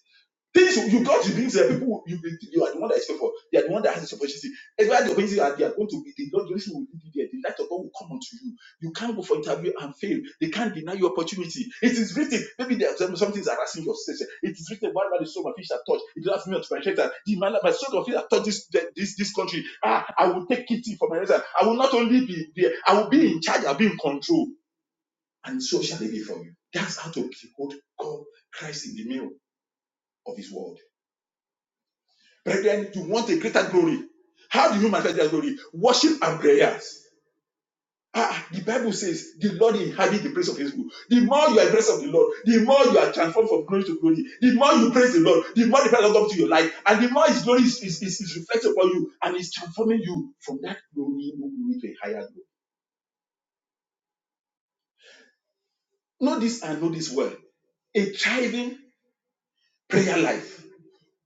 Things you got to believe that people you be- you are the one that is faithful. They are the one that has this opportunity. Everywhere the opportunity are, they are going to be the Lord Jerusalem will be there. The light of God will come unto you. You can't go for interview and fail. They can't deny you opportunity. It is written. Maybe there are some, some things are asking your session. It is written. One man the soul my fish that touch. It does me to my shelter. The man my soul of fish that touch this, this this country. Ah, I will take it for my reason. I will not only be there. I will be in charge. I'll be in control. And so shall it be for you. That's how to behold God, Christ in the middle of His world. Brethren, you want a greater glory. How do you manifest that glory? Worship and prayers. Ah, the Bible says the Lord inhabits the praise of his people. The more you are praise of the Lord, the more you are transformed from glory to glory, the more you praise the Lord, the more the presence comes to your life, and the more his glory is, is, is, is reflected upon you and is transforming you from that glory, low glory to a higher glory. Know this and know this well. A thriving prayer life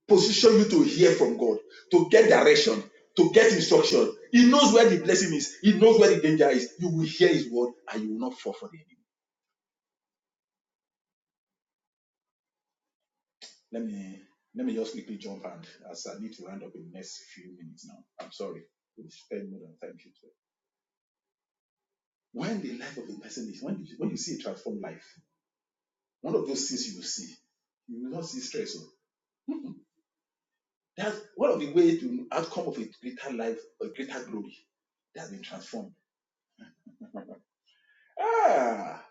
position you to hear from God, to get direction, to get instruction. He knows where the blessing is. He knows where the danger is. You will hear His word, and you will not fall for the enemy. Let me let me just quickly jump and as I need to round up in the next few minutes now. I'm sorry, we spend more than time. here. today. When the life of a person is when you, when you see a transformed life, one of those things you will see, you will not see stress. oh. That's one of the ways to outcome of a greater life, a greater glory that has been transformed. Ah,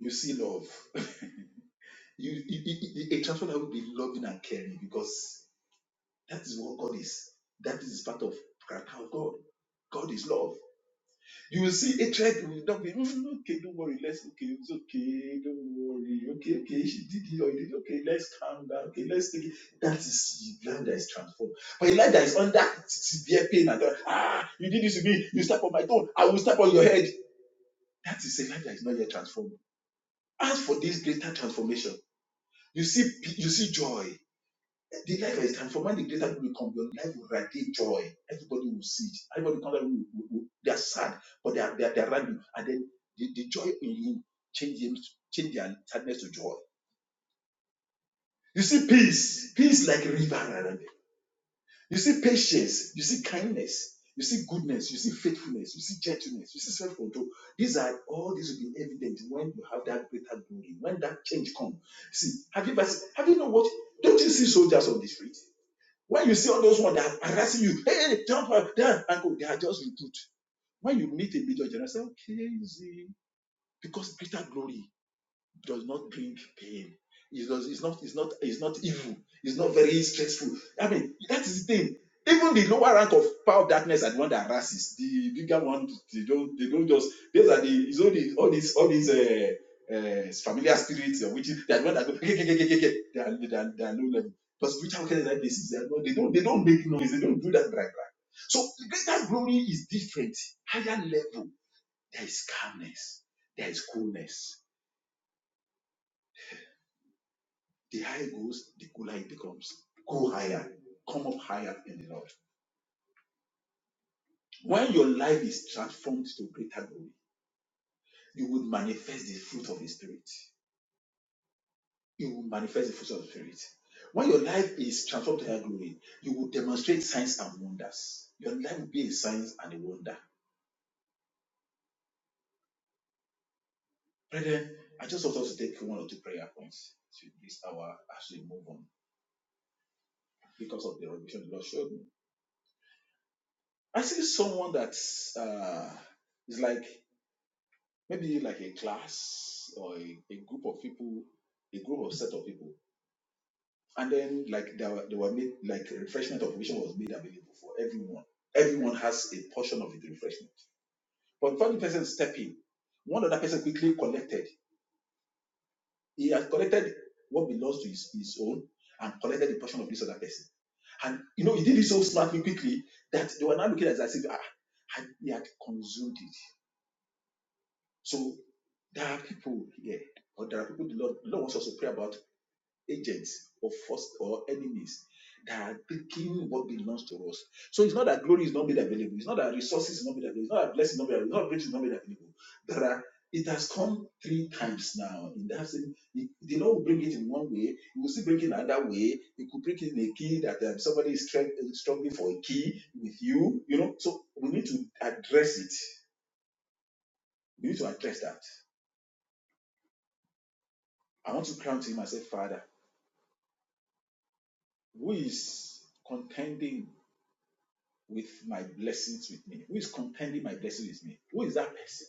you see love. You, you, you, a transformed life will be loving and caring because that is what God is. That is part of character of God. God is love. You will see hatred will not be "Mm, okay. Don't worry. Let's okay. It's okay. Don't worry. Okay, okay. She did it or he did. it. Okay, let's calm down. Okay, let's take it. That is the life that is transformed. But a life that is under severe pain and God, ah, you did this to me. You step on my toe. I will step on your head. That is a life that is not yet transformed. As for this greater transformation. You see, pe- you see joy. The life is transformed. When the greater people come, your life will radiate joy. Everybody will see it. Everybody comes will, will, will, they are sad, but they are, they are, they are around you. And then the, the joy in you change them, change their sadness to joy. You see peace, peace like river around them. You see patience, you see kindness, you see goodness, you see faithfulness, you see gentleness, you see self-control. These are all these will be evident when you have that greater glory, when that change comes. See, have you ever seen, have you not watched? Don't you see soldiers on the street? When you see all those ones that are harassing you, hey, hey, jump up, down, and go, they are just recruit. When you meet a major general, say, okay, easy, because greater glory does not bring pain. It does, it's not it's not it's not evil. It's not very stressful. I mean, that is the thing. Even the lower rank of power of darkness are the one that harasses. The bigger one, they don't they don't just these are the it's all these all these all these uh, uh, familiar spirits or witches. They are the one that go "Ke, ke, ke, ke, ke, ke." they are they are, they are low level. But spiritual wickedness like this, they, are not, they don't they don't make noise. They don't do that right. right. So the greater glory is different. Higher level, there is calmness, there is coolness The higher it goes, the cooler it becomes. Go higher. Come up higher in the Lord. When your life is transformed to greater glory, you would manifest the fruit of the Spirit. You will manifest the fruit of the Spirit. When your life is transformed to higher glory, you will demonstrate signs and wonders. Your life will be a sign and a wonder. Brethren, I just want us to take one or two prayer points to this hour as we move on because of the revelation the Lord showed me. I see someone that's uh, is like maybe like a class or a, a group of people, a group of set of people. And then like there were, they were made like refreshment of vision was made available for everyone. Everyone has a portion of the refreshment. But before the person step in, one other person quickly collected. He had collected what belongs to his, his own and collected the portion of this other person. And you know, he did it so smartly quickly that they were now looking at it as if ah, had- he had consumed it. So there are people here, or there are people the Lord, the Lord wants us to pray about agents or first or enemies that are taking what belongs to us. So it's not that glory is not made available, it's not that resources is not made available, it's not that blessing is not made available, it's not grace is not made available. There are it has come three times now. In that same, the the Lord will bring it in one way, He will still bring it another way. He could bring it in a key that um, somebody is strugg- struggling for a key with you, you know. So we need to address it. We need to address that I want to cry unto him and say, Father, who is contending with my blessings with me? Who is contending my blessings with me? Who is that person?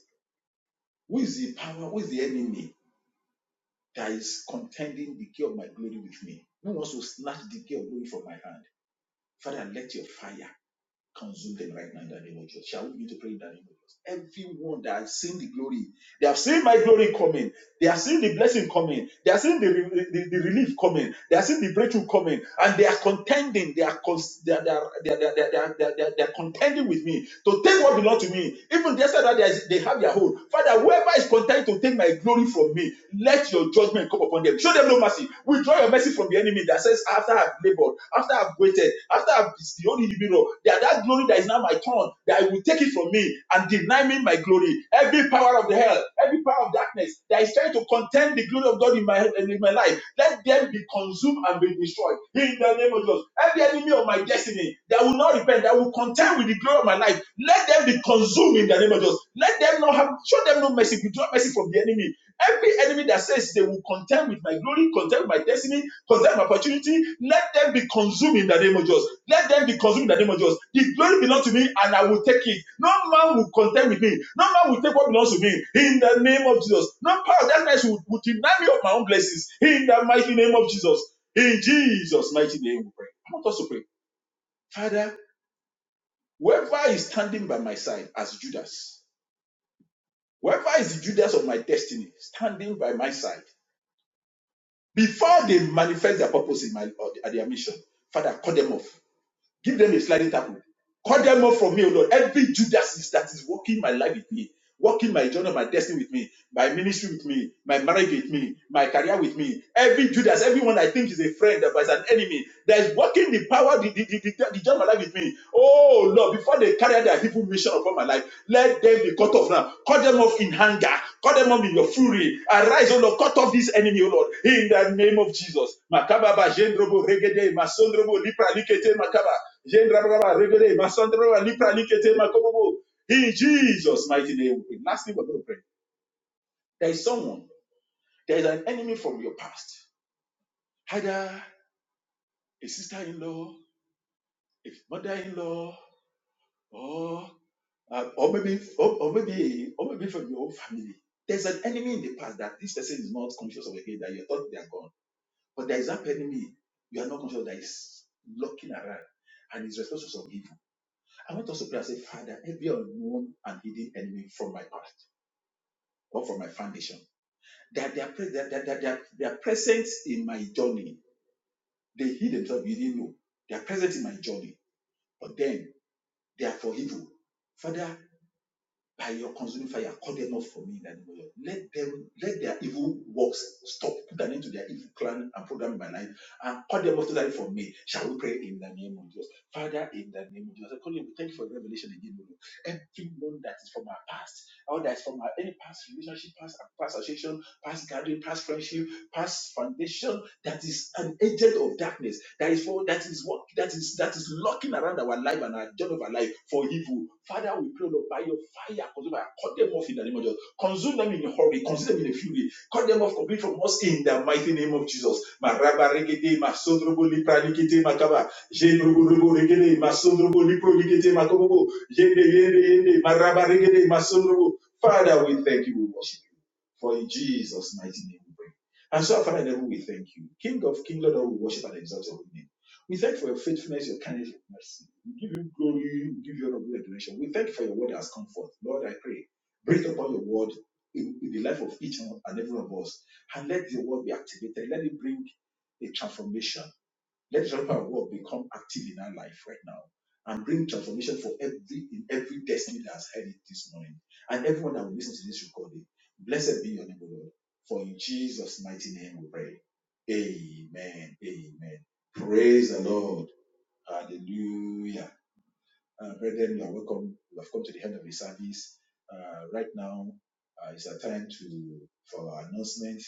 Who is the power? Who is the enemy that is contending the key of my glory with me? Who wants to snatch the key of glory from my hand? Father, let your fire Consume them right now in the name of Jesus. Shall we begin to pray in the name of Jesus? Everyone that has seen the glory, they have seen my glory coming. They have seen the blessing coming. They have seen the, the, the relief coming. They have seen the breakthrough coming. And they are contending. They are, cons- they are, they are, they are, they are, they are, they are, they are they are contending with me to take what belongs to me. Even they said that they are- they have their own. Father, whoever is content to take my glory from me, let your judgment come upon them. Show them no mercy. Withdraw your mercy from the enemy that says, after I've labored, after I've waited, created, after I've it's the only human that that glory that is now my turn, that I will take it from me and deny me my glory. Every power of the hell, every power of darkness that is trying to contend the glory of God in my head and in my life, let them be consumed and be destroyed. In the name of Jesus, every enemy of my destiny that will not repent, that will contend with the glory of my life, let them be consumed in the name of Jesus. Let them not have, show them no mercy, withdraw mercy from the enemy Every enemy that says they will contend with my glory, contend with my destiny, contend with my opportunity, let them be consumed in the name of Jesus. Let them be consumed in the name of Jesus. The glory belongs to me and I will take it. No man will contend with me. No man will take what belongs to me in the name of Jesus. No power of darkness will, will deny me of my own blessings in the mighty name of Jesus. In Jesus' mighty name, we pray. I want us to pray. Father, whoever is standing by my side as Judas, whoever is the Judas of my destiny, standing by my side Before they manifest their purpose in my or their mission, Father, cut them off. Give them a sliding tackle. Cut them off from me, O Lord. Every Judas is- that is walking my life with me, walking my journey, my destiny with me, my ministry with me, my marriage with me, my career with me. Every Judas, everyone I think is a friend but is an enemy, that is walking the power, the, the, the, the, the journey of my life with me. Oh Lord, before they carry out their people mission upon my life, let them be cut off now. Cut them off in anger. Cut them off in your fury. Arise, O Lord. Cut off this enemy, O Lord. In the name of Jesus. Makababa, Jendrobo, Regede, Masondrobo, Lipra, Likete, Makaba. Yendrabraba, regede, masandrabraba, lipra, likete, makobobo. In Jesus' mighty name. we pray. Lastly, we're going to pray. There is someone, there is an enemy from your past. Either a sister in law, a mother in law, or, uh, or, maybe, or, or maybe or maybe from your own family. There's an enemy in the past that this person is not conscious of again, that you thought they are gone. But there is that enemy you are not conscious that is looking around and is responsible for evil. I want us to pray and say, Father, every unknown and hidden enemy from my past. or from my foundation. That they are, pre- that, that, that, they are, they are present in my journey. They hid themselves, you didn't know. They are present in my journey, but then they are for evil. Father, by your consuming fire, call them up for me in the name of God. Let them, let their evil works stop. Put an end to their evil plan and program in my life and call them off totally for me. Shall we pray in the name of Jesus? Father, in the name of Jesus, I call you. Thank you for the revelation again, Lord. Everyone that is from our past, all that is from our any past relationship, past past association, past gathering, past friendship, past foundation that is an agent of darkness that is for that is what that is that is lurking around our life and our journey of our life for evil. Father, we pray Lord by your fire, consume them, cut them off in the name of Jesus. Consume them in a hurry, consume them in a fury, cut them off completely from us in the mighty name of Jesus. Maraba regede, masodrobo lipra likete makaba, jendrobo regede, masodrobo lipro likete makobobo, yende yende yende, maraba regede, masodrobo. Father, we thank you, we worship you. For in Jesus' mighty name we pray. And so, Father in heaven, we thank you. King of King, Lord, we worship and exalt your name. We thank you for your faithfulness, your kindness, your mercy. We give you glory, we give you honor, and adoration. We thank you for your word that has come forth. Lord, I pray, breathe upon your word in, in the life of each one and every one of us, and let your word be activated. Let it bring a transformation. Let revival word become active in our life right now and bring transformation for every in every destiny that has heard it this morning. And everyone that will listen to this recording, blessed be your name, O Lord. For in Jesus' mighty name we pray. Amen. Amen. Praise the Lord. Hallelujah. Uh, brethren, you are welcome. We have come to the end of the service. Uh, right now uh, is a time to for our announcement.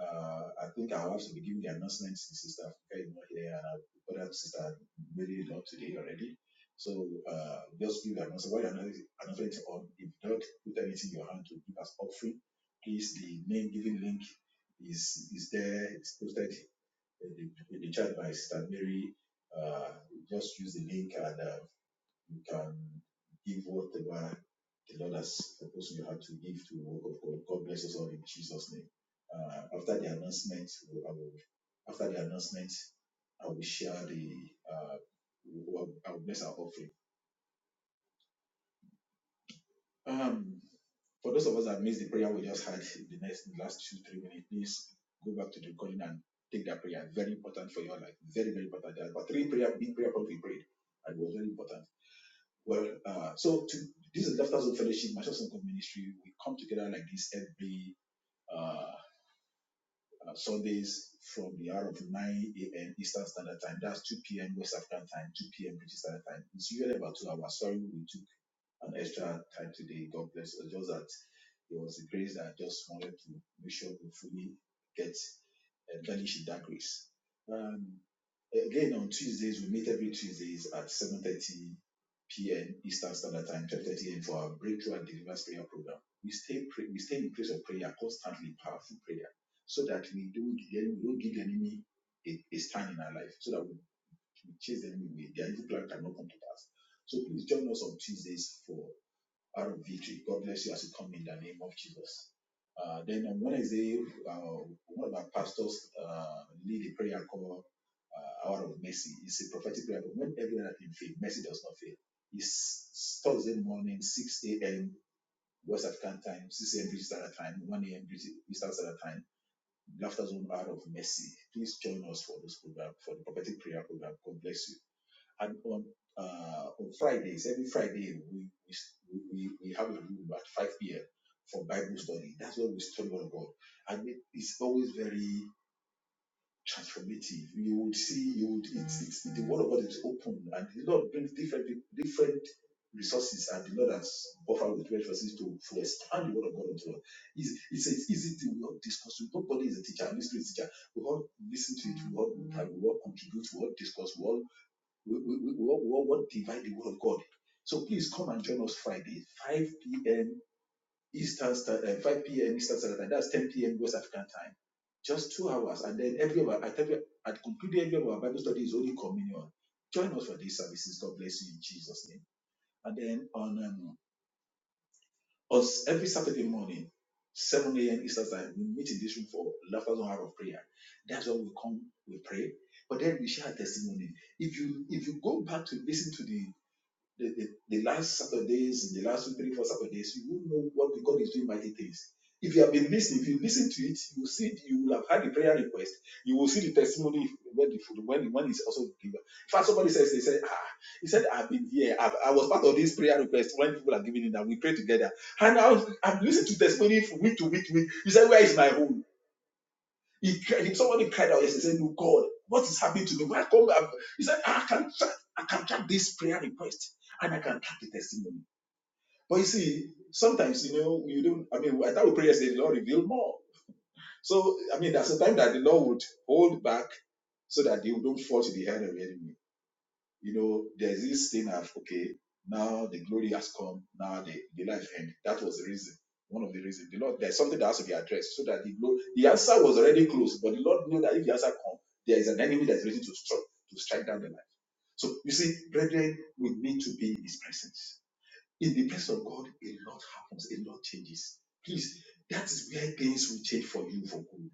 Uh, I think I'll have to be giving the announcement since Sister Africa is not here and I've got Sister Mary Lord today already. So uh, just give the announcement. While the announcement announcement is on, if you don't put anything in your hand to give us offering, please, the name giving link is is there. It's posted in the, in the chat by Sister Mary. Uh, just use the link and um, you can give whatever the Lord has supposed you have to give to the work of God. God bless us all in Jesus' name. Uh, after the announcement, I will, after the announcement, I will share the uh, I will bless our offering. Um, for those of us that missed the prayer we just had in the next the last two three minutes, please go back to the recording and take that prayer. Very important for your life. Very very important. There are about three prayer big prayer points we prayed, and it was very important. Well, uh, so to, this is Laughter Zone Fellowship, Master Sunco Ministry. We come together like this every uh, uh, Sundays from the hour of 9 a.m. Eastern Standard Time. That's 2 p.m. West African Time, 2 p.m. British Standard Time. It's usually about two hours. Sorry, we took an extra time today. God bless us. Just that it was a grace that I just wanted to make sure we fully get uh, garnish in that grace. Um, uh, Again, on Tuesdays, we meet every Tuesdays at 7.30 p.m. Eastern Standard Time, 12.30 a.m. for our Breakthrough and Deliverance Prayer Program. We stay, pray, we stay in place of prayer, constantly powerful prayer, so that we don't, give we don't give the enemy a, a stand in our life, so that we, we chase the enemy away. Their evil plan cannot come to pass. So please join us on Tuesdays for out of victory. God bless you as you come in the name of Jesus. Uh, then on Wednesday, uh, one of our pastors uh, lead a prayer called uh, Hour of Mercy. It's a prophetic prayer, but when everyone has been failed, mercy does not fail. It's Thursday morning, 6 a.m. West African time, 6 a.m. British Standard Time, 1 a.m. British Eastern Standard Time. Laughter Zone Hour of Mercy. Please join us for this program, for the prophetic prayer program. God bless you. And on uh, on Fridays, every Friday, we we, we we have a room at 5 p.m. for Bible study. That's when we study on God, and it is always very transformative. You would see, you would it's, it's the word of God is open, and the Lord brings different peop- different resources, and the Lord has buffered with resources to, to expand the word of God unto us. It's, it's an easy thing we all discuss. Nobody is a teacher, mystery is a mystery teacher. We all listen to it, we all, we all contribute, we all discuss, we all we, we, we, we all, we all want to divide the word of God. So please come and join us Friday, 5 p.m. Eastern Standard, uh, 5 p.m. Eastern Standard Time. That's 10 p.m. West African time. Just two hours, and then every hour, at every at concluding every hour, Bible study is only communion. Join us for these services. God bless you in Jesus' name. And then on um, us every Saturday morning, 7 a.m. Eastern time, we meet in this room for laughter and hour of prayer. That's when we come, we pray, but then we share testimony if you if you go back to listen to the the, the, the last Saturdays, the last two, three, four Saturdays, you will know what God is doing mighty things. If you have been listening, if you listen to it, you will see you will have had the prayer request. You will see the testimony when the when the one is also given. In fact, somebody says they said, ah, he said, I've been here. I've, I was part of this prayer request when people are giving it and we pray together. And I was, I've listened to testimony from week to week to week. You said, Where is my home? He, cried- somebody cried out yesterday saying, God, what is happening to me? Why come? I've-" He said, I can track, I can track this prayer request and I can track the testimony. But you see, sometimes, you know, you don't, I mean, I thought prayer said the Lord revealed more. So, I mean, there's a time that the Lord would hold back so that you don't fall to the hand of the enemy you know, there's this thing of okay, now the glory has come, now the, the life end. That was the reason. One of the reasons. The Lord, there's something that has to be addressed so that the glory, the answer was already close, but the Lord knew that if the answer comes, there is an enemy that is ready to strike to strike down the life. So you see, brethren, we need to be in his presence. In the presence of God, a lot happens, a lot changes. Please, that is where things will change for you for good.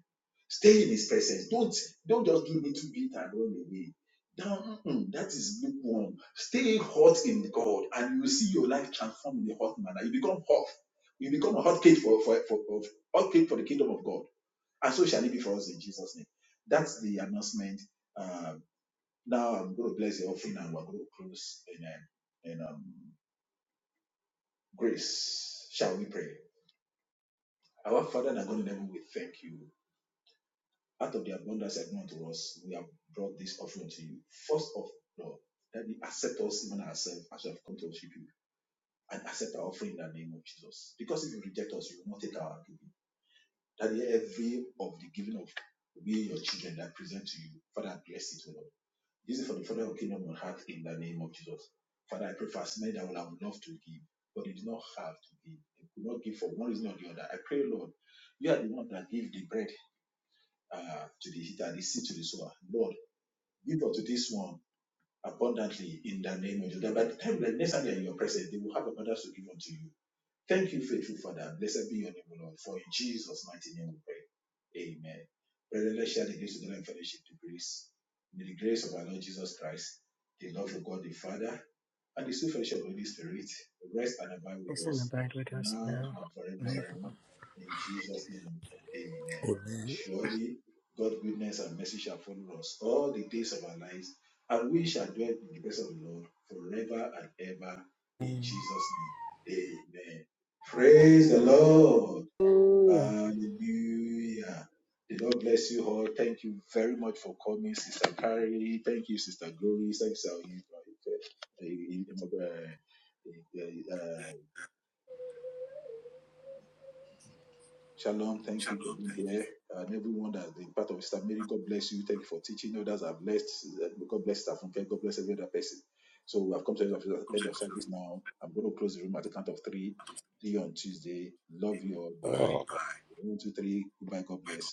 Stay in His presence. Don't don't just do little bit and run away. Now, mm, that is lukewarm. Stay hot in God, and you will see your life transformed in a hot manner. You become hot. You become a hot cake for for for, for hot cake for the kingdom of God, and so shall it be for us in Jesus' name. That's the announcement. Um, now I'm going to bless the offering, and we're going to close. And, um. and um, grace, shall we pray. Our Father and God in heaven, we thank you. Out of the abundance that known to us, we have brought this offering to you. First of all, that you accept us even ourselves as we have come to worship you and accept our offering in the name of Jesus. Because if you reject us, you will not take our giving. That every of the giving of we, your children, that I present to you, Father, bless it, O Lord. Use it for the further of your kingdom on earth in the name of Jesus. Father, I pray for as many that will have loved to give, but they did not have to give. They could not give for one reason or the other. I pray, Lord, you are the one that give the bread uh, to the eater, the seed to the sower. Lord, give unto this one abundantly in the name of Jesus. That by the time the next time they are in your presence, they will have abundance to give unto you. Thank you, faithful Father. Blessed be your name, Lord. For in Jesus' mighty name we pray. Amen. Brethren, let's share the grace together in fellowship, the grace. May the grace of our Lord Jesus Christ, the love of God the Father, and the sweet fellowship of the Holy Spirit rest and abide with us now and forevermore. In Jesus' name, amen. Surely, God's goodness and mercy shall follow us all the days of our lives, and we shall dwell in the presence of the Lord forever and ever. In Jesus' name, amen. Praise the Lord. Hallelujah. The Lord bless you all. Thank you very much for coming, Sister Carrie. Thank you, Sister Glory. Thank you, Sister uh, uh, uh, Shalom. Thank you for being here. And everyone that has been part of Sister Mary, God bless you. Thank you for teaching. Others are blessed. uh, God bless Sister Funke. God bless every other person. So we have come to the end of end of service now. I'm going to close the room at the count of three. Three on Tuesday. Love you all. Bye. One, two, three. Goodbye. God bless.